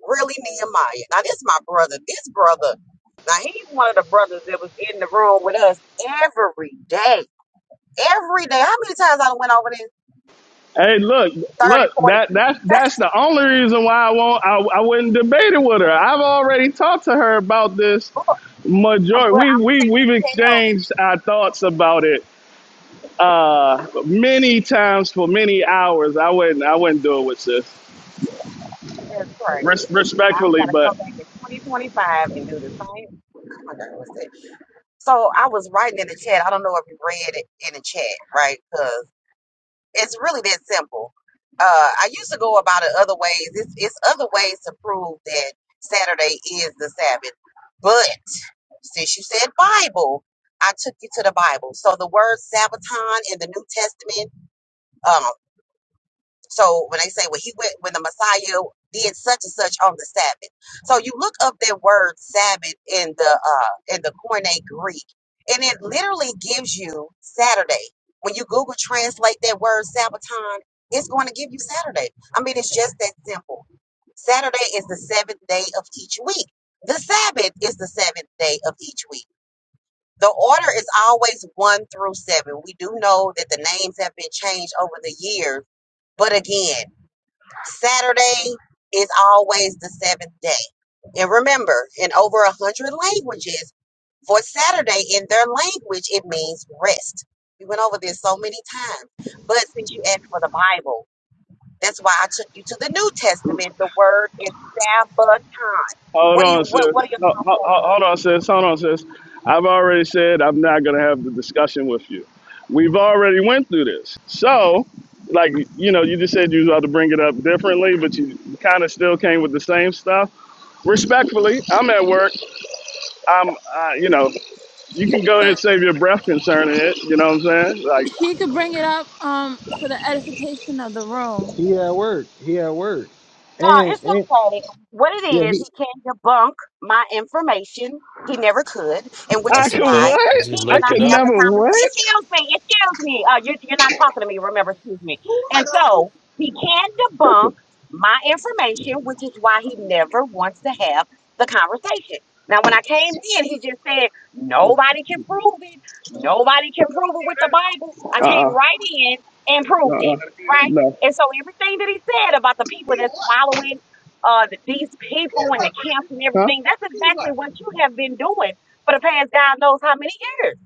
[SPEAKER 6] really Nehemiah. Now this my brother. This brother. Now he's one of the brothers that was in the room with us every day. Every day. How many times I done went over this
[SPEAKER 4] Hey, look,
[SPEAKER 6] thirty,
[SPEAKER 4] look.
[SPEAKER 6] forty
[SPEAKER 4] That that that's the only reason why I won't. I, I wouldn't debate it with her. I've already talked to her about this.
[SPEAKER 6] people?
[SPEAKER 4] Majority.
[SPEAKER 6] But
[SPEAKER 4] We've
[SPEAKER 6] I'm
[SPEAKER 4] we've
[SPEAKER 6] saying
[SPEAKER 4] we've
[SPEAKER 6] tell.
[SPEAKER 4] exchanged our thoughts about it uh many times for many hours. I wouldn't I wouldn't do it with sis.
[SPEAKER 6] That's crazy.
[SPEAKER 4] Res-
[SPEAKER 6] I've
[SPEAKER 4] respectfully,
[SPEAKER 6] got to come
[SPEAKER 4] but
[SPEAKER 6] back in 2025 and do the same. Oh my God, what's that? So I was writing in the chat. I don't know if you read it in the chat, right? Because it's really that simple. Uh, I used to go about it other ways. It's, it's other ways to prove that Saturday is the Sabbath. But since you said Bible, I took you to the Bible. So the word Sabbaton in the New Testament um, So when they say when he went when the Messiah did such and such on the Sabbath, so you look up that word Sabbath in the uh in the Koine Greek, and it literally gives you Saturday. When you Google translate that word Sabbaton, it's going to give you Saturday. I mean, it's just that simple. Saturday is the seventh day of each week. The Sabbath is the seventh day of each week. The order is always one through seven. We do know that the names have been changed over the years, but again. Saturday is always the seventh day. And remember, in over a hundred languages, for Saturday in their language, it means rest. We went over this so many times. But since you asked for the Bible, that's why I took you to the New Testament. The word is Sabbaton.
[SPEAKER 4] Hold
[SPEAKER 6] What do you
[SPEAKER 4] on,
[SPEAKER 6] what
[SPEAKER 4] sis.
[SPEAKER 6] what are your
[SPEAKER 4] No,
[SPEAKER 6] thoughts
[SPEAKER 4] ho-
[SPEAKER 6] on
[SPEAKER 4] ho-
[SPEAKER 6] that?
[SPEAKER 4] hold on, sis. Hold on, sis. I've already said I'm not gonna have the discussion with you. We've already went through this. So, like, you know, you just said you was about to bring it up differently, but you kind of still came with the same stuff. Respectfully, I'm at work. I'm, uh, you know, you can go ahead and
[SPEAKER 5] but
[SPEAKER 4] save your breath concerning it. You know what I'm saying? Like,
[SPEAKER 5] she could bring it up um for the edification of the room.
[SPEAKER 1] He at work. He at work.
[SPEAKER 6] No,
[SPEAKER 1] And
[SPEAKER 6] it's
[SPEAKER 1] and
[SPEAKER 6] okay. What it
[SPEAKER 1] yeah,
[SPEAKER 6] is,
[SPEAKER 1] he
[SPEAKER 6] he can't debunk my information. He never could, and which
[SPEAKER 4] I
[SPEAKER 6] is
[SPEAKER 3] That's a
[SPEAKER 4] could
[SPEAKER 6] why
[SPEAKER 3] cut. I
[SPEAKER 4] what?
[SPEAKER 6] he
[SPEAKER 3] just
[SPEAKER 4] I
[SPEAKER 3] looked
[SPEAKER 6] cannot
[SPEAKER 3] it
[SPEAKER 4] could
[SPEAKER 6] have
[SPEAKER 3] up.
[SPEAKER 6] the
[SPEAKER 4] never
[SPEAKER 6] conversation.
[SPEAKER 4] what?
[SPEAKER 6] Excuse me, excuse me. Uh, you're, you're not talking to me, remember, excuse me. And so he can debunk
[SPEAKER 4] *laughs*
[SPEAKER 6] my information, which is why he never wants to have the conversation. Now, when I came in, he just said, nobody can prove it. Nobody can prove it with the Bible. I came
[SPEAKER 4] Uh
[SPEAKER 6] right in and
[SPEAKER 4] uh-uh,
[SPEAKER 6] proved
[SPEAKER 4] uh.
[SPEAKER 6] it, right?
[SPEAKER 4] No.
[SPEAKER 6] And so everything that he said about the people that's swallowing uh, th- these people and the camps and
[SPEAKER 4] Huh?
[SPEAKER 6] everything, that's exactly what you have been doing for the past God knows how many years.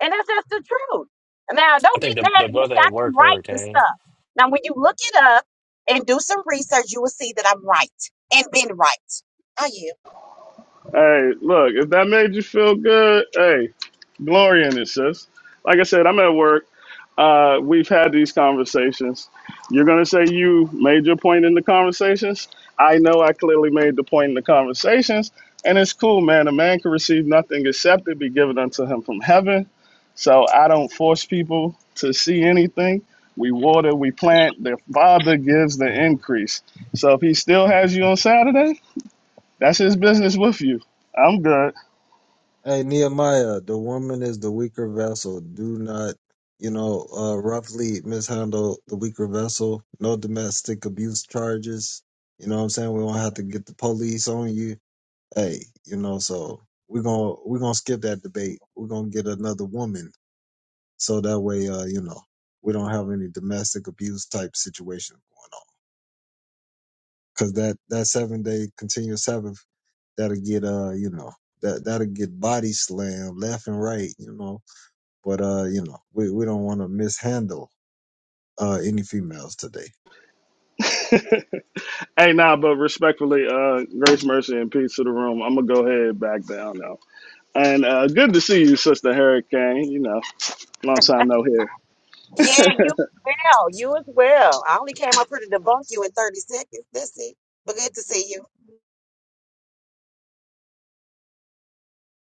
[SPEAKER 6] And that's just the truth. Now,
[SPEAKER 3] I
[SPEAKER 6] don't
[SPEAKER 3] think
[SPEAKER 6] get
[SPEAKER 3] the, the
[SPEAKER 6] mad at me.
[SPEAKER 3] brother
[SPEAKER 6] I
[SPEAKER 3] at
[SPEAKER 6] didn't
[SPEAKER 3] work,
[SPEAKER 6] write the
[SPEAKER 3] Hurricane.
[SPEAKER 6] stuff. Now, when you look it up and do some research, you will see that I'm right and been right. I you?
[SPEAKER 4] Hey, look, if that made you feel good, hey, glory in it, sis. Like I said, I'm at work. Uh, we've had these conversations. You're going to say you made your point in the conversations. I know I clearly made the point in the conversations. And it's cool, man. A man can receive nothing except it be given unto him from heaven. So I don't force people to see anything. We water, we plant. The Father gives the increase. So if he still has you on Saturday, that's his business with you. I'm good.
[SPEAKER 1] Hey Nehemiah, the woman is the weaker vessel. Do not, you know, uh, roughly mishandle the weaker vessel. No domestic abuse charges. You know what I'm saying? We don't have to get the police on you. Hey, you know, so we're gonna we're gonna skip that debate. We're gonna get another woman, so that way, uh, you know, we don't have any domestic abuse type situation going on. Cause that that seven day continuous Sabbath that'll get uh, you know, that that'll get body slammed left and right. You know but uh, you know, we, we don't want to mishandle uh any females today.
[SPEAKER 4] *laughs* hey, nah, but respectfully, uh, grace, mercy, and peace to the room. I'm gonna go ahead back down now. And uh, good to see you, Sister Hurricane. You know, long time
[SPEAKER 6] *laughs*
[SPEAKER 4] no hear.
[SPEAKER 6] Yeah, you as well. You as well. I only came up here to debunk you in 30 seconds. That's it. But good to see you.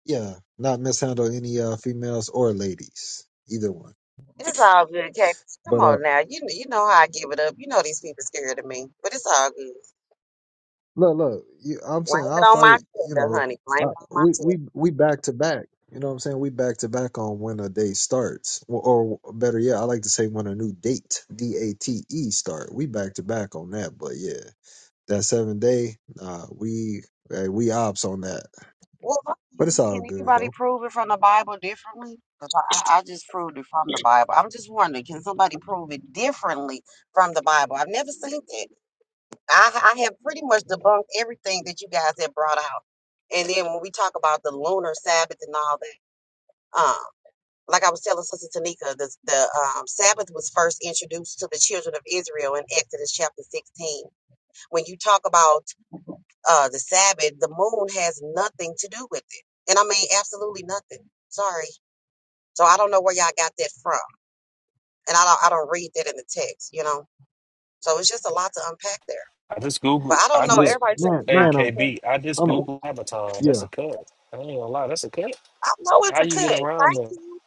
[SPEAKER 1] Yeah, not mishandle any uh females or ladies, either one.
[SPEAKER 6] It's all good, Kate. Come
[SPEAKER 1] But uh,
[SPEAKER 6] on now. You kn- you know how I give it up. You know these people scared of me, but it's all good.
[SPEAKER 1] look, look, you, I'm saying
[SPEAKER 6] Blame it
[SPEAKER 1] I'll
[SPEAKER 6] on my
[SPEAKER 1] fight. You
[SPEAKER 6] gender,
[SPEAKER 1] know,
[SPEAKER 6] honey. Blame
[SPEAKER 1] I,
[SPEAKER 6] it on my
[SPEAKER 1] we
[SPEAKER 6] gender.
[SPEAKER 1] we we back to back. You know what I'm saying? We back to back on when a day starts, or, or better yet, I like to say when a new date, D A T E, start. We back to back on that. But yeah, that seven day, uh, we uh, we ops on that.
[SPEAKER 6] Well, fuck
[SPEAKER 1] But
[SPEAKER 6] you.
[SPEAKER 1] it's
[SPEAKER 6] can
[SPEAKER 1] all good
[SPEAKER 6] anybody
[SPEAKER 1] though.
[SPEAKER 6] prove it from the Bible differently? 'Cause I, I I just proved it from the Bible. I'm just wondering, can somebody prove it differently from the Bible? I've never seen that. I, I have pretty much debunked everything that you guys have brought out. And then when we talk about the lunar Sabbath and all that, uh-uh. Like I was telling Sister Tanika, the, the um, Sabbath was first introduced to the children of Israel in Exodus chapter 16. When you talk about uh, the Sabbath, the moon has nothing to do with it. And I mean, absolutely nothing. Sorry. So I don't know where y'all got that from. And I don't, I don't read that in the text, you know? So it's just a lot to unpack there.
[SPEAKER 3] I just
[SPEAKER 6] But
[SPEAKER 3] Google.
[SPEAKER 6] I don't
[SPEAKER 3] I
[SPEAKER 6] know.
[SPEAKER 1] Yeah,
[SPEAKER 3] just,
[SPEAKER 6] Everybody says,
[SPEAKER 1] man,
[SPEAKER 3] hey,
[SPEAKER 1] man,
[SPEAKER 6] I
[SPEAKER 1] I'm.
[SPEAKER 3] KB, just
[SPEAKER 1] I'm
[SPEAKER 3] Google Avatar. That's a
[SPEAKER 1] Yeah,
[SPEAKER 3] cut. I ain't gonna lie. That's a cut.
[SPEAKER 6] I know it's
[SPEAKER 3] How
[SPEAKER 6] a
[SPEAKER 3] you
[SPEAKER 6] cut.
[SPEAKER 3] get around
[SPEAKER 6] Thank
[SPEAKER 3] that?
[SPEAKER 6] you.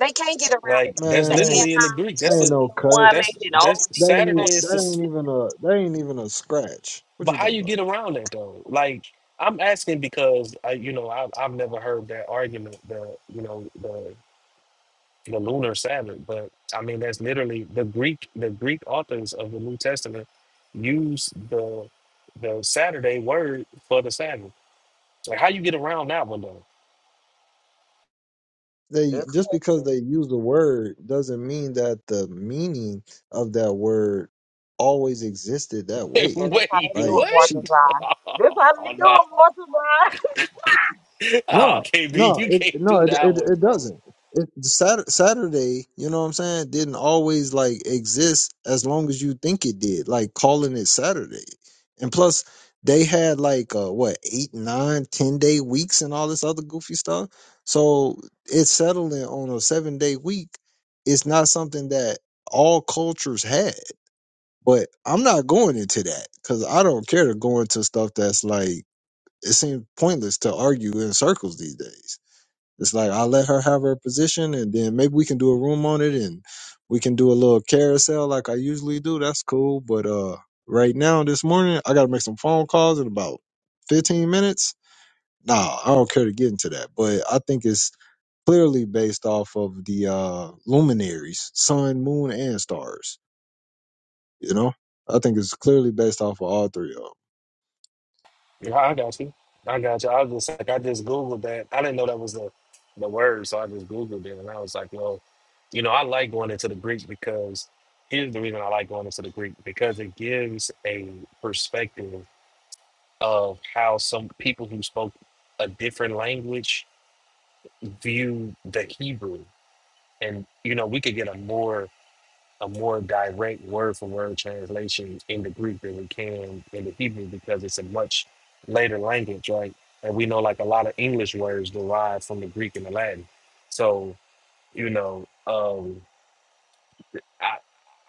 [SPEAKER 6] They can't get around
[SPEAKER 3] Like,
[SPEAKER 6] it.
[SPEAKER 3] that's
[SPEAKER 1] man,
[SPEAKER 6] The
[SPEAKER 1] that
[SPEAKER 6] ad
[SPEAKER 1] ain't
[SPEAKER 3] literally in the Greek.
[SPEAKER 1] that
[SPEAKER 3] That's
[SPEAKER 6] hoc,
[SPEAKER 1] ain't
[SPEAKER 6] OC
[SPEAKER 3] a,
[SPEAKER 1] no cut.
[SPEAKER 6] woman,
[SPEAKER 3] that's,
[SPEAKER 6] and all
[SPEAKER 3] that's
[SPEAKER 6] these
[SPEAKER 1] That ain't even
[SPEAKER 3] Saturday
[SPEAKER 6] things.
[SPEAKER 3] is
[SPEAKER 1] that
[SPEAKER 3] this,
[SPEAKER 1] ain't even a that ain't even a scratch. What
[SPEAKER 3] but
[SPEAKER 1] you
[SPEAKER 3] how
[SPEAKER 1] talking
[SPEAKER 3] you
[SPEAKER 1] about?
[SPEAKER 3] get around that though? Like, I'm asking because I, you know, I've, I've never heard that argument that, you know, the. the lunar Sabbath. But I mean, that's literally the Greek. The Greek authors of the New Testament use the the Saturday word for the Sabbath. So how you get around that one though?
[SPEAKER 1] They
[SPEAKER 6] Good
[SPEAKER 1] just because
[SPEAKER 6] question.
[SPEAKER 1] they use the word doesn't mean that the meaning of that word always existed that
[SPEAKER 3] *laughs*
[SPEAKER 1] way.
[SPEAKER 6] And that's how
[SPEAKER 3] Wait,
[SPEAKER 6] they do
[SPEAKER 1] Like
[SPEAKER 6] it,
[SPEAKER 3] what?
[SPEAKER 1] she
[SPEAKER 6] Baltazar.
[SPEAKER 3] *laughs*
[SPEAKER 6] This how they do
[SPEAKER 3] oh no,
[SPEAKER 6] it, Baltazar.
[SPEAKER 3] oh
[SPEAKER 1] No,
[SPEAKER 3] KB,
[SPEAKER 1] no,
[SPEAKER 3] you
[SPEAKER 1] it
[SPEAKER 3] can't
[SPEAKER 1] no,
[SPEAKER 3] do
[SPEAKER 1] it
[SPEAKER 3] that
[SPEAKER 1] it,
[SPEAKER 3] one,
[SPEAKER 1] it
[SPEAKER 3] bro.
[SPEAKER 1] doesn't. It Sat- Saturday, you know what I'm saying, didn't always like exist as long as you think it did. Like calling it Saturday, and plus they had like uh, what eight, nine, ten day weeks and all this other goofy stuff. So it's settling on a seven day week. It's not something that all cultures had. But I'm not going into that because I don't care to go into stuff that's like it seems pointless to argue in circles these days. It's like I'll let her have her position, and then maybe we can do a room on it, and we can do a little carousel like I usually do. That's cool. But uh, right now this morning, I gotta make some phone calls in about fifteen minutes. Nah, I don't care to get into that. But I think it's clearly based off of the uh, luminaries, sun, moon, and stars. You know, I think it's clearly based off of all three of 'em.
[SPEAKER 3] Yeah, I got you. I got you. I was just like, I just googled that. I didn't know that was the the word, so I just googled it, and I was like, well. You know, I like going into the Greek because here's the reason I like going into the Greek because it gives a perspective of how some people who spoke a different language view the Hebrew. And you know, we could get a more a more direct word for word translation in the Greek than we can in the Hebrew because it's a much later language, right? And we know like a lot of English words derive from the Greek and the Latin. So, you know, um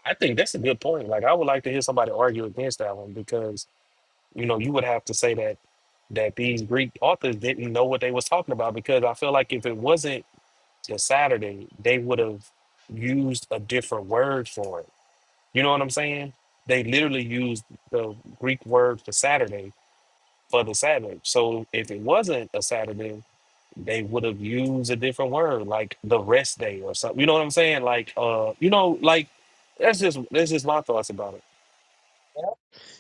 [SPEAKER 3] I think that's a good point. Like I would like to hear somebody argue against that one because you know you would have to say that that these Greek authors didn't know what they was talking about because I feel like if it wasn't the Saturday, they would have used a different word for it. You know what I'm saying? They literally used the Greek word for Saturday for the Sabbath. So if it wasn't a Saturday, they would have used a different word like the rest day or something. You know what I'm saying? Like uh, you know, like that's just that's just my thoughts about it.
[SPEAKER 6] Yep.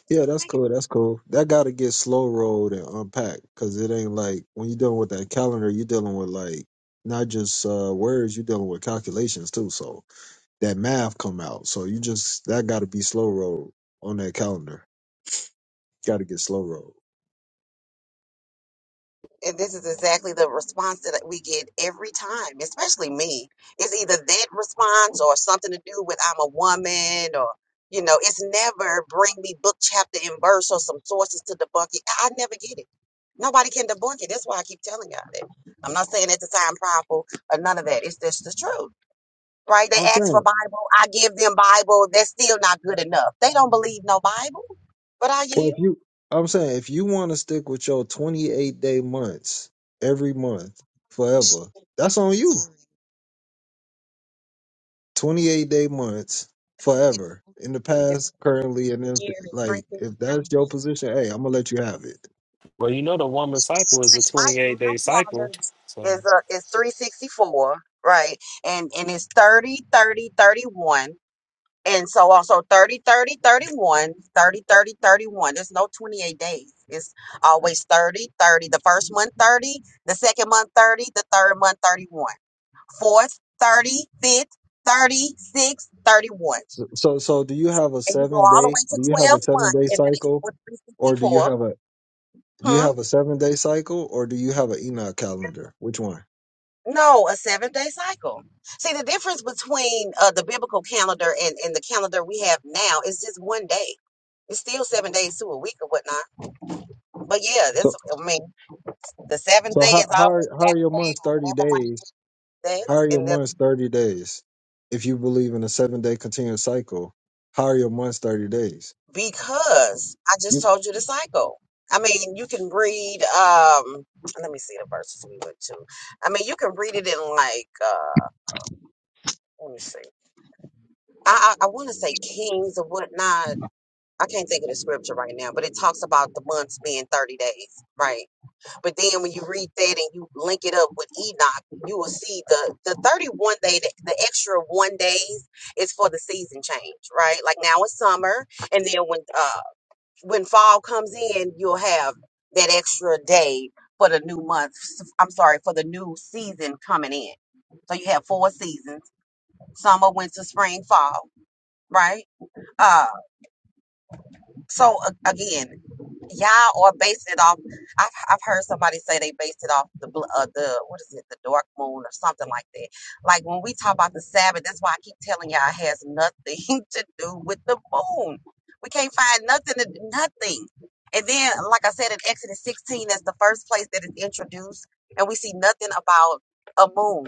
[SPEAKER 1] Yeah,
[SPEAKER 6] You
[SPEAKER 1] that's
[SPEAKER 6] think
[SPEAKER 1] cool. That's cool. That got to get slow rolled and unpacked because it ain't like when you're dealing with that calendar, you're dealing with like not just uh, words, you're dealing with calculations too. So that math come out. So you just that got to be slow rolled on that calendar. Got to get slow rolled.
[SPEAKER 6] it- And this is exactly the response that we get every time, especially me. It's either that response or something to do with I'm a woman or, you know, it's never bring me book, chapter, and verse or some sources to debunk it. I I never get it. Nobody can debunk it. That's why I keep telling y'all that. I'm not saying that to sound prideful or none of that. It's just the truth. right? They
[SPEAKER 1] I'm
[SPEAKER 6] ask for
[SPEAKER 1] saying.
[SPEAKER 6] Bible. I give them Bible. That's still not good enough. They don't believe no Bible, but I
[SPEAKER 1] Well, if
[SPEAKER 6] yield.
[SPEAKER 1] you, I'm saying if you want to stick with your 28 day months every month forever, that's on you.
[SPEAKER 6] *laughs*
[SPEAKER 1] 28 day months forever in the past, currently, and if like if that's your position, hey, I'm gonna let you have it.
[SPEAKER 3] Well, you know the woman cycle is a
[SPEAKER 6] My
[SPEAKER 3] 28
[SPEAKER 6] my
[SPEAKER 3] day cycle.
[SPEAKER 6] calendar
[SPEAKER 3] So
[SPEAKER 6] is uh, is three sixty four, right? And and it's 30 30 31, And so also 30, 30, thirty-one, thirty, thirty, thirty-one. There's no 28 days. It's always 30 30. The first month 30, the second month 30, the third month 31. fourth, 30, fifth, thirty, sixth, 31.
[SPEAKER 1] So, so, so do you have a
[SPEAKER 6] And you go
[SPEAKER 1] seven
[SPEAKER 6] all the
[SPEAKER 1] day?
[SPEAKER 6] way
[SPEAKER 1] Do you
[SPEAKER 6] to
[SPEAKER 1] have
[SPEAKER 6] 12
[SPEAKER 1] a seven
[SPEAKER 6] months
[SPEAKER 1] day
[SPEAKER 6] and that
[SPEAKER 1] cycle,
[SPEAKER 6] equals
[SPEAKER 1] or do you
[SPEAKER 6] 364.
[SPEAKER 1] have a do you
[SPEAKER 6] Hmm?
[SPEAKER 1] have a seven day cycle, or do you have an Enoch calendar? Which one?
[SPEAKER 6] No, a seven day cycle. See, the difference between uh, the biblical calendar and, and the calendar we have now is just one day. It's still seven days to a week or whatnot. But yeah, that's,
[SPEAKER 1] So,
[SPEAKER 6] I mean, the seventh
[SPEAKER 1] so
[SPEAKER 6] day is
[SPEAKER 1] how how
[SPEAKER 6] always
[SPEAKER 1] are, how are your
[SPEAKER 6] Saturday
[SPEAKER 1] months
[SPEAKER 6] or
[SPEAKER 1] thirty
[SPEAKER 6] whatever
[SPEAKER 1] days?
[SPEAKER 6] like
[SPEAKER 1] How are
[SPEAKER 6] that.
[SPEAKER 1] your
[SPEAKER 6] And then
[SPEAKER 1] months thirty days? If you believe in a seven day continuous cycle, how are your months thirty days?
[SPEAKER 6] because I just told you the cycle. I mean, you can read. Um, let me see the verses we went to. I mean, you can read it in like. Uh, let me see. I I, I want to say Kings or whatnot. I can't think of the scripture right now, but it talks about the months being thirty days, right? But then when you read that and you link it up with Enoch, you will see the the thirty one day, the, the extra one days is for the season change, right? Like now it's summer, and then when uh when fall comes in, you'll have that extra day for the new month. s- I'm sorry, for the new season coming in. So you have four seasons: summer, winter, spring, fall, right? Uh, so a- again, y'all are basing it off. I've, I've heard somebody say they based it off the bl- uh, the what is it, the dark moon or something like that. Like when we talk about the Sabbath, that's why I keep telling y'all it has nothing *laughs* to do with the moon. We can't find nothing, to, nothing. And then, like I said in Exodus 16, that's the first place that is introduced, and we see nothing about a moon,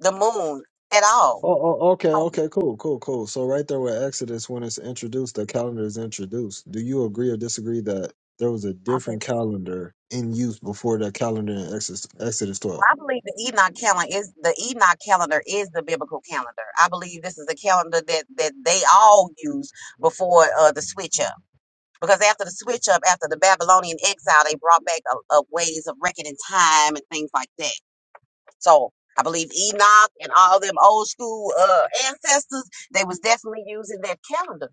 [SPEAKER 6] the moon at all.
[SPEAKER 1] Oh, oh, okay, okay, cool, cool, cool. So right there with Exodus, when it's introduced, the calendar is introduced. Do you agree or disagree that there was a different calendar in use before that calendar in Exodus, Exodus
[SPEAKER 6] Well,
[SPEAKER 1] 12?
[SPEAKER 6] I believe the Enoch calendar is the Enoch calendar is the biblical calendar. I believe this is the calendar that that they all used before uh, the switch up. Because after the switch up, after the Babylonian exile, they brought back a, a ways of reckoning time and things like that. So I believe Enoch and all them old school uh, ancestors, they was definitely using that calendar.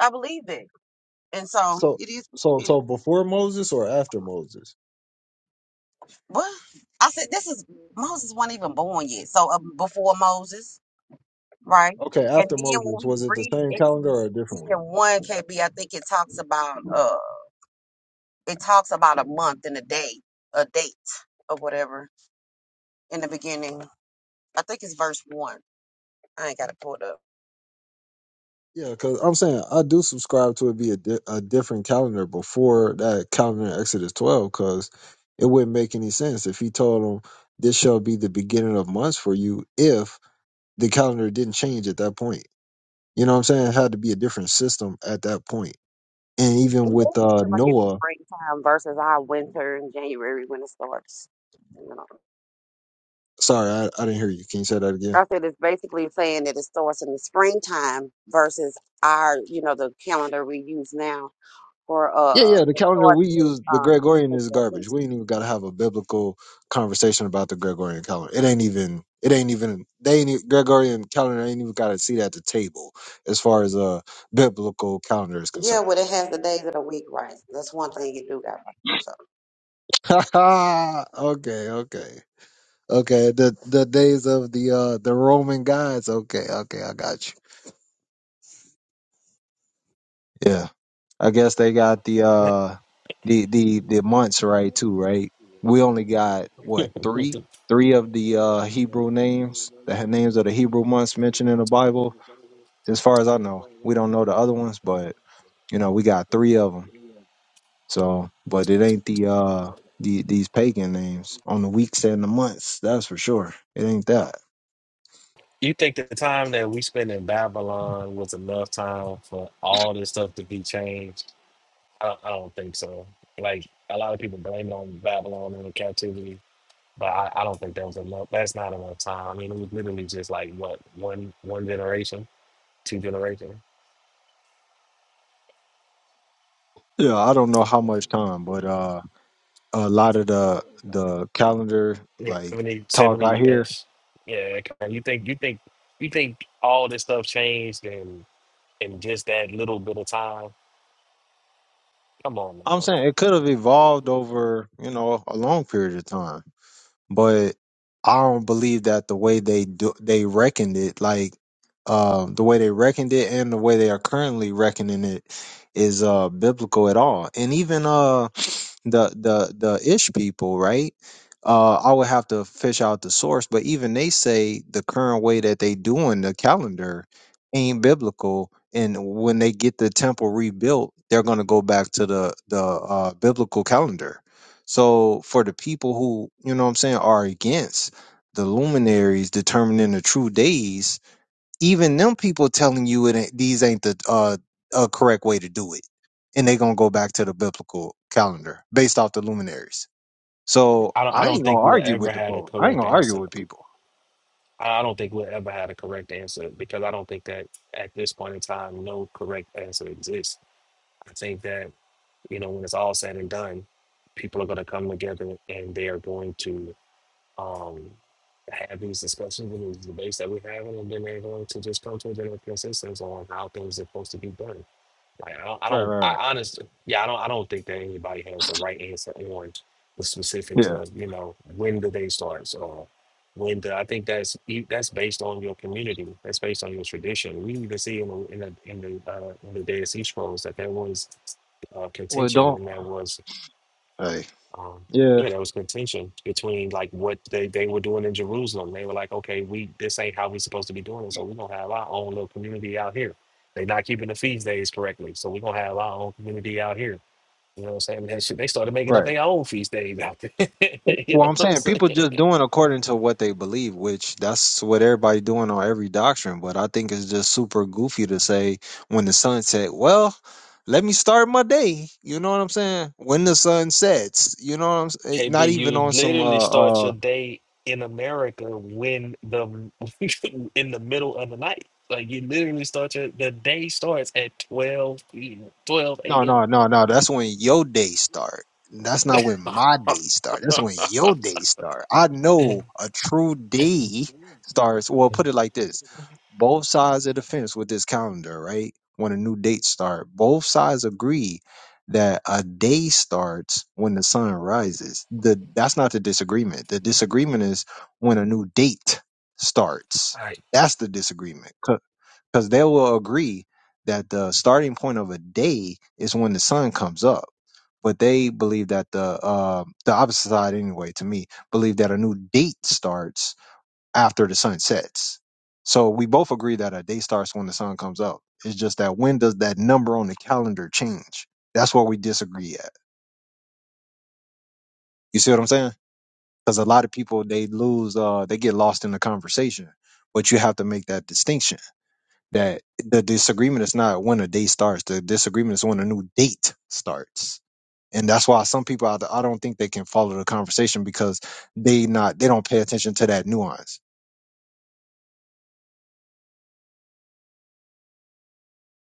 [SPEAKER 6] I believe that, and so
[SPEAKER 1] So,
[SPEAKER 6] it is.
[SPEAKER 1] so,
[SPEAKER 6] It,
[SPEAKER 1] so before Moses or after Moses?
[SPEAKER 6] what I said, this is Moses wasn't even born yet. So uh, before Moses. right?
[SPEAKER 1] Okay,
[SPEAKER 6] And
[SPEAKER 1] after
[SPEAKER 6] then when
[SPEAKER 1] Moses,
[SPEAKER 6] we
[SPEAKER 1] was it the
[SPEAKER 6] read
[SPEAKER 1] same calendar
[SPEAKER 6] Exodus
[SPEAKER 1] or a different one?
[SPEAKER 6] 10 and 1 KB, I think it talks about uh it talks about a month and a day, a date or whatever in the beginning. I think it's verse one. I ain't got to pull it up.
[SPEAKER 1] Yeah, because I'm saying I do subscribe to it be a, di- a different calendar before that calendar in Exodus 12, because it wouldn't make any sense if he told them, this shall be the beginning of months for you if the calendar didn't change at that point. You know what I'm saying? It had to be a different system at that point. And even
[SPEAKER 6] Yeah,
[SPEAKER 1] with
[SPEAKER 6] it's
[SPEAKER 1] uh,
[SPEAKER 6] just like it's
[SPEAKER 1] Noah,
[SPEAKER 6] springtime versus our winter in January when it starts. You know,
[SPEAKER 1] sorry, I, I didn't hear you. Can you say that again?
[SPEAKER 6] I said it's basically saying that it starts in the springtime versus our, you know, the calendar we use now for
[SPEAKER 1] Yeah,
[SPEAKER 6] uh
[SPEAKER 1] yeah. The
[SPEAKER 6] the
[SPEAKER 1] calendar
[SPEAKER 6] start
[SPEAKER 1] we
[SPEAKER 6] is
[SPEAKER 1] use, the Gregorian is
[SPEAKER 6] uh
[SPEAKER 1] garbage. We ain't even got to have a biblical conversation about the Gregorian calendar. It ain't even. It ain't even. They ain't e- Gregorian calendar ain't even got a seat at the table as far as uh biblical calendar is
[SPEAKER 6] Yeah,
[SPEAKER 1] concerned.
[SPEAKER 6] well, it has the days of the week, right? That's one thing you do got. right. So,
[SPEAKER 1] *laughs* okay, okay, okay. The the days of the uh the Roman gods. Okay, okay. I got you. Yeah. I guess they got the uh the the the months right too, right? We only got what, three? Three of the uh Hebrew names, the he- names of the Hebrew months mentioned in the Bible. As far as I know, we don't know the other ones, but you know, we got three of them. So, but it ain't the uh the these pagan names on the weeks and the months, that's for sure. It ain't that.
[SPEAKER 3] you think the time that we spent in Babylon was enough time for all this stuff to be changed? I, I don't think so. Like a lot of people blame it on Babylon and the captivity, but I, I don't think that was enough. That's not enough time. I mean, it was literally just like what one one generation, two generations,
[SPEAKER 1] Yeah, I don't know how much time, but uh a lot of the the calendar
[SPEAKER 3] yeah,
[SPEAKER 1] like
[SPEAKER 3] 70,
[SPEAKER 1] talk
[SPEAKER 3] seventy
[SPEAKER 1] I hear
[SPEAKER 3] years. Yeah, come on, you think you think you think all this stuff changed in in just that little bit of time? Come on,
[SPEAKER 1] I'm
[SPEAKER 3] man.
[SPEAKER 1] saying it could have evolved over, you know, a long period of time. But I don't believe that the way they do, they reckoned it, like um, the way they reckoned it and the way they are currently reckoning it is uh biblical at all. And even uh the the the ish people right uh i would have to fish out the source but even they say the current way that they doing the calendar ain't biblical and when they get the temple rebuilt they're going to go back to the the uh biblical calendar so for the people who you know what i'm saying are against the luminaries determining the true days even them people telling you it ain't, these ain't the uh, uh correct way to do it and they gonna go back to the biblical calendar based off the luminaries so
[SPEAKER 3] I don't. I
[SPEAKER 1] i
[SPEAKER 3] don't
[SPEAKER 1] ain't gonna
[SPEAKER 3] think we'll
[SPEAKER 1] argue
[SPEAKER 3] ever
[SPEAKER 1] with the
[SPEAKER 3] had a
[SPEAKER 1] folk i ain't
[SPEAKER 3] correct
[SPEAKER 1] gonna argue
[SPEAKER 3] answer.
[SPEAKER 1] with people
[SPEAKER 3] I I don't think we'll ever had a correct answer because I don't think that at this point in time, no correct answer exists. I think that you know when it's all said and done, people are going to come together and they are going to um, have these discussions and these debates that we're having, and then they're going to just come to a general consensus on how things are supposed to be done. Like I don't, I
[SPEAKER 1] right
[SPEAKER 3] don't,
[SPEAKER 1] right
[SPEAKER 3] I
[SPEAKER 1] right
[SPEAKER 3] honestly, yeah, I don't, I don't think that anybody has the right answer on the specifics
[SPEAKER 1] yeah
[SPEAKER 3] of you know when the day starts or when the. I think that's e- that's based on your community. That's based on your tradition. We even see in the in the in the, uh, in the Dead Sea Scrolls that there was uh,
[SPEAKER 1] well
[SPEAKER 3] contention
[SPEAKER 1] don't
[SPEAKER 3] and there was
[SPEAKER 1] hey
[SPEAKER 3] um,
[SPEAKER 1] yeah
[SPEAKER 3] yeah, there was contention between like what they, they were doing in Jerusalem. They were like, okay, we this ain't how we supposed to be doing it, so we're gonna have our own little community out here. They're not keeping the feast days correctly, so we're gonna have our own community out here. You know what I'm saying? And that shit, they started making
[SPEAKER 1] right
[SPEAKER 3] up their own feast days out there. *laughs* you
[SPEAKER 1] Well,
[SPEAKER 3] know
[SPEAKER 1] I'm
[SPEAKER 3] what I'm
[SPEAKER 1] saying people
[SPEAKER 3] saying?
[SPEAKER 1] just doing according to what they believe, which that's what everybody doing on every doctrine. But I think it's just super goofy to say when the sun set, well, let me start my day. You know what I'm saying? When the sun sets, you know what I'm saying? Not
[SPEAKER 3] KB,
[SPEAKER 1] even
[SPEAKER 3] you
[SPEAKER 1] on some
[SPEAKER 3] literally
[SPEAKER 1] uh, uh,
[SPEAKER 3] start your day in America when the *laughs* in the middle of the night. Like you literally start your the day starts at 12 p.m. 12
[SPEAKER 1] No, no,
[SPEAKER 3] a.m.
[SPEAKER 1] no, no. That's when your days start. That's not when my days start. That's when your days start. I know
[SPEAKER 3] *clears throat*
[SPEAKER 1] a true day starts. Well, put it like this: both sides of the fence with this calendar, right? When a new date start, both sides agree that a day starts when the sun rises. The that's not the disagreement. The disagreement is when a new date starts.
[SPEAKER 3] All right.
[SPEAKER 1] That's the disagreement because they will agree that the starting point of a day is when the sun comes up. But they believe that the uh, the opposite side, anyway, to me, believe that a new date starts after the sun sets. So we both agree that a day starts when the sun comes up. It's just that when does that number on the calendar change? That's what we disagree at. You see what I'm saying? Because a lot of people they lose, uh, they get lost in the conversation. But you have to make that distinction that the disagreement is not when a date starts. The disagreement is when a new date starts. And that's why some people, I, I don't think they can follow the conversation because they not, they don't pay attention to that nuance.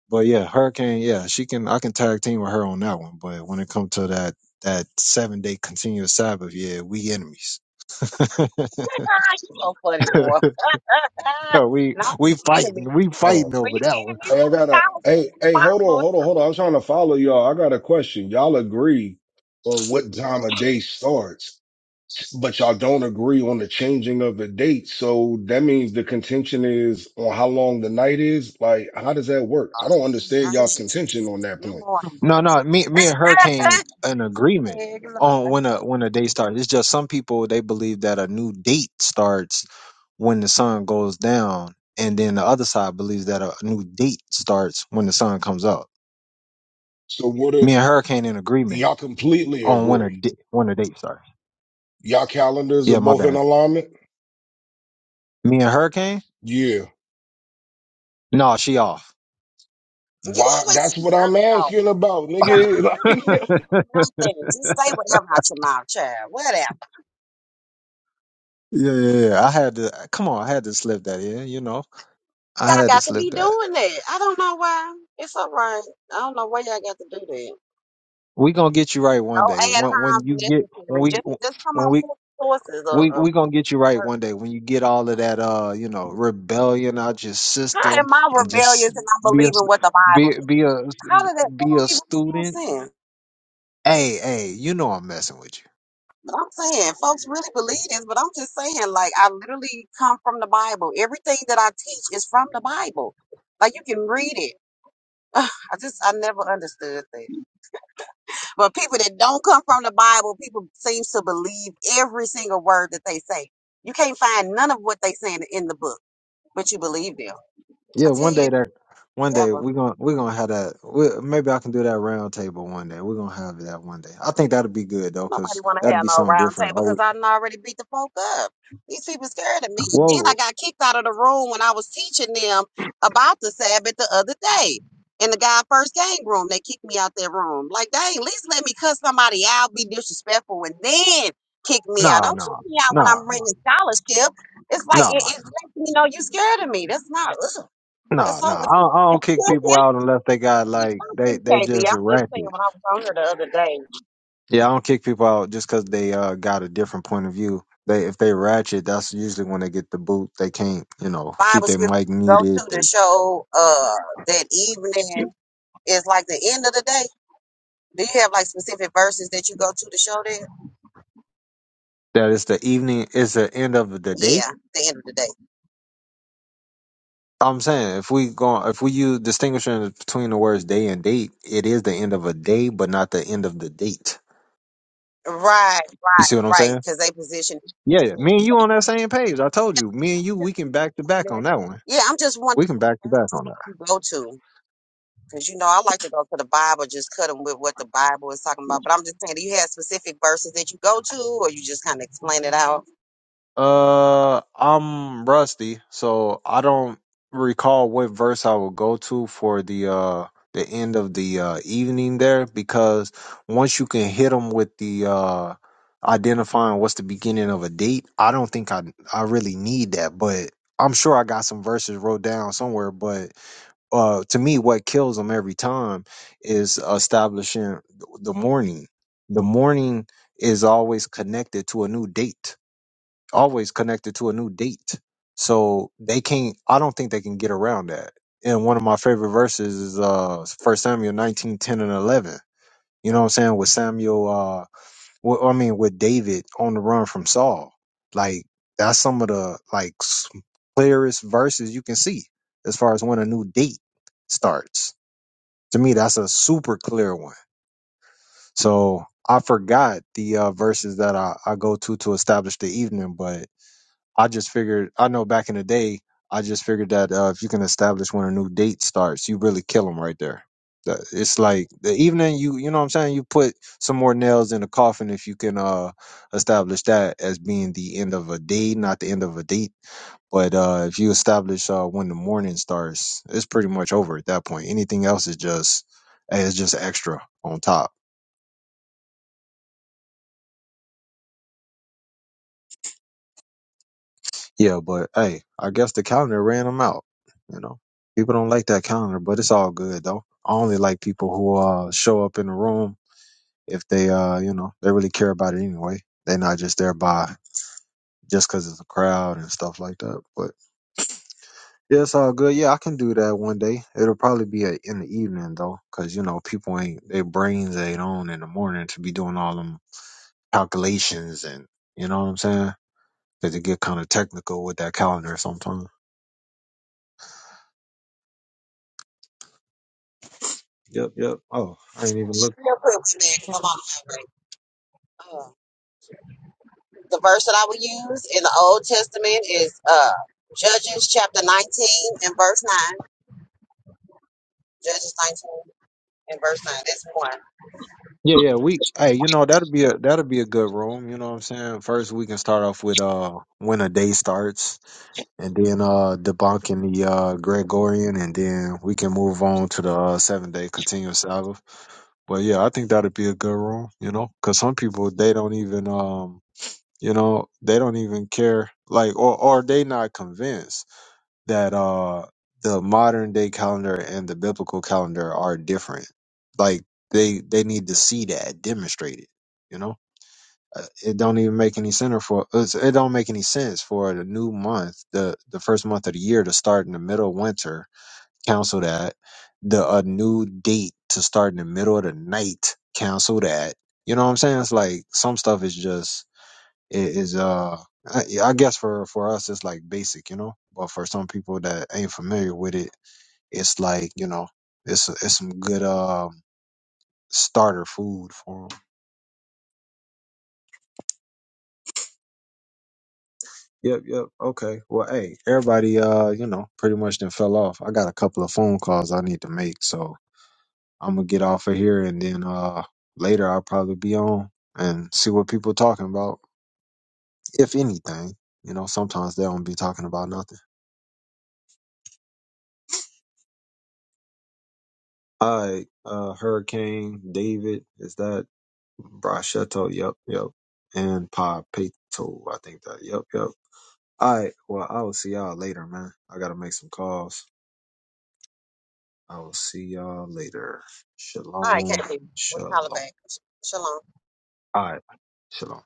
[SPEAKER 1] But yeah, Hurricane, yeah, she can, I can tag team with her on that one. But when it comes to that, that seven day continuous Sabbath, yeah, we enemies. *laughs*
[SPEAKER 6] *laughs* Ah, you so funny, boy. *laughs*
[SPEAKER 1] we,
[SPEAKER 6] Not
[SPEAKER 1] we
[SPEAKER 6] these enemies.
[SPEAKER 1] fighting, we
[SPEAKER 7] Oh,
[SPEAKER 1] fighting
[SPEAKER 6] But
[SPEAKER 1] over
[SPEAKER 6] you
[SPEAKER 1] that one.
[SPEAKER 6] enemies
[SPEAKER 7] hey, I
[SPEAKER 6] got a
[SPEAKER 7] got a
[SPEAKER 6] scholarship
[SPEAKER 7] hey,
[SPEAKER 6] in the
[SPEAKER 7] hey, hold on,
[SPEAKER 6] Bible.
[SPEAKER 7] hold on, hold on. I'm trying to follow y'all. I got a question. Y'all agree on what time a day starts, but y'all don't agree on the changing of the date. So that means the contention is on how long the night is. Like, how does that work? I don't understand y'all's
[SPEAKER 6] Mm,
[SPEAKER 7] contention on that
[SPEAKER 6] No
[SPEAKER 7] point.
[SPEAKER 6] more.
[SPEAKER 1] No, no, me, me and her
[SPEAKER 6] *laughs*
[SPEAKER 1] came an agreement
[SPEAKER 6] Heck no.
[SPEAKER 1] on when a when a day starts. It's just some people they believe that a new date starts when the sun goes down, and then the other side believes that a new date starts when the sun comes up.
[SPEAKER 7] So what are
[SPEAKER 1] Me and her came in agreement
[SPEAKER 7] y'all completely
[SPEAKER 1] on when a
[SPEAKER 7] agree?
[SPEAKER 1] di- when a date starts.
[SPEAKER 7] Y'all calendars are
[SPEAKER 1] Yeah, my
[SPEAKER 7] both in
[SPEAKER 1] bad.
[SPEAKER 7] alignment?
[SPEAKER 1] Me and her came.
[SPEAKER 7] Yeah.
[SPEAKER 1] No, she off.
[SPEAKER 6] You
[SPEAKER 7] Why?
[SPEAKER 6] always
[SPEAKER 7] That's
[SPEAKER 6] say
[SPEAKER 7] what
[SPEAKER 6] that,
[SPEAKER 7] I'm
[SPEAKER 6] though.
[SPEAKER 7] asking about,
[SPEAKER 6] Whatever,
[SPEAKER 7] nigga.
[SPEAKER 6] can I
[SPEAKER 7] *laughs*
[SPEAKER 6] can't
[SPEAKER 7] Like,
[SPEAKER 6] do nothing. Just say whatever out your mouth, child. Whatever.
[SPEAKER 1] Yeah, yeah, yeah. I had to. Come on, I had to slip that in. You know, I
[SPEAKER 6] Y'all
[SPEAKER 1] had to
[SPEAKER 6] got to be
[SPEAKER 1] slip that.
[SPEAKER 6] doing that. I don't know why. It's all right. I don't know why y'all got to do that.
[SPEAKER 1] We gonna get you right
[SPEAKER 6] No
[SPEAKER 1] one day.
[SPEAKER 6] ad
[SPEAKER 1] When when
[SPEAKER 6] homs
[SPEAKER 1] you get when
[SPEAKER 6] necessary.
[SPEAKER 1] we
[SPEAKER 6] Just just come
[SPEAKER 1] when
[SPEAKER 6] on
[SPEAKER 1] we
[SPEAKER 6] with sources of,
[SPEAKER 1] We
[SPEAKER 6] of
[SPEAKER 1] we gonna get you right one day when you get all of that uh you know rebellion out your
[SPEAKER 6] how
[SPEAKER 1] system
[SPEAKER 6] am I
[SPEAKER 1] and just
[SPEAKER 6] rebellious and I'm
[SPEAKER 1] be a s-
[SPEAKER 6] believing what the Bible
[SPEAKER 1] be
[SPEAKER 6] says?
[SPEAKER 1] be a
[SPEAKER 6] How did that that
[SPEAKER 1] be
[SPEAKER 6] don't
[SPEAKER 1] a
[SPEAKER 6] even make no
[SPEAKER 1] student.
[SPEAKER 6] sense?
[SPEAKER 1] Hey hey, you know I'm messing with you.
[SPEAKER 6] But I'm saying folks really believe this, but I'm just saying, like I literally come from the Bible. Everything that I teach is from the Bible. Like you can read it. *sighs* Ugh, I just I never understood that. But people that don't come from the Bible, people seem to believe every single word that they say. You can't find none of what they saying in the book, but you believe them. I
[SPEAKER 1] Yeah,
[SPEAKER 6] tell
[SPEAKER 1] one
[SPEAKER 6] you,
[SPEAKER 1] day
[SPEAKER 6] if
[SPEAKER 1] that one
[SPEAKER 6] you
[SPEAKER 1] day
[SPEAKER 6] ever,
[SPEAKER 1] we gonna we gonna have that. We, maybe I can do that round table one day. We're gonna have that one day. I think that'd be good though,
[SPEAKER 6] don't nobody
[SPEAKER 1] cause
[SPEAKER 6] want to
[SPEAKER 1] that'd
[SPEAKER 6] have
[SPEAKER 1] be
[SPEAKER 6] no
[SPEAKER 1] something
[SPEAKER 6] round
[SPEAKER 1] different.
[SPEAKER 6] table because
[SPEAKER 1] Oh
[SPEAKER 6] I done already beat the folk up. These people scared of me. And then I
[SPEAKER 1] well,
[SPEAKER 6] got kicked out of the room when I was teaching them about the Sabbath the other day. In the guy first gang room, they kicked me out that room. Like, dang, at least let me cuss somebody out, be disrespectful, and then kick me out.
[SPEAKER 1] no,
[SPEAKER 6] Don't
[SPEAKER 1] no,
[SPEAKER 6] kick me out when
[SPEAKER 1] no,
[SPEAKER 6] I'm
[SPEAKER 1] no,
[SPEAKER 6] bringing scholarship. It's like it,
[SPEAKER 1] no,
[SPEAKER 6] it lets me know you scared of me. That's not. Ugh, that's
[SPEAKER 1] no, no.
[SPEAKER 6] so
[SPEAKER 1] I, don't- I don't
[SPEAKER 6] weird. *laughs*
[SPEAKER 1] kick people out unless they got
[SPEAKER 6] Don't
[SPEAKER 1] like they
[SPEAKER 6] you,
[SPEAKER 1] they
[SPEAKER 6] KB? I'm
[SPEAKER 1] just
[SPEAKER 6] just
[SPEAKER 1] ratchet.
[SPEAKER 6] saying when I was on here the other day.
[SPEAKER 1] Yeah, I don't kick people out just because they uh, got a different point of view. They if they ratchet, that's usually when they get the boot. They can't, you know, keep
[SPEAKER 6] Bible
[SPEAKER 1] their
[SPEAKER 6] scripture
[SPEAKER 1] mic
[SPEAKER 6] to go
[SPEAKER 1] muted.
[SPEAKER 6] to to
[SPEAKER 1] They,
[SPEAKER 6] show uh that evening is like the end of the day? Do you have like specific verses that you go to to show that?
[SPEAKER 1] that is the evening. It's the end of the day.
[SPEAKER 6] Yeah, the end of the day.
[SPEAKER 1] I'm saying if we go, if we use distinguishing between the words day and date, it is the end of a day, but not the end of the date.
[SPEAKER 6] Right,
[SPEAKER 1] You see
[SPEAKER 6] right,
[SPEAKER 1] what I'm
[SPEAKER 6] right.
[SPEAKER 1] saying?
[SPEAKER 6] Because they position.
[SPEAKER 1] Yeah, yeah.
[SPEAKER 6] evening.
[SPEAKER 1] me and
[SPEAKER 6] So,
[SPEAKER 1] you on that
[SPEAKER 6] yeah,
[SPEAKER 1] same page. I told
[SPEAKER 6] but
[SPEAKER 1] you, me and
[SPEAKER 6] I'm
[SPEAKER 1] you,
[SPEAKER 6] just-
[SPEAKER 1] we
[SPEAKER 6] I'm
[SPEAKER 1] can
[SPEAKER 6] just
[SPEAKER 1] back to back on
[SPEAKER 6] wondering-
[SPEAKER 1] that one.
[SPEAKER 6] Yeah, I'm just
[SPEAKER 1] We
[SPEAKER 6] wondering
[SPEAKER 1] can
[SPEAKER 6] what
[SPEAKER 1] back to back
[SPEAKER 6] verses
[SPEAKER 1] on that.
[SPEAKER 6] you go to. Because you know, I like to go to the Bible, just cut them with what the Bible is talking about. But I'm just saying, do you have specific verses that you go to, or you just kind of explain it out?
[SPEAKER 1] Uh, I'm rusty, so I don't recall what verse I will go to for the uh the end of the uh evening there because once you can hit them with the uh identifying what's the beginning of a date, I don't think I I really need that, but I'm sure I got some verses wrote down somewhere, but uh to me what kills them every time is establishing the morning. The morning is always connected to a new date always connected to a new date. So they can't I don't think they can get around that. And one of my favorite verses is uh first Samuel nineteen, ten and eleven. You know what I'm saying? With Samuel uh well, I mean with David on the run from Saul. Like that's some of the like s- clearest verses you can see as far as when a new date starts. To me that's a super clear one. So I forgot the uh verses that I, I go to to establish the evening, but I just figured, I know back in the day, I just figured that uh, if you can establish when a new date starts, you really kill them right there. That- It's like the evening you, you know what I'm saying? You put some more nails in the coffin if you can uh, establish that as being the end of a day, not the end of a date. But uh, if you establish uh, when the morning starts, it's pretty much over at that point. Anything else is just, eh, it's just extra on top. Yeah, but hey, I guess the calendar ran them out. You know, people don't like that calendar, but it's all good though. I only like people who uh show up in the room if they uh you know they really care about it anyway. They're not just there by just because it's a crowd and stuff like that. But yeah, it's all good. Yeah, I can do that one day. It'll probably be a, in the evening though, because you know people ain't their brains ain't on in the morning to be doing all them calculations and you know what I'm saying. Because it get kind of technical with that calendar sometimes. Yep, yep. Oh, I ain't even look.
[SPEAKER 6] Real quick, man, 'cause I'm on the highway. The verse that I will use in the Old Testament is uh, Judges chapter 19 and verse 9. Judges 19 and verse 9. That's one.
[SPEAKER 1] Yeah, yeah. We, hey, you know that'll be a that'll be a good room. You know what I'm saying. First, we can start off with uh when a day starts, and then uh debunking the uh Gregorian, and then we can move on to the uh, seven day continuous Sabbath. But yeah, I think that'd be a good room. You know, because some people they don't even um you know they don't even care like or or they not convinced. that uh the modern day calendar and the biblical calendar are different. Like they they need to see that demonstrated. You know, Uh, it don't even make any sense for it's- it don't make any sense for the new month, the the first month of the year to start in the middle of winter. Cancel that. The a new date to start in the middle of the night. Cancel that. You know what I'm saying? It's like some stuff is just is uh I, I guess for for us it's like basic you know but for some people that ain't familiar with it it's like you know it's it's some good um starter food for 'em. yep yep okay well hey everybody uh you know pretty much then fell off i got a couple of phone calls i need to make so i'm gonna get off of here and then uh later i'll probably be on and see what people talking about if anything you know sometimes they don't be talking about nothing all right, uh, Hurricane David, is that Brachetto, yep, yep. And Papeto, I think that, yep, yep. All right, well, I will see y'all later, man. I gotta make some calls. I will see y'all later.
[SPEAKER 6] All right,
[SPEAKER 1] Shalom,
[SPEAKER 6] Katie. We holler
[SPEAKER 1] shalom.
[SPEAKER 6] back. Shalom.
[SPEAKER 1] All right, shalom.